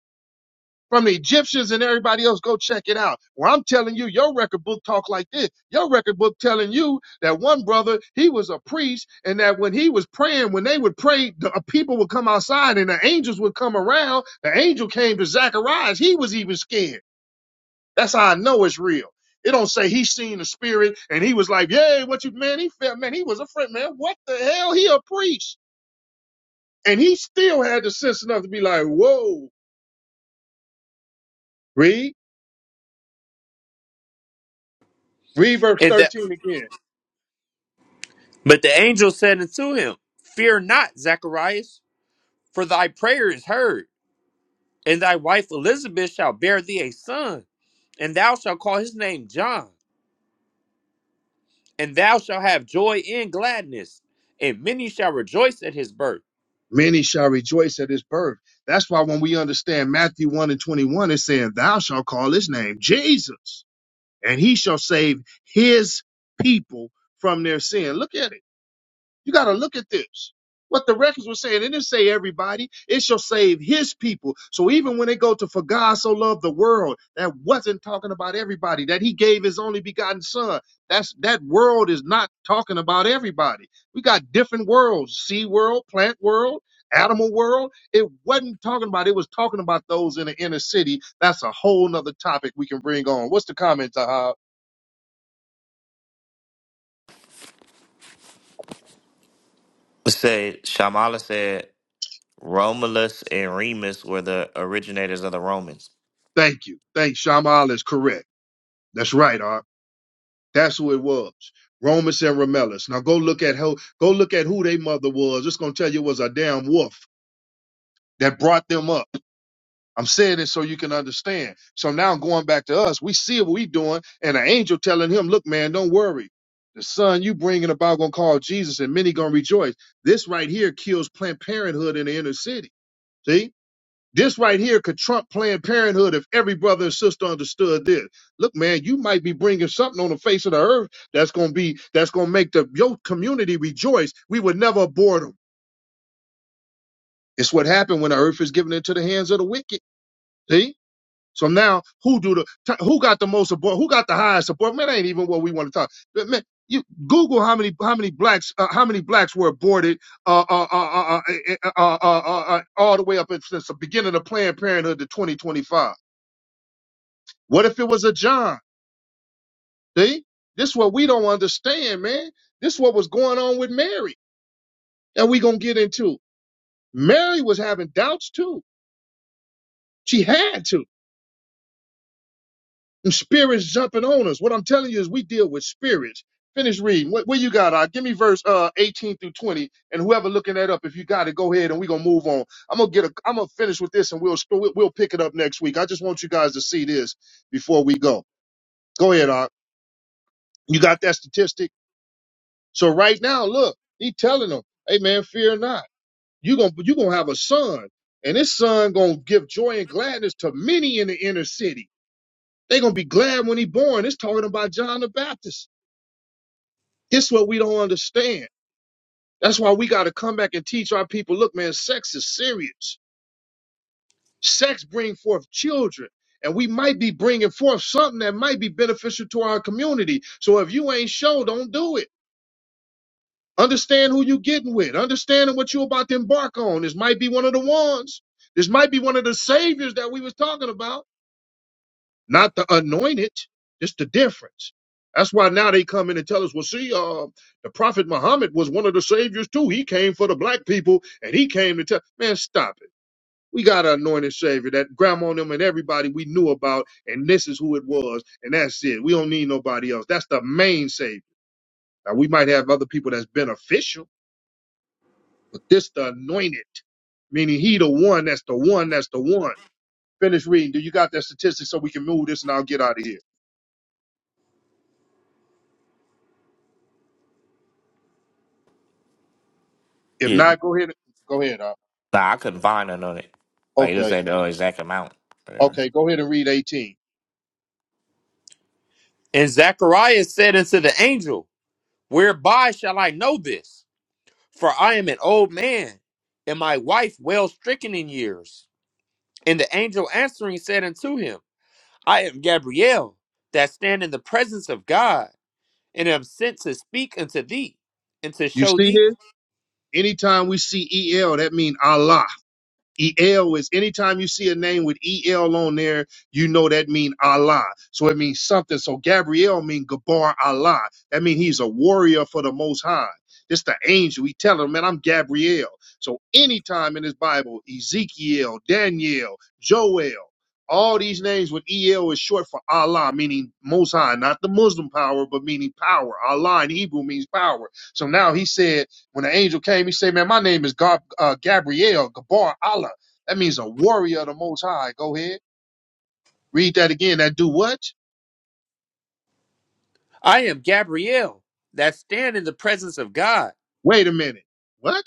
[SPEAKER 1] from the Egyptians and everybody else. Go check it out. Well, I'm telling you, your record book talk like this. Your record book telling you that one brother, he was a priest and that when he was praying, when they would pray, the uh, people would come outside and the angels would come around. The angel came to Zacharias. He was even scared. That's how I know it's real. It don't say he seen the spirit and he was like, yay, what you, man, he felt, man, he was afraid, man, what the hell? He a priest. And he still had the sense enough to be like, whoa, read, read verse
[SPEAKER 2] And the,
[SPEAKER 1] 13 again.
[SPEAKER 2] but the angel said unto him, Fear not, Zacharias, for thy prayer is heard, and thy wife Elizabeth shall bear thee a son and thou shalt call his name John, and thou shalt have joy and gladness, and many shall rejoice at his birth.
[SPEAKER 1] Many shall rejoice at his birth. That's why when we understand Matthew 1 and 21, it's saying, Thou shalt call his name Jesus, and he shall save his people from their sin. Look at it. You got to look at this. What the records were saying, it didn't say everybody. It shall save his people. So even when they go to for God so loved the world, that wasn't talking about everybody. That he gave his only begotten son. That's that world is not talking about everybody. We got different worlds: sea world, plant world, animal world. It wasn't talking about. It was talking about those in the inner city. That's a whole nother topic we can bring on. What's the comment, Tahab?
[SPEAKER 3] Say Shamala said. Romulus and Remus were the originators of the Romans.
[SPEAKER 1] Thank you. Thanks. Shamal is correct. That's right, Ar. That's who it was. Romus and Remellis. Now go look at how go look at who their mother was. It's gonna tell you it was a damn wolf that brought them up. I'm saying it so you can understand. So now going back to us, we see what we doing, and an angel telling him, "Look, man, don't worry. The son you bringing about gonna call Jesus, and many gonna rejoice." This right here kills Planned Parenthood in the inner city. See? This right here could trump Planned Parenthood if every brother and sister understood this. Look, man, you might be bringing something on the face of the earth that's gonna be that's gonna make the your community rejoice. We would never abhor them. It's what happened when the earth is given into the hands of the wicked. See. So now, who do the t- who got the most abhor? Who got the highest support? Man, that ain't even what we want to talk. But man, you Google how many how many blacks uh, how many blacks were aborted uh, uh, uh, uh, uh, eh, eh, uh, uh, uh, uh, all the way up since the beginning of Planned Parenthood to 2025. What if it was a John? See, this is what we don't understand, man. This is what was going on with Mary, and we gonna get into. Mary was having doubts too. She had to. And spirits jumping on us. What I'm telling you is we deal with spirits. Finish reading. What, what you got? Uh, give me verse uh 18 through 20, and whoever looking that up, if you got it, go ahead, and we gonna move on. I'm gonna get a. I'm gonna finish with this, and we'll we'll we'll pick it up next week. I just want you guys to see this before we go. Go ahead, Ark. You got that statistic? So right now, look, he telling them, "Hey man, fear not. You are gonna you gonna have a son, and this son gonna give joy and gladness to many in the inner city. They gonna be glad when he born." It's talking about John the Baptist. It's what we don't understand. That's why we got to come back and teach our people. Look, man, sex is serious. Sex bring forth children. And we might be bringing forth something that might be beneficial to our community. So if you ain't sure, don't do it. Understand who you getting with. Understanding what you're about to embark on. This might be one of the ones. This might be one of the saviors that we was talking about. Not the anointed. Just the difference. That's why now they come in and tell us, well, see, uh, the Prophet Muhammad was one of the saviors too. He came for the black people and he came to tell. Man, stop it. We got an anointed savior that grandma and them and everybody we knew about, and this is who it was, and that's it. We don't need nobody else. That's the main savior. Now we might have other people that's beneficial But this the anointed, meaning he the one that's the one that's the one. Finish reading. Do you got that statistic so we can move this and I'll get out of here? If
[SPEAKER 3] Yeah.
[SPEAKER 1] not, go ahead. Go ahead. Al.
[SPEAKER 3] Nah, I couldn't find none on it. Like, it just
[SPEAKER 1] okay.
[SPEAKER 3] ain't the uh, exact amount. Whatever.
[SPEAKER 1] Okay. Go ahead and read 18.
[SPEAKER 2] And Zacharias said unto the angel, Whereby shall I know this? For I am an old man, and my wife well stricken in years. And the angel answering said unto him, I am Gabriel, that stand in the presence of God, and am sent to speak unto thee, and to
[SPEAKER 1] You
[SPEAKER 2] show
[SPEAKER 1] see
[SPEAKER 2] thee.
[SPEAKER 1] this? Anytime we see EL, that means Allah. EL is anytime you see a name with EL on there, you know that mean Allah. So it means something. So Gabriel mean Gabar Allah. That means he's a warrior for the Most High. It's the angel. He telling him, man, I'm Gabriel. So anytime in his Bible, Ezekiel, Daniel, Joel, all these names with EL is short for Allah, meaning Most High, not the Muslim power, but meaning power. Allah in Hebrew means power. So now he said, when the angel came, he said, Man, my name is Gab- uh, Gabriel, Gabar Allah. That means a warrior of the Most High. Go ahead. Read that again. That do what?
[SPEAKER 2] I am Gabriel, that stand in the presence of God
[SPEAKER 1] Wait a minute. What?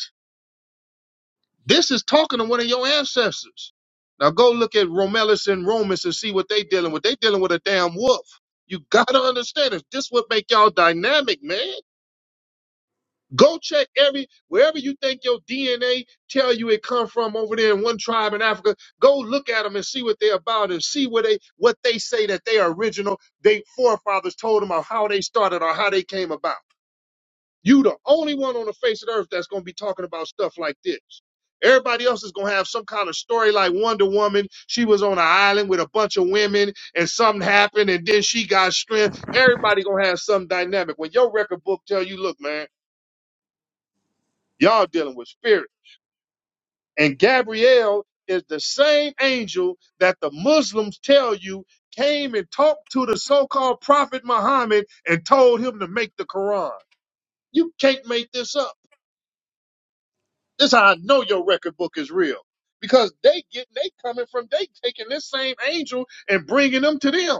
[SPEAKER 1] This is talking to one of your ancestors. Now go look at Romulus and Romans and see what they dealing with. They dealing with a damn wolf. You gotta understand this. This would make y'all dynamic, man. Go check every wherever you think your DNA tell you it come from over there in one tribe in Africa. Go look at them and see what they're about and see what they what they say that they are original. They forefathers told them of how they started or how they came about. You the only one on the face of the earth that's gonna be talking about stuff like this. Everybody else is gonna have some kind of story like Wonder Woman. She was on an island with a bunch of women and something happened and then she got strength. Everybody gonna have some dynamic. When your record book tell you, look, man. Y'all dealing with spirit. And Gabriel is the same angel that the Muslims tell you came and talked to the so-called prophet Muhammad and told him to make the Quran. You can't make this up. This is how I know your record book is real. Because they getting, they coming from, they taking this same angel and bringing them to them.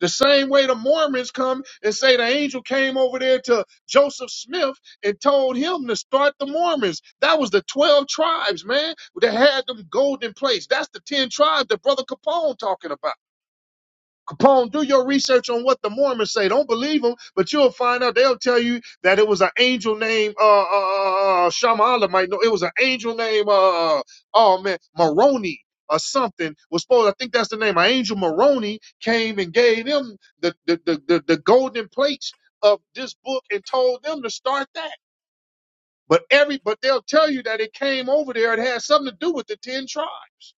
[SPEAKER 1] The same way the Mormons come and say the angel came over there to Joseph Smith and told him to start the Mormons. That was the 12 tribes, man, that had them golden plates. That's the 10 tribes that Brother Capone talking about. Capone, do your research on what the Mormons say. Don't believe them, but you'll find out. They'll tell you that it was an angel named uh, uh, uh Shamala. Might know it was an angel named uh, uh, oh man, Moroni or something was supposed. I think that's the name. An angel Moroni came and gave them the the the, the, the golden plates of this book and told them to start that. But every but they'll tell you that it came over there. It had something to do with the ten tribes.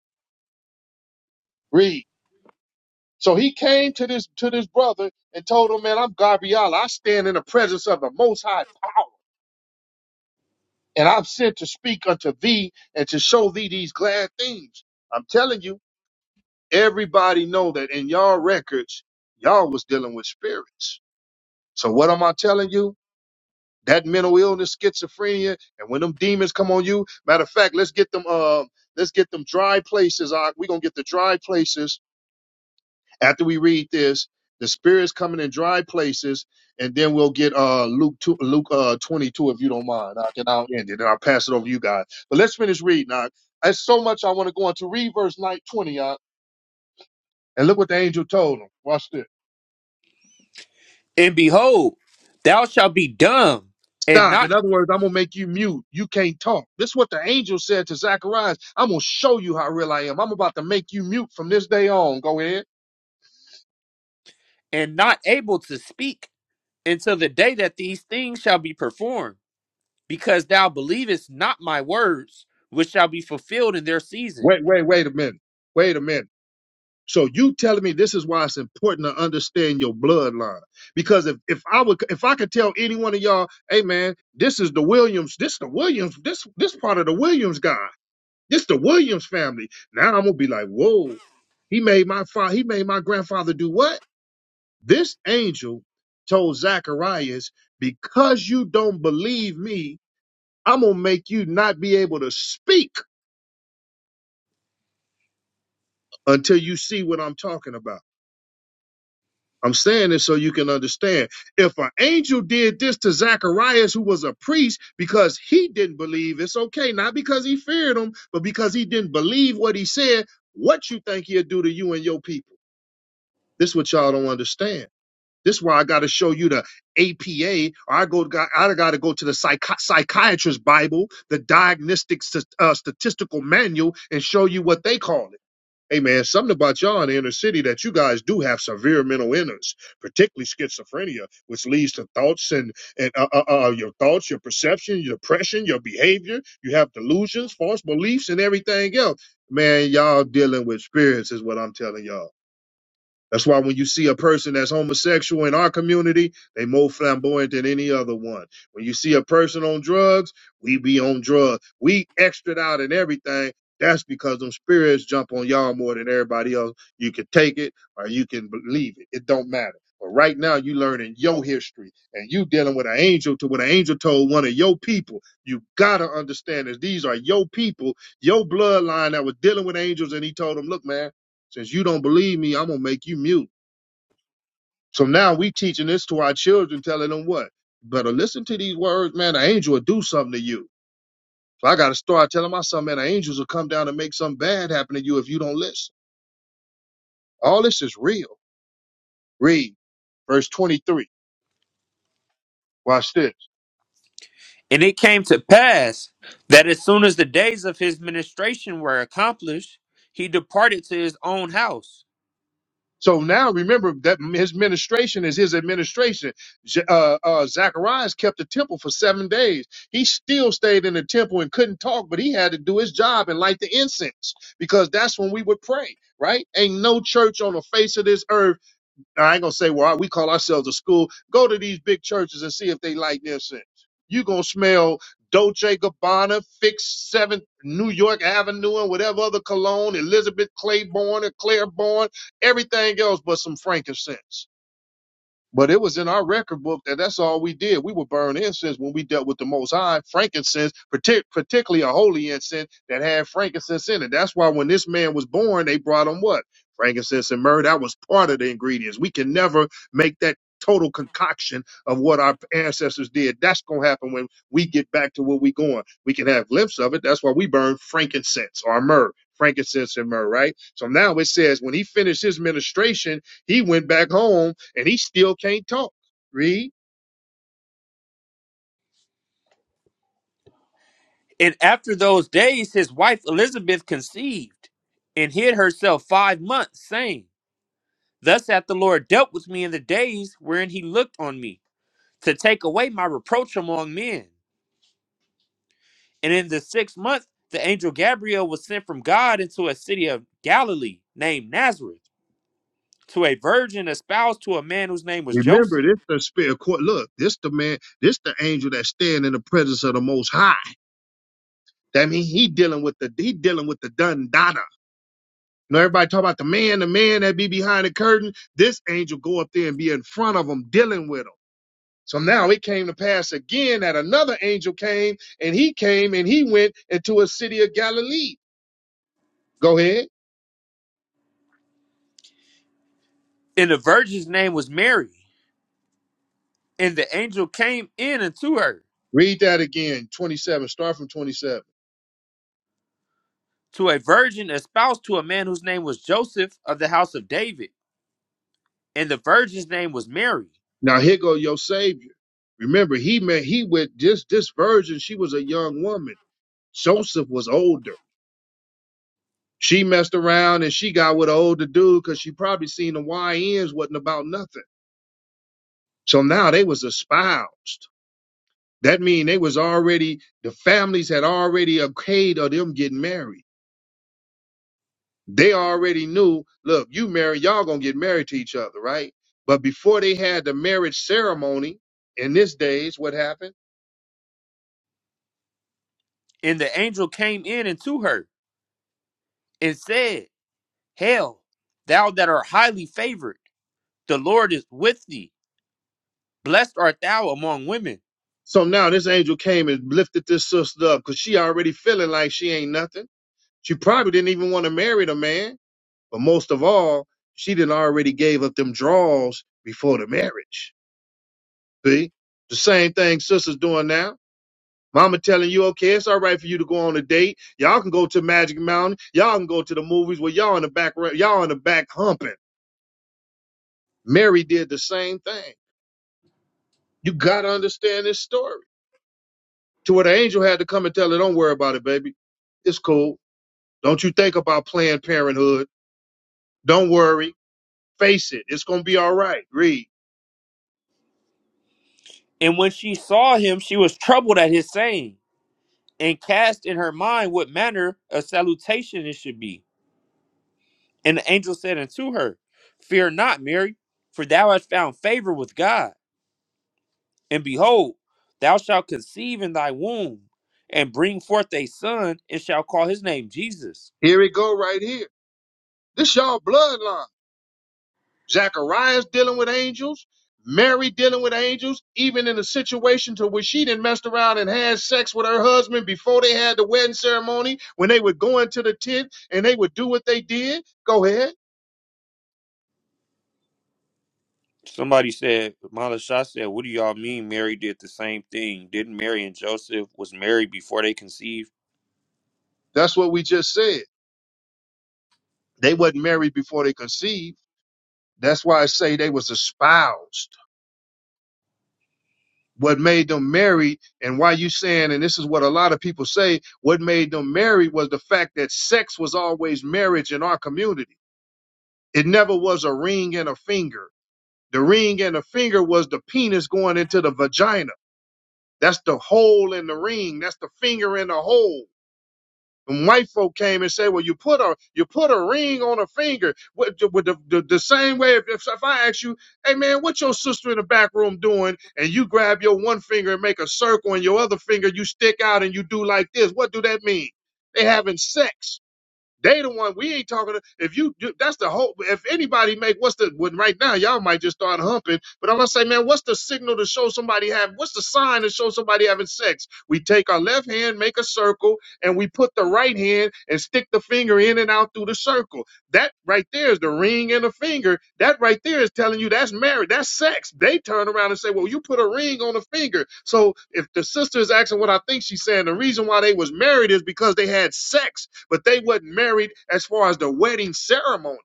[SPEAKER 1] Read. So he came to this to this brother and told him, Man, I'm Gabriel. I stand in the presence of the most high power, and I'm sent to speak unto thee and to show thee these glad things. I'm telling you, everybody know that in y'all records, y'all was dealing with spirits. So what am I telling you? That mental illness, schizophrenia, and when them demons come on you, matter of fact, let's get them uh let's get them dry places. Uh, we gonna get the dry places After we read this, the Spirit is coming in dry places, and then we'll get uh Luke two, Luke uh twenty two if you don't mind. I can I'll end it and I'll pass it over to you guys. But let's finish reading. Now, there's so much I want to go into. Read verse nine twenty, uh, and look what the angel told him. Watch this.
[SPEAKER 2] And behold, thou shalt be dumb and
[SPEAKER 1] Stop.
[SPEAKER 2] not
[SPEAKER 1] In other words, I'm gonna make you mute. You can't talk. This is what the angel said to Zacharias. I'm gonna show you how real I am. I'm about to make you mute from this day on. Go ahead.
[SPEAKER 2] and not able to speak until the day that these things shall be performed, because thou believest not my words, which shall be fulfilled in their season.
[SPEAKER 1] Wait, wait, wait a minute. Wait a minute. So you telling me this is why it's important to understand your bloodline. Because if, if I would if I could tell any one of y'all, hey man, this is the Williams, this the Williams, this this part of the Williams guy. This the Williams family. Now I'm gonna be like, whoa, he made my father, he made my grandfather do what? This angel told Zacharias, because you don't believe me, I'm gonna make you not be able to speak until you see what I'm talking about. I'm saying this so you can understand. If an angel did this to Zacharias, who was a priest, because he didn't believe, it's okay. Not because he feared him, but because he didn't believe what he said. What you think he'll do to you and your people? This what y'all don't understand. This why I got to show you the APA. Or I go. I got to go to the psych- psychiatrist Bible, the diagnostic st- uh, statistical manual, and show you what they call it. Hey man, something about y'all in the inner city that you guys do have severe mental illness, particularly schizophrenia, which leads to thoughts and and uh, uh, uh, your thoughts, your perception, your depression, your behavior. You have delusions, false beliefs, and everything else. Man, y'all dealing with spirits is what I'm telling y'all. That's why when you see a person that's homosexual in our community, they more flamboyant than any other one. When you see a person on drugs, we be on drugs. We extra out and everything. That's because them spirits jump on y'all more than everybody else. You can take it or you can believe it. It don't matter. But right now you learning your history and you dealing with an angel to what an angel told one of your people. You gotta understand this. These are your people, your bloodline that was dealing with angels, and he told them, look, man. Since you don't believe me, I'm gonna make you mute. So now we teaching this to our children, telling them what? Better listen to these words, man. An angel will do something to you. So I gotta start telling my son, man, the angels will come down and make something bad happen to you if you don't listen. All this is real. Read verse 23. Watch this.
[SPEAKER 2] And it came to pass that as soon as the days of his ministration were accomplished, he departed to his own house.
[SPEAKER 1] So now remember that his ministration is his administration. Z- Uh, uh, Zacharias kept the temple for seven days. He still stayed in the temple and couldn't talk, but he had to do his job and light the incense because that's when we would pray, right? Ain't no church on the face of this earth now, I ain't gonna say, well, we call ourselves a school. Go to these big churches and see if they lighten their scent. you gonna smell Dolce Gabbana, Fix Seventh New York Avenue, and whatever other cologne, Elizabeth Claiborne and Claiborne, everything else but some frankincense. But it was in our record book that that's all we did. We would burn incense when we dealt with the Most High, frankincense, partic- particularly a holy incense that had frankincense in it. That's why when this man was born, they brought him what? Frankincense and myrrh. That was part of the ingredients. We can never make that total concoction of what our ancestors did. That's going to happen when we get back to where we are going. We can have glimpse of it. That's why we burn frankincense or myrrh, frankincense and myrrh, right? So now it says when he finished his ministration, he went back home and he still can't talk. Read.
[SPEAKER 2] And after those days his wife Elizabeth conceived and hid herself five months, saying, Thus hath the Lord dealt with me in the days wherein he looked on me, to take away my reproach among men. And in the sixth month, the angel Gabriel was sent from God into a city of Galilee named Nazareth, to a virgin espoused to a man whose name was
[SPEAKER 1] Remember,
[SPEAKER 2] Joseph.
[SPEAKER 1] this the spirit court. Look, this the man, this the angel that stand in the presence of the most high. That mean he dealing with the he dealing with the done dada. You know, everybody talk about the man, the man that be behind the curtain. This angel go up there and be in front of him, dealing with him. So now it came to pass again that another angel came and he came and he went into a city of Galilee. Go ahead.
[SPEAKER 2] And the virgin's name was Mary. And the angel came in unto her,
[SPEAKER 1] Read that again. 27. Start from 27.
[SPEAKER 2] to a virgin espoused to a man whose name was Joseph of the house of David. And the virgin's name was Mary.
[SPEAKER 1] Now here go your savior. Remember, he met he with this this virgin, she was a young woman. Joseph was older. She messed around and she got with an older dude because she probably seen the YNs wasn't about nothing. So now they was espoused. That mean they was already the families had already okayed of them getting married. They already knew, look, you marry, y'all gonna get married to each other, right? But before they had the marriage ceremony, in this days, what happened?
[SPEAKER 2] And the angel came in unto her and said, Hail, thou that art highly favored, the Lord is with thee. Blessed art thou among women.
[SPEAKER 1] So now this angel came and lifted this sister up because she already feeling like she ain't nothing. She probably didn't even want to marry the man, but most of all, she didn't already gave up them draws before the marriage. See, the same thing sisters doing now. Mama telling you, okay, it's all right for you to go on a date. Y'all can go to Magic Mountain. Y'all can go to the movies where y'all in the back, y'all in the back humping. Mary did the same thing. You gotta understand this story. To where the angel had to come and tell her, don't worry about it, baby. It's cool Don't you think about Planned Parenthood. Don't worry. Face it. It's going to be all right. Read.
[SPEAKER 2] And when she saw him, she was troubled at his saying, and cast in her mind what manner of salutation it should be. And the angel said unto her, Fear not, Mary, for thou hast found favor with God. And behold, thou shalt conceive in thy womb, and bring forth a son, and shall call his name Jesus
[SPEAKER 1] Here it go right here. This y'all bloodline. Zachariah's dealing with angels. Mary dealing with angels, even in a situation to where she didn't messed around and had sex with her husband before they had the wedding ceremony, when they would go into the tent and they would do what they did. Go ahead.
[SPEAKER 2] Somebody said, Mala Shah said, What do y'all mean Mary did the same thing? Didn't Mary and Joseph was married before they conceived?
[SPEAKER 1] That's what we just said. They wasn't married before they conceived. That's why I say they was espoused. what made them married and why you saying and this is what a lot of people say what made them married was the fact that sex was always marriage in our community it never was a ring and a finger the ring and the finger was the penis going into the vagina that's the hole in the ring that's the finger in the hole and white folk came and said, "Well, you put a you put a ring on a finger." With, the, with the, the, the same way, if, if if I ask you, "Hey man, what your sister in the back room doing?" and you grab your one finger and make a circle, and your other finger you stick out and you do like this, what do that mean? They having sex. They the one we ain't talking to. If you, do that's the whole. If anybody make what's the when right now y'all might just start humping. But I'm gonna say, man, what's the signal to show somebody have? What's the sign to show somebody having sex? We take our left hand, make a circle, and we put the right hand and stick the finger in and out through the circle. That right there is the ring and the finger. That right there is telling you that's marriage. That's sex. They turn around and say, well, you put a ring on a finger. So if the sister is asking what I think she's saying, the reason why they was married is because they had sex but they wasn't married as far as the wedding ceremony.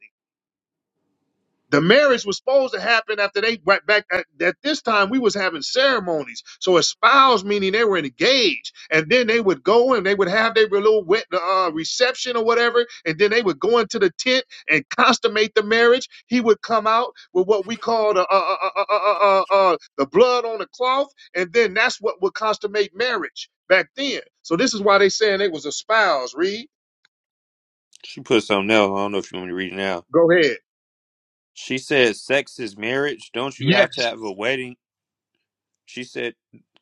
[SPEAKER 1] The marriage was supposed to happen after they went back at, at this time we was having ceremonies. So espoused meaning they were engaged, and then they would go and they would have their little wet, uh, reception or whatever, and then they would go into the tent and consummate the marriage. He would come out with what we call the uh, uh, uh, uh, uh, uh, uh, uh, the blood on the cloth, and then that's what would consummate marriage back then. So this is why they saying they was espoused. Read.
[SPEAKER 2] She put something else. I don't know if you want me to read it now.
[SPEAKER 1] Go ahead.
[SPEAKER 2] She said, Sex is marriage. Don't you have to
[SPEAKER 1] Yes.
[SPEAKER 2] have a wedding? She said,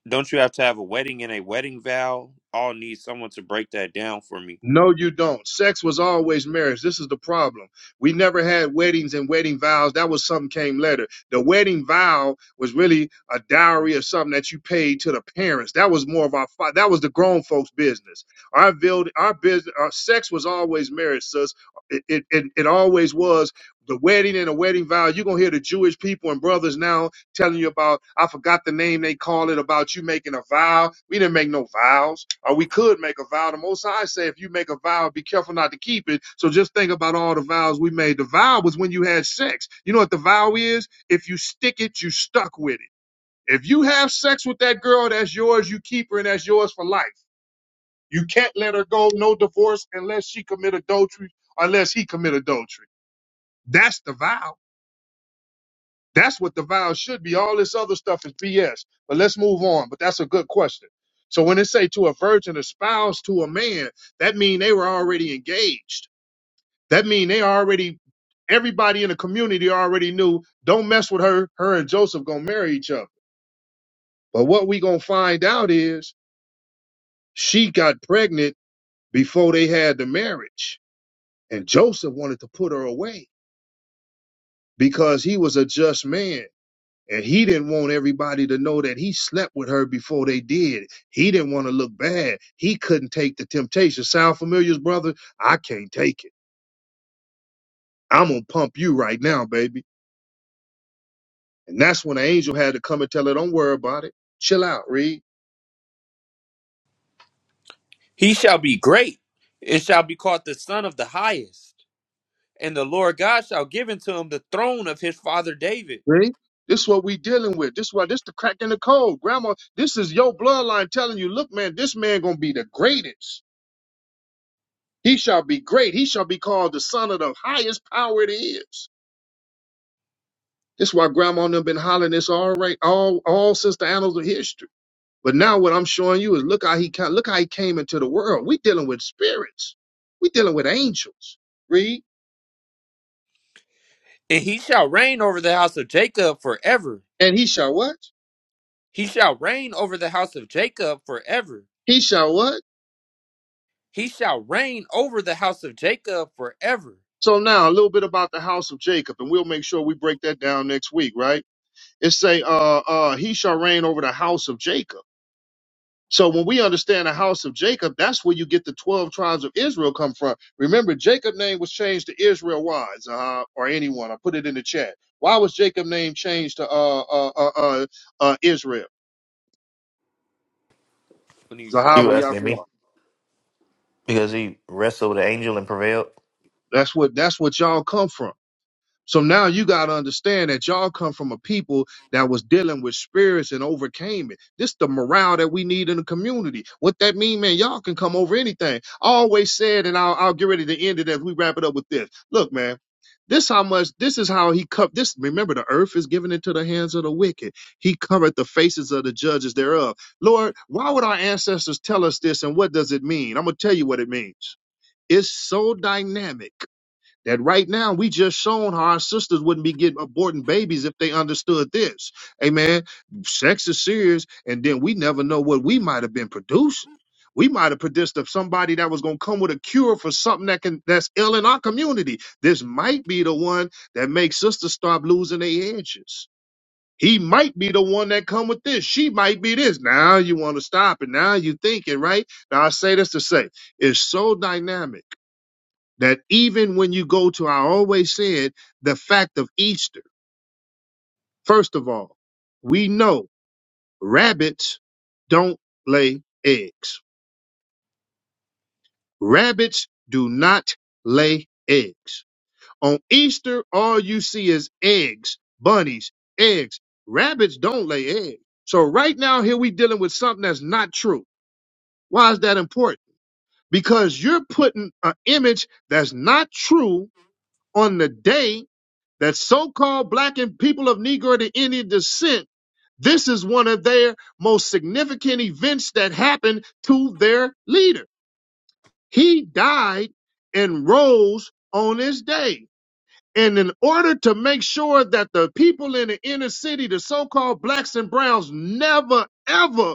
[SPEAKER 2] Don't you have to have a wedding and a wedding vow? I'll need someone to break that down for me.
[SPEAKER 1] No, you don't. Sex was always marriage. This is the problem. We never had weddings and wedding vows. That was something came later. The wedding vow was really a dowry or something that you paid to the parents. That was more of our fa- that was the grown folks' business. Our build our business our sex was always marriage, sis. It it, it, it always was the wedding and the wedding vow. You're gonna hear the Jewish people and brothers now telling you about, I forgot the name they call it, about you making a vow. We didn't make no vows, or we could make a vow. The Most High say, if you make a vow, be careful not to keep it. So just think about all the vows we made. The vow was when you had sex. You know what the vow is? If you stick it, you stuck with it. If you have sex with that girl, that's yours. You keep her, and that's yours for life. You can't let her go. No divorce unless she commit adultery, unless he commit adultery. That's the vow. That's what the vows should be. All this other stuff is BS. But let's move on. But that's a good question. So when it say to a virgin espoused to a man, that mean they were already engaged. That mean they already everybody in the community already knew don't mess with her. Her and Joseph gonna marry each other. But what we gonna find out is she got pregnant before they had the marriage, and Joseph wanted to put her away because he was a just man. And he didn't want everybody to know that he slept with her before they did. He didn't want to look bad. He couldn't take the temptation. Sound familiar, brother? I can't take it. I'm going to pump you right now, baby. And that's when the angel had to come and tell her, don't worry about it. Chill out, Reed.
[SPEAKER 2] He shall be great. It shall be called the Son of the Highest. And the Lord God shall give unto him the throne of his father David.
[SPEAKER 1] Reed? This is what we dealing with. This what this the crack in the code. Grandma, this is your bloodline telling you, look, man, this man going to be the greatest. He shall be great. He shall be called the son of the highest power it is. This is why grandma and them been hollering this all right, all all since the annals of history. But now what I'm showing you is look how he ca- look how he came into the world. We dealing with spirits. We dealing with angels. Read.
[SPEAKER 2] And he shall reign over the house of Jacob forever
[SPEAKER 1] And he shall what?
[SPEAKER 2] He shall reign over the house of Jacob forever.
[SPEAKER 1] He shall what?
[SPEAKER 2] He shall reign over the house of Jacob forever.
[SPEAKER 1] So now a little bit about the house of Jacob, and we'll make sure we break that down next week, right? It say, uh, uh, he shall reign over the house of Jacob. So when we understand the house of Jacob, that's where you get the 12 tribes of Israel come from. Remember, Jacob's name was changed to Israel. Why? Uh, or anyone. I put it in the chat. Why was Jacob's name changed to uh, uh, uh, uh, uh, Israel?
[SPEAKER 2] When he uh,
[SPEAKER 1] Zahab
[SPEAKER 3] You
[SPEAKER 1] or
[SPEAKER 2] read-
[SPEAKER 3] asking me?
[SPEAKER 1] Yahuwah.
[SPEAKER 3] Because he wrestled the angel and prevailed?
[SPEAKER 1] That's what that's what y'all come from. So now you got to understand that y'all come from a people that was dealing with spirits and overcame it. This the morale that we need in the community. What that mean, man? Y'all can come over anything. I always said, and I'll, I'll get ready to end it as we wrap it up with this. Look, man, this how much. This is how he cup. This remember, the earth is given into the hands of the wicked. He covered the faces of the judges thereof. Lord, why would our ancestors tell us this, and what does it mean? I'm gonna tell you what it means. It's so dynamic that right now we just shown how our sisters wouldn't be getting aborting babies if they understood this. Amen. Sex is serious, and then we never know what we might have been producing. We might have produced of somebody that was gonna come with a cure for something that can that's ill in our community. This might be the one that makes sisters stop losing their edges. He might be the one that come with this. She might be this. Now you want to stop it. Now you thinking, right? Now I say this to say it's so dynamic that even when you go to, I always said the fact of Easter. First of all, we know rabbits don't lay eggs. Rabbits do not lay eggs. On Easter, all you see is eggs, bunnies, eggs. Rabbits don't lay eggs. So right now, here we dealing with something that's not true. Why is that important? Because you're putting an image that's not true on the day that so-called black and people of Negro to Indian descent, this is one of their most significant events that happened to their leader. He died and rose on this day. And in order to make sure that the people in the inner city, the so-called blacks and browns, never ever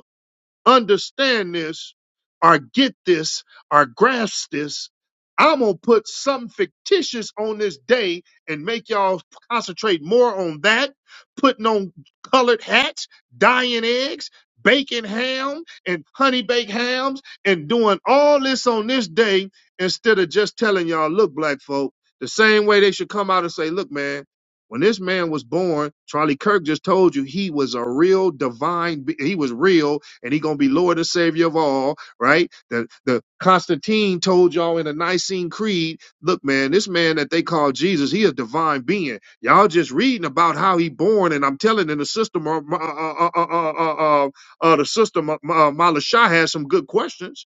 [SPEAKER 1] understand this or get this or grasp this, I'm going to put something fictitious on this day and make y'all concentrate more on that, putting on colored hats, dyeing eggs, baking ham and honey baked hams, and doing all this on this day instead of just telling y'all, look, black folk, the same way they should come out and say, look, man, when this man was born, Charlie Kirk just told you he was a real divine, be- he was real and he gonna be Lord and Savior of all, right? The the Constantine told y'all in the Nicene Creed, look, man, this man that they call Jesus, he a divine being. Y'all just reading about how he born, and I'm telling in the system, uh, uh, uh, uh, uh, uh, uh, uh, uh, the system, uh, uh, Mala Shah has some good questions.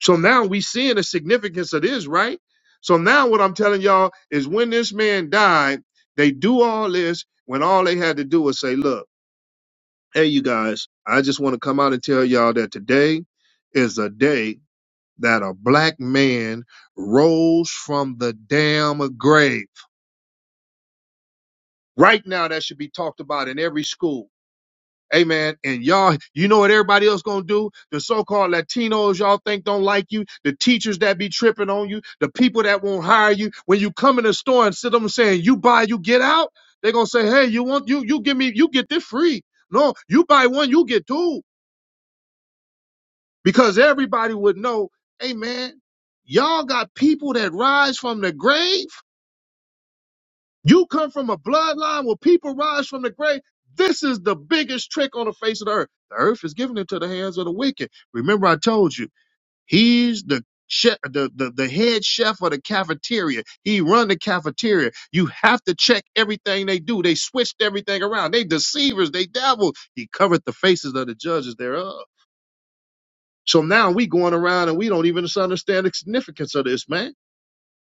[SPEAKER 1] So now we seeing the significance of this, right? So now what I'm telling y'all is when this man died, they do all this when all they had to do was say, look. Hey, you guys, I just want to come out and tell y'all that today is a day that a black man rose from the damn grave. Right now, that should be talked about in every school. Amen. And y'all, you know what everybody else gonna do? The so-called Latinos y'all think don't like you, the teachers that be tripping on you, the people that won't hire you. When you come in the store and sit them saying, you buy, you get out, they gonna say, hey, you want, you, you give me, you get this free. No, you buy one, you get two. because everybody would know, hey man, y'all got people that rise from the grave. You come from a bloodline where people rise from the grave. This is the biggest trick on the face of the earth. The earth is given into the hands of the wicked. Remember, I told you, he's the chef, the, the, the head chef of the cafeteria. He run the cafeteria. You have to check everything they do. They switched everything around. They deceivers, they devils. He covered the faces of the judges thereof. So now we going around and we don't even understand the significance of this, man.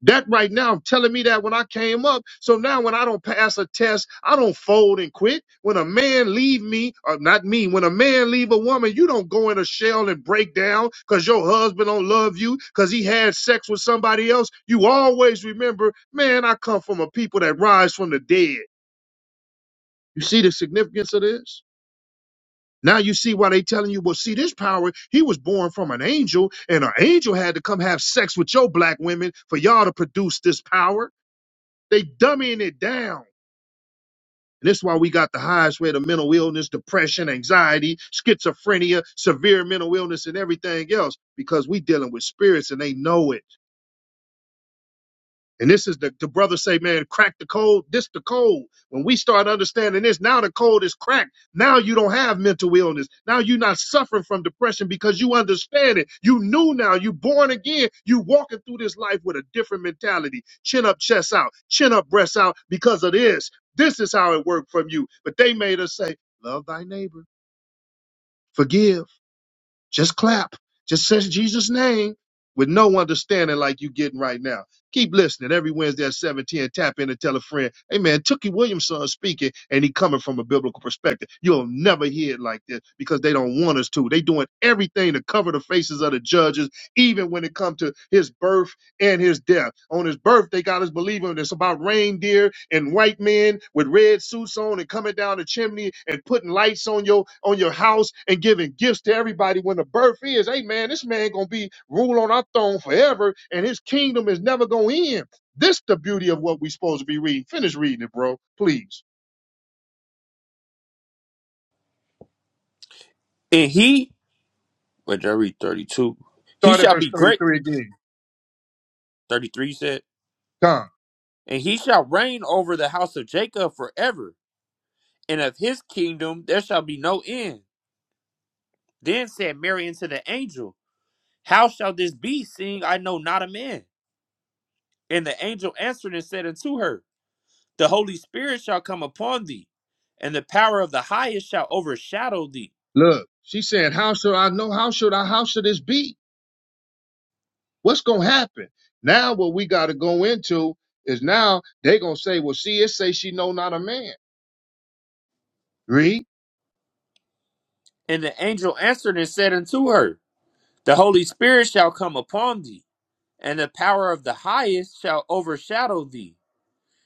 [SPEAKER 1] That right now telling me that when I came up. So now when I don't pass a test, I don't fold and quit. When a man leave me, or not me, when a man leave a woman, you don't go in a shell and break down because your husband don't love you because he had sex with somebody else. You always remember, man, I come from a people that rise from the dead. You see the significance of this? Now you see why they telling you, well, see, this power, he was born from an angel, and an angel had to come have sex with your black women for y'all to produce this power. They dumbing it down. And that's why we got the highest rate of mental illness, depression, anxiety, schizophrenia, severe mental illness, and everything else, because we dealing with spirits and they know it. And this is the, the brother say, man, crack the code. This the code. When we start understanding this, now the code is cracked. Now you don't have mental illness. Now you're not suffering from depression because you understand it. You knew now. You born again. You walking through this life with a different mentality. Chin up, chest out. Chin up, breast out. Because of this, this is how it worked from you. But they made us say, love thy neighbor, forgive. Just clap. Just say Jesus' name with no understanding like you getting right now. Keep listening. Every Wednesday at 710, tap in and tell a friend, hey man, Tookie Williamson speaking, and he coming from a biblical perspective. You'll never hear it like this because they don't want us to. They doing everything to cover the faces of the judges, even when it comes to his birth and his death. On his birthday, God is believing it's about reindeer and white men with red suits on and coming down the chimney and putting lights on your on your house and giving gifts to everybody when the birth is. Hey man, this man gonna be rule on our throne forever, and his kingdom is never gonna end. This the beauty of what we supposed to be reading. Finish reading it, bro. Please.
[SPEAKER 2] and he, wait, did I read thirty-two? He
[SPEAKER 1] Start at
[SPEAKER 2] shall
[SPEAKER 1] verse
[SPEAKER 2] be great.
[SPEAKER 1] 33 again.
[SPEAKER 2] Thirty-three you said,
[SPEAKER 1] Come.
[SPEAKER 2] and he shall reign over the house of Jacob forever, and of his kingdom there shall be no end. Then said Mary unto the angel, How shall this be, seeing I know not a man? And the angel answered and said unto her, The Holy Spirit shall come upon thee, and the power of the highest shall overshadow thee.
[SPEAKER 1] Look. She said, How should I know? How should I? How should this be? What's gonna happen? Now what we gotta go into is now they gonna say, Well, see, it say she know not a man. Read.
[SPEAKER 2] And the angel answered and said unto her, The Holy Spirit shall come upon thee, and the power of the highest shall overshadow thee.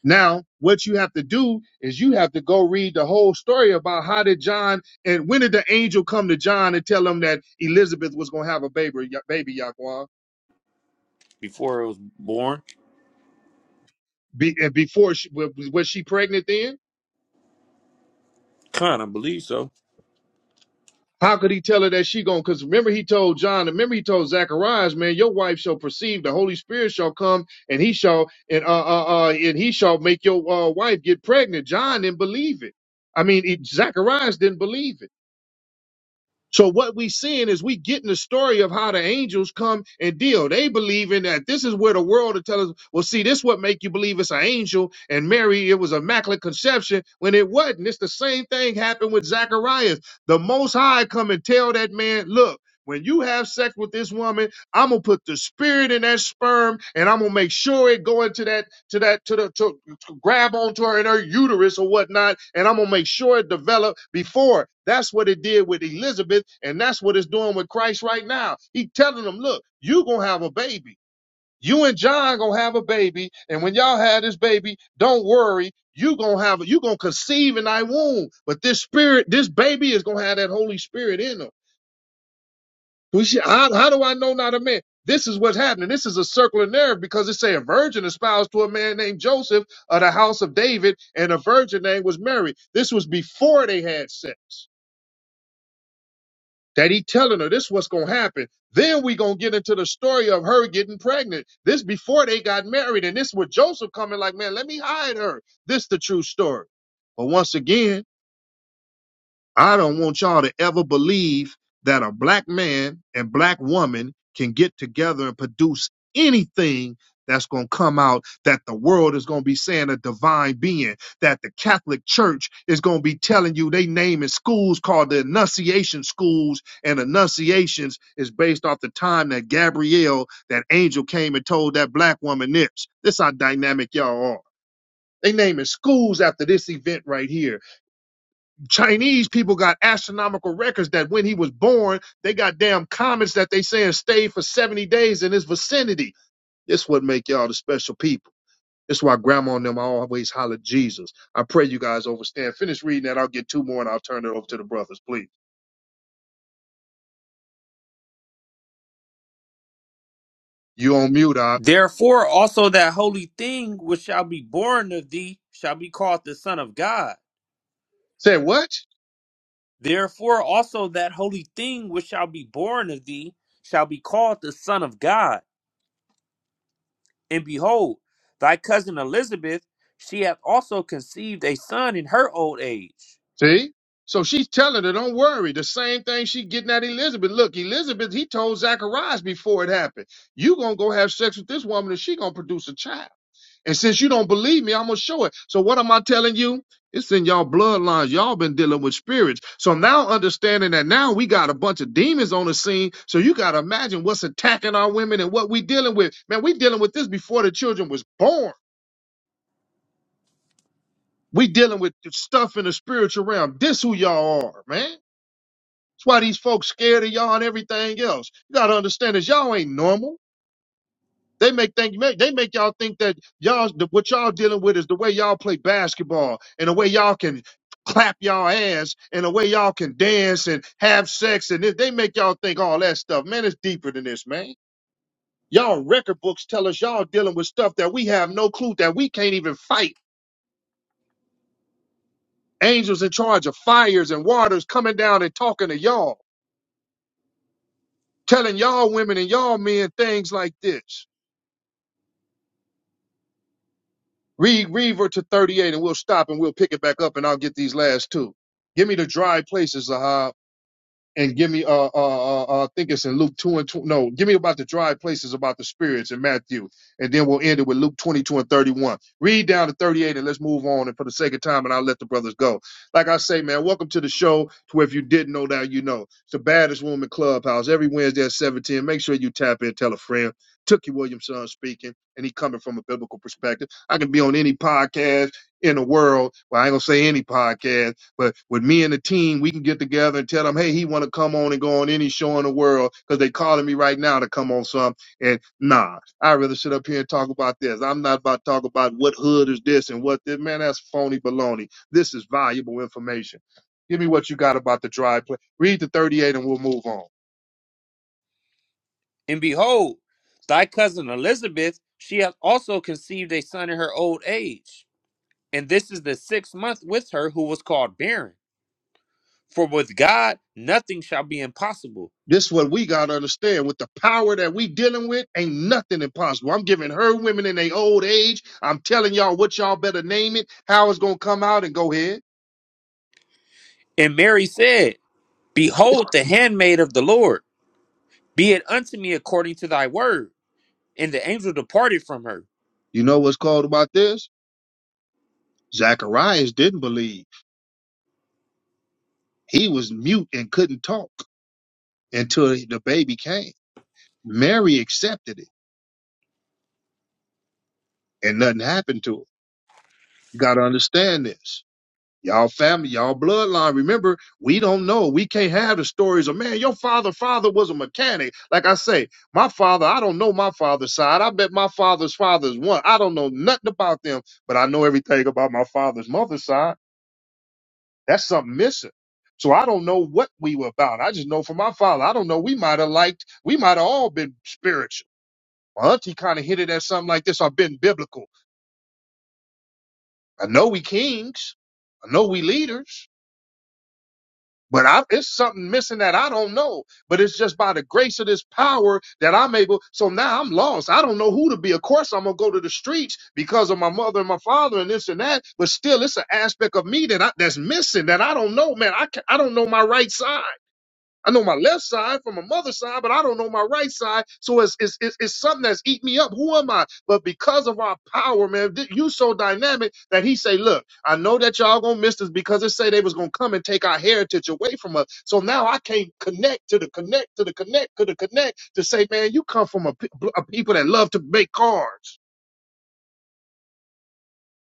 [SPEAKER 1] Now, what you have to do is you have to go read the whole story about how did John and when did the angel come to John and tell him that Elizabeth was gonna have a baby, baby Yaquan?
[SPEAKER 2] Before it was born,
[SPEAKER 1] Be, and before she was was she pregnant then?
[SPEAKER 2] kind of believe so.
[SPEAKER 1] How could he tell her that she going? Because remember he told John, remember he told Zacharias, man, your wife shall perceive the Holy Spirit shall come, and he shall and uh uh, uh and he shall make your uh, wife get pregnant. John didn't believe it. I mean, it, Zacharias didn't believe it. So what we seeing is we getting the story of how the angels come and deal. They believing that this is where the world will tell us, well, see, this what make you believe it's an angel and Mary, it was immaculate conception when it wasn't. It's the same thing happened with Zacharias. The most high come and tell that man, look, when you have sex with this woman, I'm gonna put the spirit in that sperm and I'm gonna make sure it go into that to that to the to, grab onto her in her uterus or whatnot, and I'm gonna make sure it developed before. That's what it did with Elizabeth, and that's what it's doing with Christ right now. He telling them, look, you gonna have a baby. You and John gonna have a baby, and when y'all have this baby, don't worry. You gonna have you gonna conceive in thy womb, but this spirit, this baby is gonna have that Holy Spirit in him. We should, how, how do I know not a man? This is what's happening. This is a circular narrative because it say a virgin espoused to a man named Joseph of the house of David, and a virgin name was Mary. This was before they had sex. That he telling her this what's gonna happen. Then we gonna get into the story of her getting pregnant. This before they got married, and this with Joseph coming like, man, let me hide her. This the true story. But once again, I don't want y'all to ever believe that a black man and black woman can get together and produce anything that's going to come out that the world is going to be saying a divine being, that the Catholic Church is going to be telling you they naming schools called the Annunciation schools, and Annunciations is based off the time that Gabrielle, that angel, came and told that black woman this. This how dynamic y'all are. They naming schools after this event right here Chinese people got astronomical records that when he was born, they got damn comets that they saying stayed for 70 days in his vicinity. This would make y'all the special people. That's why grandma and them always holler Jesus. I pray you guys overstand. Finish reading that. I'll get two more and I'll turn it over to the brothers, please. You on mute, Doc.
[SPEAKER 2] Therefore also that holy thing which shall be born of thee shall be called the Son of God.
[SPEAKER 1] Say what?
[SPEAKER 2] Therefore also that holy thing which shall be born of thee shall be called the Son of God. And behold, thy cousin Elizabeth, she hath also conceived a son in her old age.
[SPEAKER 1] See? So she's telling her, don't worry. The same thing she getting at Elizabeth. Look, Elizabeth, he told Zacharias before it happened, you gonna go have sex with this woman and she gonna produce a child. And since you don't believe me, I'm gonna show it. So what am I telling you? It's in y'all bloodlines. Y'all been dealing with spirits. So now understanding that now we got a bunch of demons on the scene. So you gotta imagine what's attacking our women and what we dealing with. Man, we dealing with this before the children was born. We dealing with stuff in the spiritual realm. This who y'all are, man. That's why these folks scared of y'all and everything else. You gotta understand this. Y'all ain't normal. They make think they make y'all think that y'all that what y'all dealing with is the way y'all play basketball and the way y'all can clap y'all ass and the way y'all can dance and have sex and it- they make y'all think all that stuff. Man, it's deeper than this, man. Y'all record books tell us y'all dealing with stuff that we have no clue that we can't even fight. Angels in charge of fires and waters coming down and talking to y'all, telling y'all women and y'all men things like this. Read Reaver to 38 and we'll stop and we'll pick it back up and I'll get these last two. Give me the dry places, Zahab and give me uh uh uh, uh I think it's in Luke two and two. No, give me about the dry places about the spirits in Matthew, and then we'll end it with Luke twenty two and thirty one. Read down to thirty eight, and let's move on. And for the sake of time, and I'll let the brothers go. Like I say, man, welcome to the show. To where if you didn't know now, you know it's the baddest room in clubhouse every Wednesday at seven ten Make sure you tap in, tell a friend. Tookie Williamson speaking, and he coming from a biblical perspective. I can be on any podcast in the world. Well, I ain't gonna say any podcast but with me and the team, we can get together and tell them, hey, he want to come on and go on any show in the world because they calling me right now to come on some. And nah, I'd rather sit up here and talk about this. I'm not about to talk about what hood is this and what this. Man, that's phony baloney. This is valuable information. Give me what you got about the dry play. Read the 38 and we'll move on.
[SPEAKER 2] And behold, thy cousin Elizabeth, she hath also conceived a son in her old age. And this is the sixth month with her who was called barren. For with God nothing shall be impossible.
[SPEAKER 1] This is what we got to understand. With the power that we dealing with, ain't nothing impossible. I'm giving her women in their old age. I'm telling y'all what y'all better name it, how it's going to come out, and go ahead.
[SPEAKER 2] And Mary said, Behold, the handmaid of the Lord, be it unto me according to thy word. And the angel departed from her.
[SPEAKER 1] You know what's called about this? Zacharias didn't believe. He was mute and couldn't talk until the baby came. Mary accepted it and nothing happened to her. You got to understand this. Y'all family, y'all bloodline. Remember, we don't know. We can't have the stories of man. Your father, father was a mechanic. Like I say, my father. I don't know my father's side. I bet my father's father's one. I don't know nothing about them, but I know everything about my father's mother's side. That's something missing. So I don't know what we were about. I just know from my father. I don't know. We might have liked, we might have all been spiritual. My auntie kind of hinted at something like this. I've been biblical. I know we kings. I know we leaders. But I, it's something missing that I don't know. But it's just by the grace of this power that I'm able. So now I'm lost. I don't know who to be. Of course, I'm going to go to the streets because of my mother and my father and this and that. But still, it's an aspect of me that I, that's missing that I don't know, man. I, can, I don't know my right side. I know my left side from my mother's side, but I don't know my right side. So it's it's it's, it's something that's eating me up. Who am I? But because of our power, man, th- you so dynamic that he say, look, I know that y'all gonna miss this because it say they was gonna come and take our heritage away from us. So now I can't connect to the connect to the connect to the connect to say, man, you come from a, pe- a people that love to make cars.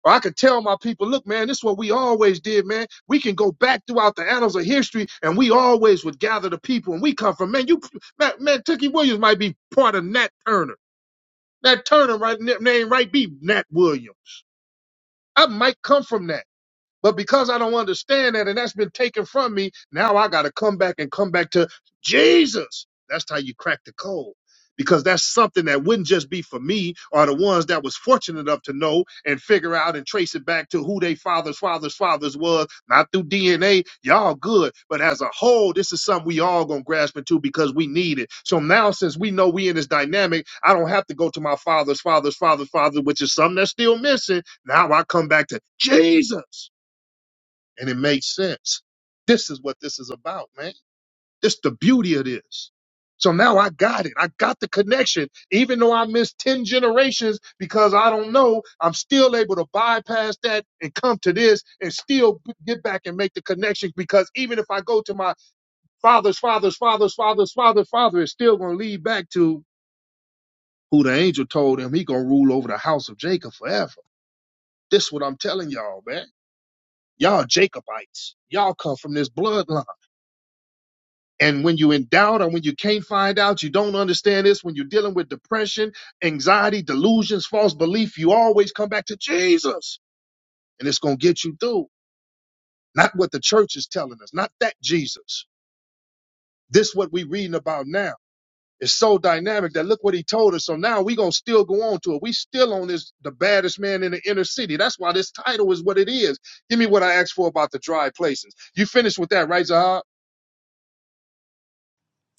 [SPEAKER 1] Or I could tell my people, look, man, this is what we always did, man. We can go back throughout the annals of history, and we always would gather the people, and we come from, man, you, man, man Tookie Williams might be part of Nat Turner. Nat Turner right, name right be Nat Williams. I might come from that. But because I don't understand that and that's been taken from me, now I got to come back and come back to Jesus. That's how you crack the code. Because that's something that wouldn't just be for me or the ones that was fortunate enough to know and figure out and trace it back to who they fathers, fathers, fathers was, not through DNA. Y'all good. But as a whole, this is something we all gonna grasp into because we need it. So now since we know we in this dynamic, I don't have to go to my father's, father's, father's, father, which is something that's still missing. Now I come back to Jesus and it made sense. This is what this is about, man. This the beauty of this. So now I got it. I got the connection. Even though I missed 10 generations because I don't know, I'm still able to bypass that and come to this and still b- get back and make the connection because even if I go to my father's father's father's father's father's father, it's still going to lead back to who the angel told him he going to rule over the house of Jacob forever. This what I'm telling y'all, man. Y'all Jacobites. Y'all come from this bloodline And when you are in doubt or when you can't find out, you don't understand this, when you're dealing with depression, anxiety, delusions, false belief, you always come back to Jesus and it's going to get you through. Not what the church is telling us, not that Jesus. This what we reading about now. It's so dynamic that look what he told us. So now we going to still go on to it. We still on this, the baddest man in the inner city. That's why this title is what it is. Give me what I asked for about the dry places. You finished with that, right, Zahab?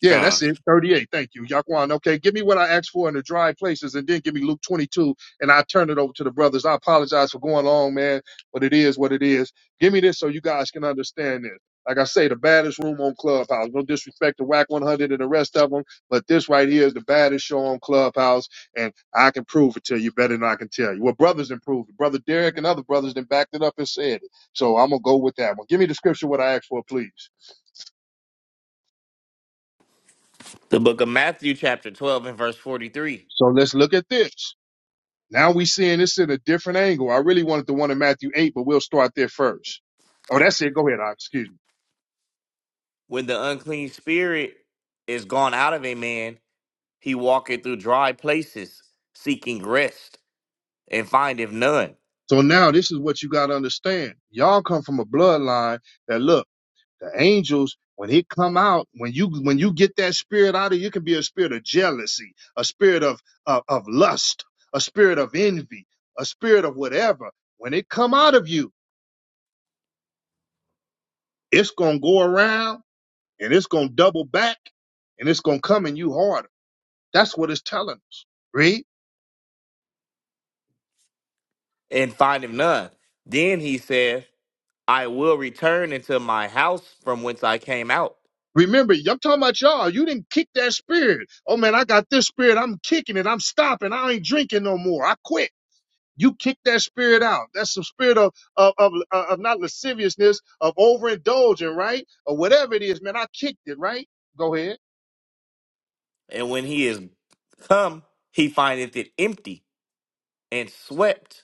[SPEAKER 1] Yeah,
[SPEAKER 2] Con.
[SPEAKER 1] that's it. 38. Thank you, Yaquan. Okay, give me what I asked for in the dry places and then give me Luke 22 and i turn it over to the brothers. I apologize for going long, man, but it is what it is. Give me this so you guys can understand this. Like I say, the baddest room on Clubhouse. No disrespect to WAC 100 and the rest of them, but this right here is the baddest show on Clubhouse, and I can prove it to you better than I can tell you. Well, brothers improved it. Brother Derek and other brothers then backed it up and said it. So I'm going to go with that one. Give me the scripture what I asked for, please.
[SPEAKER 3] The book of Matthew, chapter 12, and verse 43.
[SPEAKER 1] So let's look at this. Now we seeing this in a different angle. I really wanted the one in Matthew 8, but we'll start there first. Oh, that's it. Go ahead, Ox. Excuse me.
[SPEAKER 3] When the unclean spirit is gone out of a man, he walketh through dry places, seeking rest, and findeth none.
[SPEAKER 1] So now this is what you got to understand. Y'all come from a bloodline that look, the angels, when it come out, when you, when you get that spirit out of you, it can be a spirit of jealousy, a spirit of, of, of lust, a spirit of envy, a spirit of whatever. When it come out of you, it's going to go around and it's going to double back and it's going to come in you harder. That's what it's telling us. Read.
[SPEAKER 3] And findeth none. Then he saith, I will return into my house from whence I came out.
[SPEAKER 1] Remember, I'm talking about y'all. You didn't kick that spirit. Oh man, I got this spirit. I'm kicking it. I'm stopping. I ain't drinking no more. I quit. You kick that spirit out. That's the spirit of of of, uh, of not lasciviousness, of overindulging, right? Or whatever it is, man. I kicked it, right? Go ahead.
[SPEAKER 3] And when he is come, he findeth it empty and swept.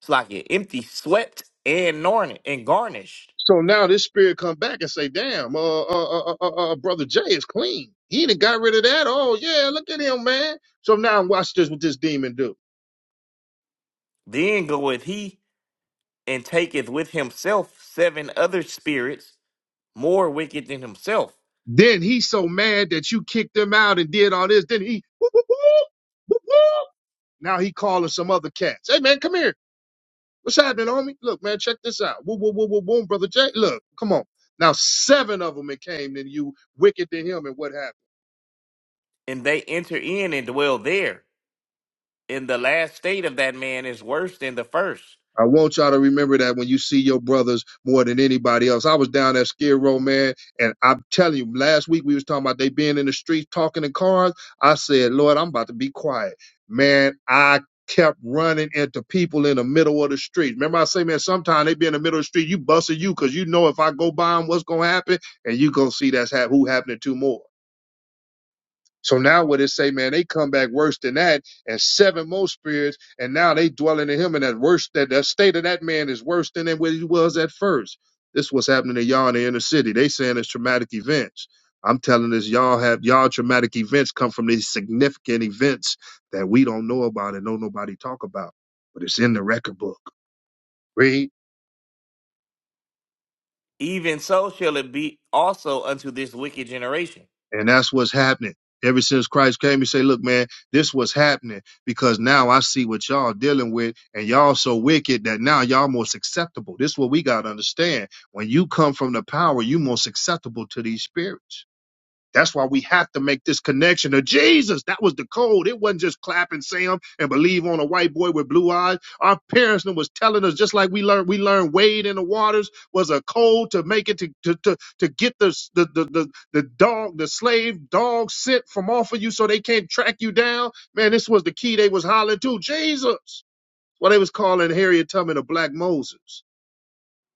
[SPEAKER 3] It's like it empty, swept and garnished and garnished.
[SPEAKER 1] So now this spirit come back and say, "Damn, uh, uh, uh, uh, uh uh, brother Jay is clean. He done got rid of that. Oh yeah, look at him, man." So now watch this. What this demon do?
[SPEAKER 3] Then goeth he and taketh with himself seven other spirits more wicked than himself,
[SPEAKER 1] Then he's so mad that you kicked him out and did all this. Then he, whoop, whoop, whoop, whoop, whoop. now he calling some other cats. Hey man, come here. What's happening, homie? Look, man, check this out. Whoop, whoop, whoop, whoop, boom, brother Jay. Look, come on. Now seven of them it came to you, wicked to him, and what happened?
[SPEAKER 3] and they enter in and dwell there. And the last state of that man is worse than the first.
[SPEAKER 1] I want y'all to remember that when you see your brothers more than anybody else. I was down at Skid Row, man, and I'm telling you, last week we was talking about they being in the streets talking in cars. I said, Lord, I'm about to be quiet. Man, I kept running into people in the middle of the street. Remember I say, man, sometimes they be in the middle of the street, you busting you because you know if I go by them, what's going to happen, and you going to see that's ha- who happening to more. So now what it say, man, they come back worse than that, and seven more spirits, and now they dwelling in him, and that worse that the state of that man is worse than what he was at first. This is what's happening to y'all in the inner city. They saying it's traumatic events. I'm telling this, y'all have y'all traumatic events come from these significant events that we don't know about and don't nobody talk about, but it's in the record book. Read.
[SPEAKER 3] Even so shall it be also unto this wicked generation.
[SPEAKER 1] And that's what's happening. Ever since Christ came, he say, look, man, this was happening because now I see what y'all dealing with and y'all so wicked that now y'all most acceptable. This is what we got to understand. When you come from the power, you most acceptable to these spirits. That's why we have to make this connection to Jesus. That was the code. It wasn't just clap and Sam and believe on a white boy with blue eyes. Our parents done was telling us, just like we learned, we learned Wade in the waters was a code to make it to to to, to get the, the the the the dog, the slave dog sent from off of you so they can't track you down. Man, this was the key they was hollering to Jesus. What they was calling Harriet Tubman a black Moses.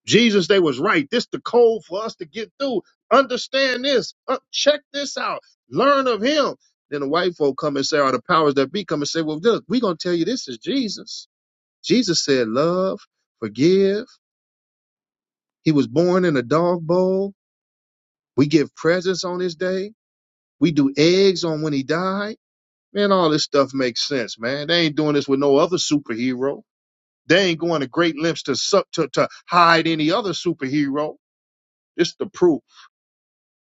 [SPEAKER 1] Jesus, they was right. This the code for us to get through. Understand this. Uh, check this out. Learn of him. Then the white folk come and say, or the powers that be come and say, well, look, we going to tell you this is Jesus. Jesus said, love, forgive. He was born in a dog bowl. We give presents on his day. We do eggs on when he died. Man, all this stuff makes sense, man. They ain't doing this with no other superhero. They ain't going to great lengths to, sup- to, to hide any other superhero. This the proof.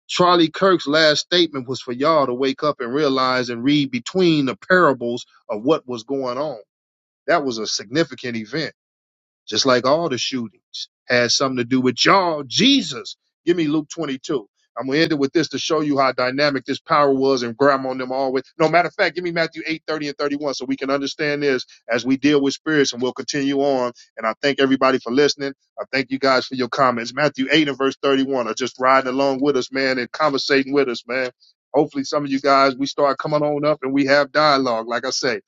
[SPEAKER 1] Charlie Kirk's last statement was for y'all to wake up and realize and read between the parables of what was going on. That was a significant event just like all the shootings, has something to do with y'all. Jesus, give me Luke 22. I'm gonna end it with this to show you how dynamic this power was and grandma on them always. No matter of fact, give me Matthew 8:30 and 31 so we can understand this as we deal with spirits and we'll continue on. And I thank everybody for listening. I thank you guys for your comments. Matthew 8 and verse 31 are just riding along with us, man, and conversating with us, man. Hopefully some of you guys we start coming on up and we have dialogue, like I say.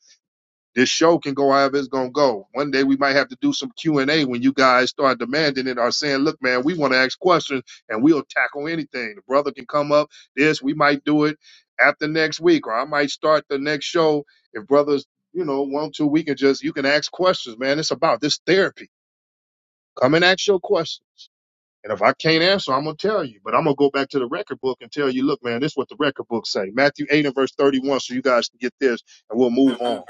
[SPEAKER 1] This show can go however it's gonna go. One day we might have to do some Q and A when you guys start demanding it or saying, "Look, man, we want to ask questions and we'll tackle anything." The brother can come up. This we might do it after next week, or I might start the next show if brothers, you know, want to. We can just you can ask questions, man. It's about this therapy. Come and ask your questions. And if I can't answer, I'm gonna tell you. But I'm gonna go back to the record book and tell you, look, man, this is what the record book say. Matthew 8 and verse 31, so you guys can get this and we'll move on.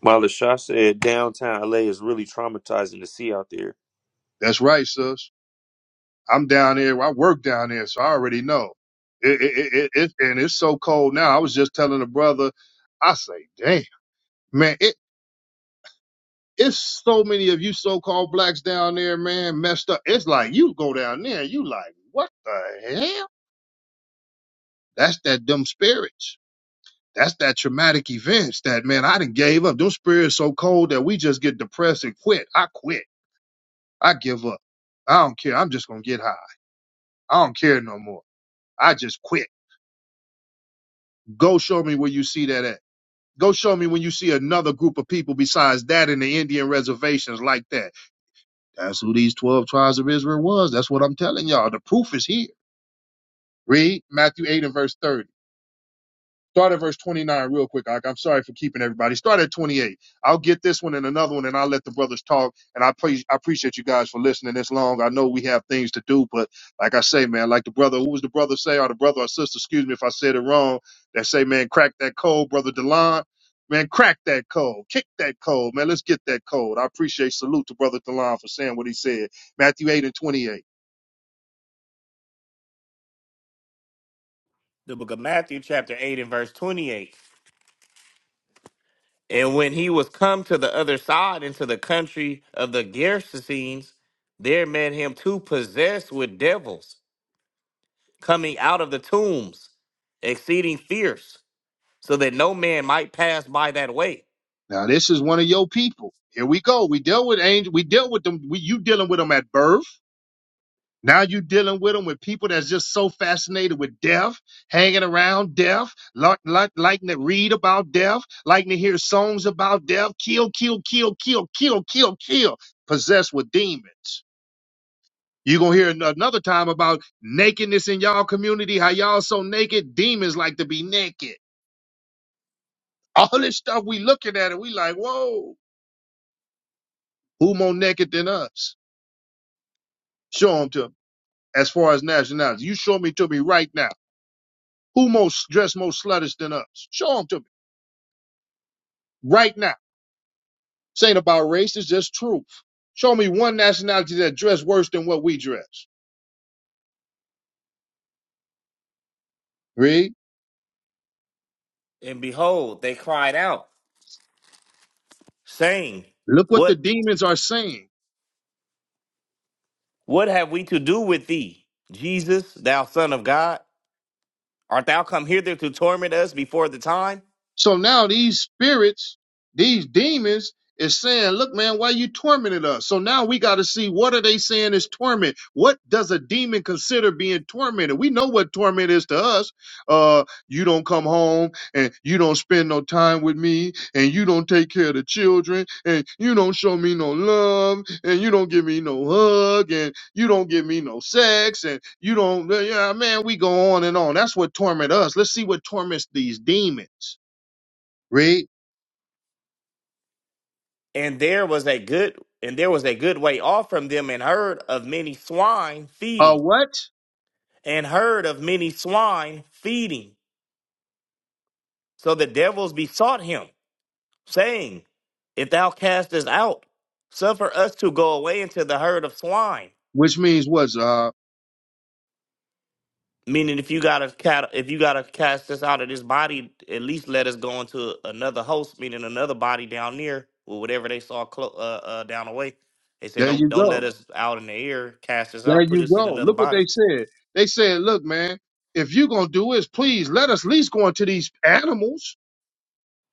[SPEAKER 2] While Lashaw said downtown LA is really traumatizing to see out there.
[SPEAKER 1] That's right, sis. I'm down there. I work down there, so I already know. It, it, it, it, it- and it's so cold now. I was just telling a brother, I say, damn, man, it, it's so many of you so-called blacks down there, man, messed up. It's like you go down there, you like, what the hell? That's that dumb spirits. That's that traumatic events that man, I done gave up. Them spirits so cold that we just get depressed and quit. I quit. I give up. I don't care. I'm just gonna get high. I don't care no more. I just quit. Go show me where you see that at. Go show me when you see another group of people besides that in the Indian reservations like that. That's who these 12 tribes of Israel was. That's what I'm telling y'all. The proof is here. Read Matthew 8 and verse 30. Start at verse 29 real quick. I'm sorry for keeping everybody. Start at 28. I'll get this one and another one, and I'll let the brothers talk. And I, pre- I appreciate you guys for listening this long. I know we have things to do, but like I say, man, like the brother, who was the brother say, or the brother or sister, excuse me if I said it wrong, that say, man, crack that code, brother Delon. Man, crack that code. Kick that code. Man, let's get that code. I appreciate salute to brother Delon for saying what he said. Matthew 8 and 28.
[SPEAKER 3] The book of Matthew, chapter 8, and verse 28. And when he was come to the other side into the country of the Gerasenes, there met him two possessed with devils, coming out of the tombs, exceeding fierce, so that no man might pass by that way.
[SPEAKER 1] Now, this is one of your people. Here we go. We dealt with angel. We dealt with them. We, you dealing with them at birth. Now you're dealing with them with people that's just so fascinated with death, hanging around death, like, like, liking to read about death, liking to hear songs about death, kill, kill, kill, kill, kill, kill, kill, possessed with demons. You're going to hear an- another time about nakedness in y'all community, how y'all so naked, demons like to be naked. All this stuff we looking at and we like, whoa, who more naked than us? Show them to me. As far as nationality, you show me to me right now. Who most dressed most sluttish than us? Show them to me right now. This ain't about race. It's just truth. Show me one nationality that dressed worse than what we dress. Read.
[SPEAKER 3] And behold, they cried out, saying,
[SPEAKER 1] Look what the
[SPEAKER 3] What
[SPEAKER 1] demons are saying.
[SPEAKER 3] what have we to do with thee, Jesus, thou Son of God? Art thou come hither to torment us before the time?
[SPEAKER 1] So now these spirits, these demons, is saying, "Look, man, why you tormented us?" So now we got to see what are they saying is torment. What does a demon consider being tormented? We know what torment is to us. Uh, you don't come home, and you don't spend no time with me, and you don't take care of the children, and you don't show me no love, and you don't give me no hug, and you don't give me no sex, and you don't. Yeah, man, we go on and on. That's what torment us. Let's see what torments these demons. Read
[SPEAKER 3] and there was a good and there was a good way off from them and heard of many swine
[SPEAKER 1] uh
[SPEAKER 3] feeding
[SPEAKER 1] what?
[SPEAKER 3] and heard of many swine feeding so the devils besought him saying if thou cast us out suffer us to go away into the herd of swine
[SPEAKER 1] Which means what? Uh,
[SPEAKER 3] meaning if you gotta cat- if you gotta cast us out of this body at least let us go into another host meaning another body down there or whatever they saw clo- uh, uh, down the way they said
[SPEAKER 1] there
[SPEAKER 3] don't
[SPEAKER 1] you
[SPEAKER 3] don't let
[SPEAKER 1] go.
[SPEAKER 3] us out in the air cast us
[SPEAKER 1] There
[SPEAKER 3] out put
[SPEAKER 1] you
[SPEAKER 3] us in
[SPEAKER 1] go.
[SPEAKER 3] another
[SPEAKER 1] Look what
[SPEAKER 3] body
[SPEAKER 1] they said. They said, look, man, if you're gonna do this, please let us at least go into these animals.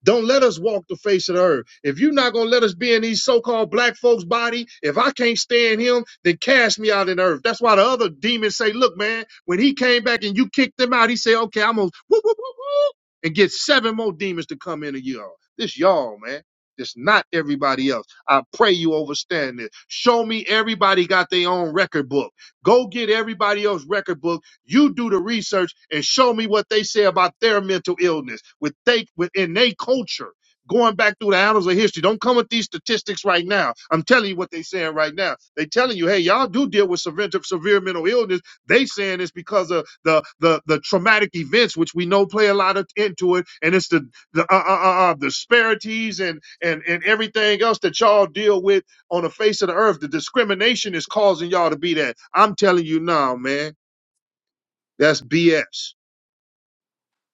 [SPEAKER 1] Don't let us walk the face of the earth. If you're not gonna let us be in these so-called black folks' body, if I can't stand him, then cast me out in the earth. That's why the other demons say, "Look, man, when he came back and you kicked him out, he said, okay, I'm gonna whoop, whoop, whoop, whoop, and get seven more demons to come in a year. This y'all, man. This not everybody else. I pray you overstand this. Show me everybody got their own record book. Go get everybody else's record book you do the research and show me what they say about their mental illness with they within their culture. Going back through the annals of history, don't come with these statistics right now. I'm telling you what they're saying right now. They telling you, hey, y'all do deal with severe, severe mental illness. They saying it's because of the the the traumatic events, which we know play a lot of, into it, and it's the the uh, uh, uh, uh, disparities and and and everything else that y'all deal with on the face of the earth. The discrimination is causing y'all to be that. I'm telling you now, man. That's BS.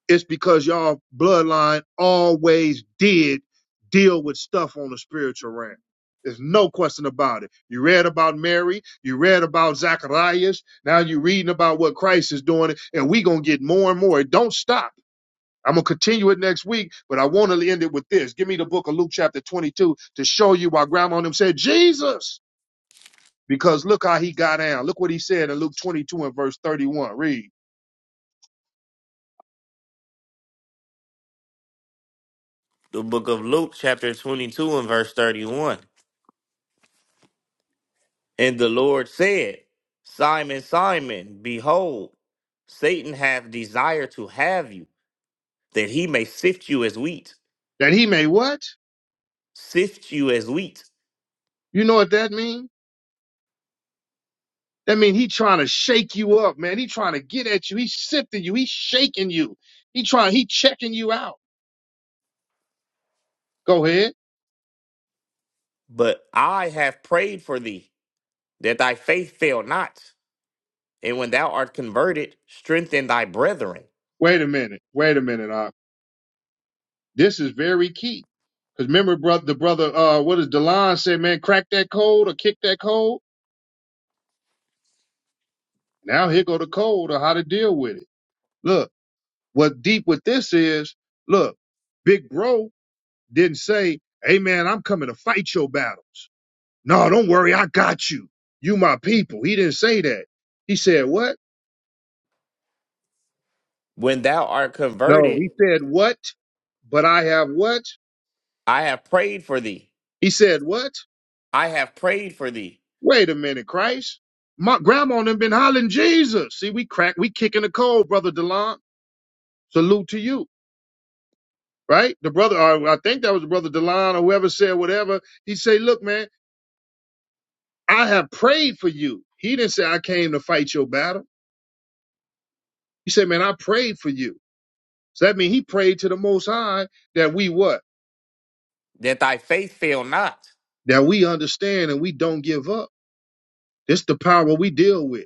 [SPEAKER 1] It's because y'all bloodline always did deal with stuff on the spiritual realm. There's no question about it. You read about Mary, you read about Zacharias, now you're reading about what Christ is doing, and we're gonna get more and more. It don't stop. I'm gonna continue it next week, but I want to end it with this. Give me the book of Luke chapter 22 to show you why grandma and them said Jesus, because look how he got down. Look what he said in Luke 22 and verse 31. Read
[SPEAKER 3] the book of Luke, chapter 22, and verse 31. And the Lord said, Simon, Simon, behold, Satan hath desired to have you, that he may sift you as wheat,
[SPEAKER 1] that he may what?
[SPEAKER 3] sift you as wheat.
[SPEAKER 1] You know what that means? That mean he trying to shake you up, man. He trying to get at you. He's sifting you. He's shaking you. He trying. He checking you out. Go ahead.
[SPEAKER 3] But I have prayed for thee, that thy faith fail not. And when thou art converted, strengthen thy brethren.
[SPEAKER 1] Wait a minute. Wait a minute. Uh, this is very key. Cause remember, brother, the brother, uh, what does Delon say, man? Crack that code or kick that code. Now here go the code or how to deal with it. Look, what deep with this is. Look, Big Bro didn't say, "Hey man, I'm coming to fight your battles." No, don't worry, I got you. You my people. He didn't say that. He said what?
[SPEAKER 3] When thou art
[SPEAKER 1] No,
[SPEAKER 3] converted,
[SPEAKER 1] he said, What? But I have what?
[SPEAKER 3] I have prayed for thee.
[SPEAKER 1] He said, What?
[SPEAKER 3] I have prayed for thee,
[SPEAKER 1] Wait a minute, Christ. My grandma and them been hollering Jesus. See, we crack, we kicking the cold, brother Delon. Salute to you, right? The brother, or I think that was brother Delon or whoever said whatever. He say, Look, man, I have prayed for you. He didn't say, I came to fight your battle. He said, Man, I prayed for you. So that means he prayed to the Most High that we what?
[SPEAKER 3] that thy faith fail not.
[SPEAKER 1] That we understand and we don't give up. This the power we deal with.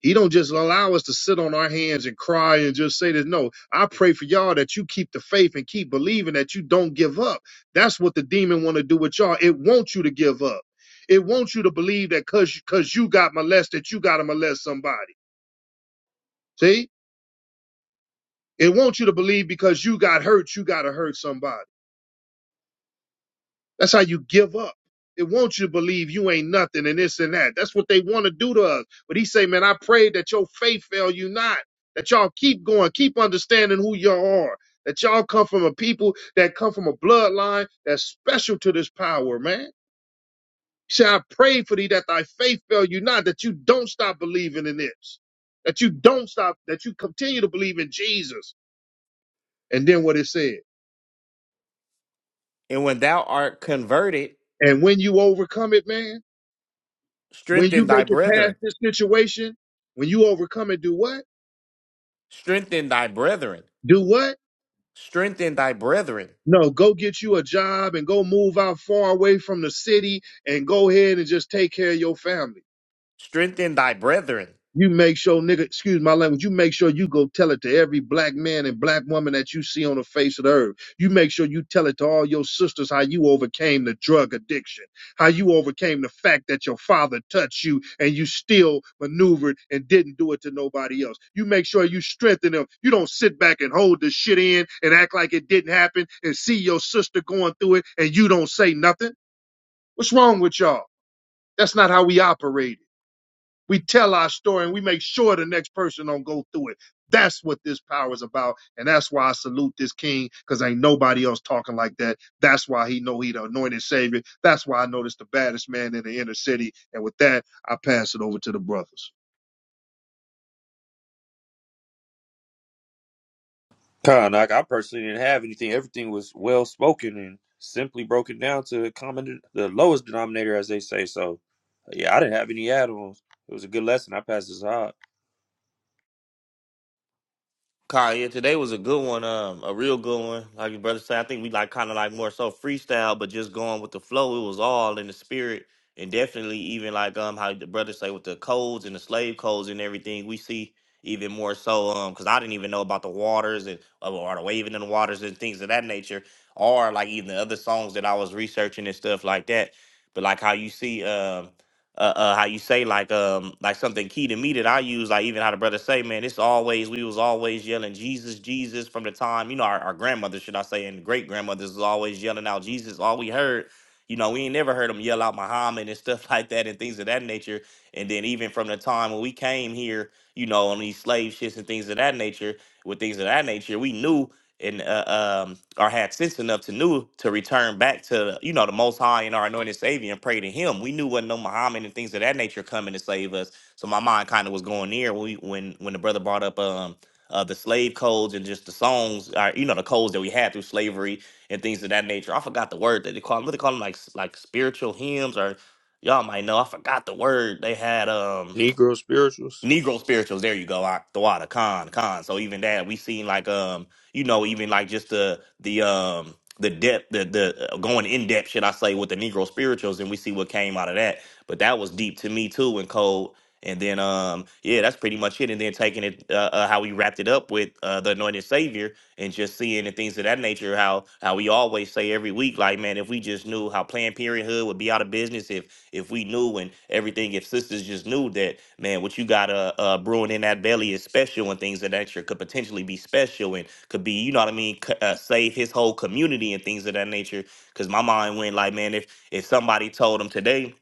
[SPEAKER 1] He don't just allow us to sit on our hands and cry and just say this. No, I pray for y'all that you keep the faith and keep believing that you don't give up. That's what the demon want to do with y'all. It wants you to give up. It wants you to believe that cause, cause you got molested, you gotta molest somebody. See? It wants you to believe because you got hurt, you gotta hurt somebody. That's how you give up. It wants you to believe you ain't nothing and this and that. That's what they want to do to us. But he say, man, I pray that your faith fail you not, that y'all keep going, keep understanding who y'all are, that y'all come from a people that come from a bloodline that's special to this power, man. He said, I pray for thee that thy faith fail you not, that you don't stop believing in this, that you don't stop, that you continue to believe in Jesus. And then what it said,
[SPEAKER 3] And when thou art converted,
[SPEAKER 1] and when you overcome it, man When
[SPEAKER 3] strengthen
[SPEAKER 1] you
[SPEAKER 3] thy
[SPEAKER 1] make it past
[SPEAKER 3] brethren,
[SPEAKER 1] this situation, when you overcome it, do what?
[SPEAKER 3] strengthen thy brethren,
[SPEAKER 1] Do what?
[SPEAKER 3] strengthen thy brethren,
[SPEAKER 1] No, go get you a job and go move out far away from the city and go ahead and just take care of your family.
[SPEAKER 3] strengthen thy brethren.
[SPEAKER 1] You make sure, nigga, excuse my language, you make sure you go tell it to every black man and black woman that you see on the face of the earth. You make sure you tell it to all your sisters how you overcame the drug addiction, how you overcame the fact that your father touched you and you still maneuvered and didn't do it to nobody else. You make sure you strengthen them. You don't sit back and hold this shit in and act like it didn't happen and see your sister going through it and you don't say nothing. What's wrong with y'all? That's not how we operate. We tell our story and we make sure the next person don't go through it. That's what this power is about. And that's why I salute this king, because ain't nobody else talking like that. That's why he know he the anointed savior. That's why I know this the baddest man in the inner city. And with that, I pass it over to the brothers.
[SPEAKER 2] Con, like I personally didn't have anything. Everything was well spoken and simply broken down to a common the lowest denominator, as they say. So, yeah, I didn't have any add-ons. It was a good lesson. I passed this hard.
[SPEAKER 3] Kyle, yeah, today was a good one, um, a real good one. Like your brother said, I think we like kind of like more so freestyle, but just going with the flow. It was all in the spirit, and definitely even like um how the brother say with the codes and the slave codes and everything. We see even more so um because I didn't even know about the waters and or the waving in the waters and things of that nature, or like even the other songs that I was researching and stuff like that. But like how you see, um uh, uh how you say like um like something key to me that I use like even how the brother say man it's always we was always yelling Jesus Jesus from the time you know our, our grandmother should I say and great grandmothers was always yelling out Jesus all we heard you know we ain't never heard them yell out Muhammad and stuff like that and things of that nature and then even from the time when we came here you know on these slave ships and things of that nature with things of that nature we knew and uh, um, or had sense enough to knew to return back to you know the Most High and our anointed Savior and pray to Him. We knew wasn't no Muhammad and things of that nature coming to save us. So my mind kind of was going there when we, when when the brother brought up um uh, the slave codes and just the songs, uh, you know, the codes that we had through slavery and things of that nature. I forgot the word that they call them. What they call them, like like spiritual hymns, or y'all might know. I forgot the word they had. Um,
[SPEAKER 2] Negro spirituals.
[SPEAKER 3] Negro spirituals. There you go. I, Thawada, Khan, Khan. So even that we seen like um, you know, even like just the the um the depth, the the uh, going in depth, should I say, with the Negro spirituals, and we see what came out of that. But that was deep to me too, and cold. And then um, yeah, that's pretty much it. And then taking it uh, uh, how we wrapped it up with uh, the Anointed Savior, and just seeing the things of that nature. How how we always say every week, like man, if we just knew how Planned Parenthood would be out of business, if if we knew and everything, if sisters just knew that, man, what you got uh, uh, brewing in that belly is special and things of that nature could potentially be special and could be, you know what I mean, c- uh, save his whole community and things of that nature. Because my mind went like, man, if if somebody told him today,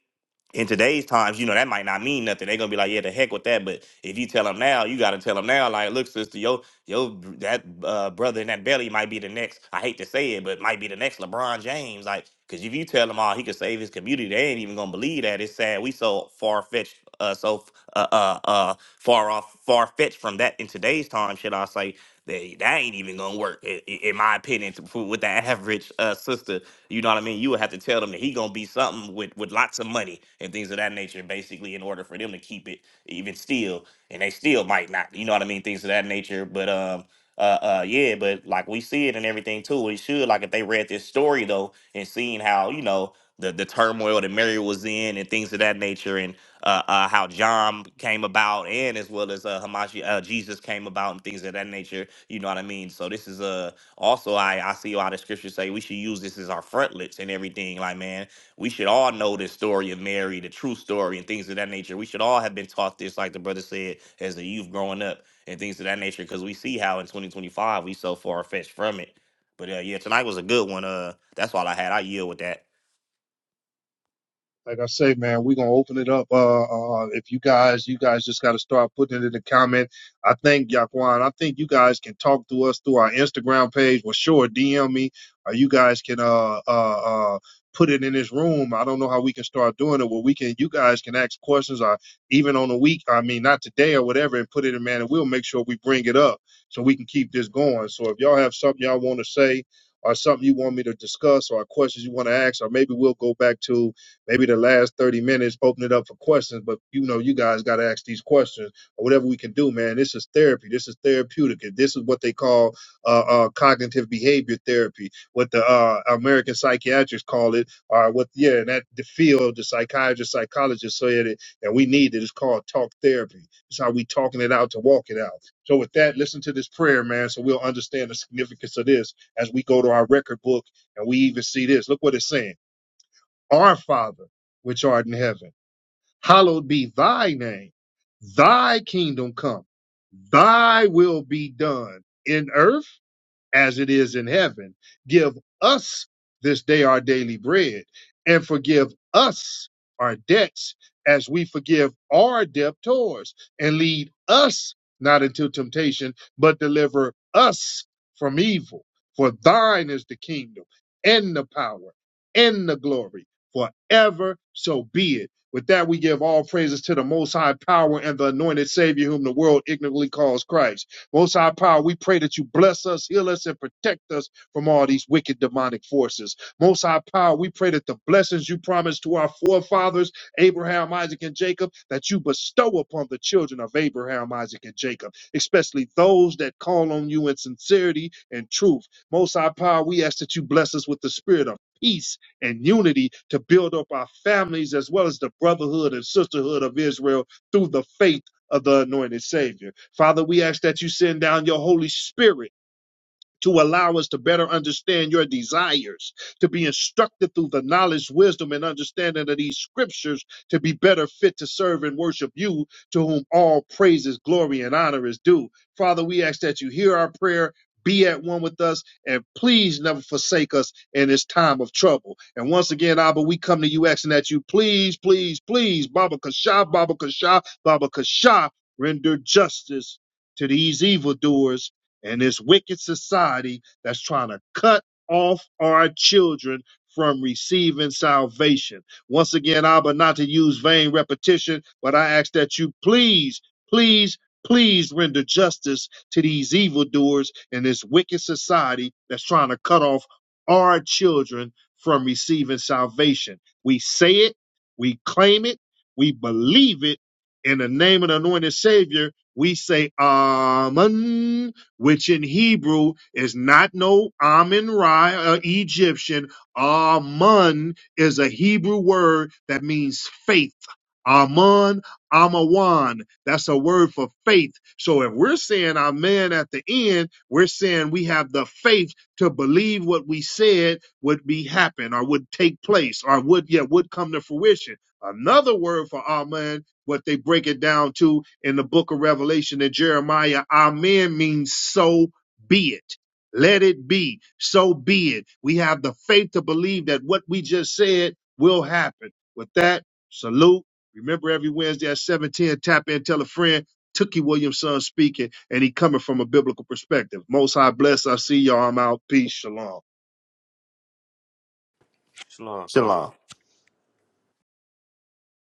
[SPEAKER 3] in today's times, you know, that might not mean nothing. They're gonna be like, yeah, the heck with that. But if you tell them now, you gotta tell them now, like, look, sister, yo, yo, that uh, brother in that belly might be the next. I hate to say it, but might be the next LeBron James. Like, cause if you tell them all he could save his community, they ain't even gonna believe that. It's sad. We so far fetched, uh, so uh, uh, uh, far off, far fetched from that in today's time. Should I say? That, that ain't even gonna work, i- i- in my opinion, to- for- with the average uh, sister you know what I mean? You would have to tell them that he gonna be something with with lots of money and things of that nature, basically, in order for them to keep it even still, and they still might not. You know what I mean? Things of that nature. But um, uh, uh, yeah. But like we see it and everything too. It should like if they read this story though and seeing how you know the the turmoil that Mary was in and things of that nature and uh, uh, how John came about, and as well as uh, Hamashi, uh, Jesus came about, and things of that nature. You know what I mean? So this is a. Also, I, I see a lot of scriptures say we should use this as our frontlets and everything. Like, man, we should all know the story of Mary, the true story, and things of that nature. We should all have been taught this, like the brother said, as a youth growing up and things of that nature, because we see how in 2025 we so far fetched from it. But uh, yeah, tonight was a good one. Uh, that's all I had. I yield with that.
[SPEAKER 1] like I say, man, we're gonna open it up. Uh, uh, if you guys, you guys just gotta start putting it in the comment. I think Yaquan, I think you guys can talk to us through our Instagram page. Well, sure, DM me, or you guys can uh uh uh put it in this room. I don't know how we can start doing it. Well, we can. You guys can ask questions, or even on the week. I mean, not today or whatever, and put it in, man, and we'll make sure we bring it up so we can keep this going. So if y'all have something y'all want to say. Or something you want me to discuss, or questions you want to ask, or maybe we'll go back to Maybe the last 30 minutes, open it up for questions, but you know, you guys got to ask these questions or whatever we can do, man. This is therapy. This is therapeutic. This is what they call uh, uh, cognitive behavior therapy, what the uh, American psychiatrists call it, or what, yeah, and that the field, the psychiatrist, psychologist said it, and we need it. It's called talk therapy. It's how we talking it out to walk it out. So with that, listen to this prayer, man, so we'll understand the significance of this as we go to our record book and we even see this. Look what it's saying. Our Father, which art in heaven, hallowed be thy name. Thy kingdom come. Thy will be done in earth as it is in heaven. Give us this day our daily bread, and forgive us our debts as we forgive our debtors, and lead us not into temptation, but deliver us from evil. For thine is the kingdom, and the power, and the glory, forever. So be it. With that, we give all praises to the Most High Power and the anointed Savior, whom the world ignorantly calls Christ most High Power, we pray that you bless us, heal us, and protect us from all these wicked demonic forces. Most High Power, we pray that the blessings you promised to our forefathers, Abraham, Isaac, and Jacob, that you bestow upon the children of Abraham, Isaac, and Jacob, especially those that call on you in sincerity and truth. Most High Power, we ask that you bless us with the spirit of peace and unity to build up our families as well as the brotherhood and sisterhood of Israel through the faith of the anointed Savior. Father, we ask that you send down your Holy Spirit to allow us to better understand your desires, to be instructed through the knowledge, wisdom, and understanding of these scriptures, to be better fit to serve and worship you, to whom all praises, glory, and honor is due. Father, we ask that you hear our prayer. Be at one with us and please never forsake us in this time of trouble. And once again, Abba, we come to you asking that you please, please, please, Baba Kasha, Baba Kasha, Baba Kasha, render justice to these evildoers and this wicked society that's trying to cut off our children from receiving salvation. Once again, Abba, not to use vain repetition, but I ask that you please, please, please render justice to these evildoers and this wicked society that's trying to cut off our children from receiving salvation. We say it, we claim it, we believe it. In the name of the anointed Savior, we say, Amen which in Hebrew is not no Amun Ra, uh, Egyptian. Amun is a Hebrew word that means faith. Amun, Amawan. That's a word for faith. So if we're saying Amen at the end, we're saying we have the faith to believe what we said would be happen or would take place or would yeah would come to fruition. Another word for Amen what they break it down to in the book of Revelation and Jeremiah. Amen means so be it. Let it be. So be it. We have the faith to believe that what we just said will happen. With that, salute. Remember every Wednesday at 710, tap in, tell a friend. Tookie Williamson speaking, and he coming from a biblical perspective. Most High bless. I see y'all. I'm out. Peace. Shalom.
[SPEAKER 2] Shalom.
[SPEAKER 3] Shalom.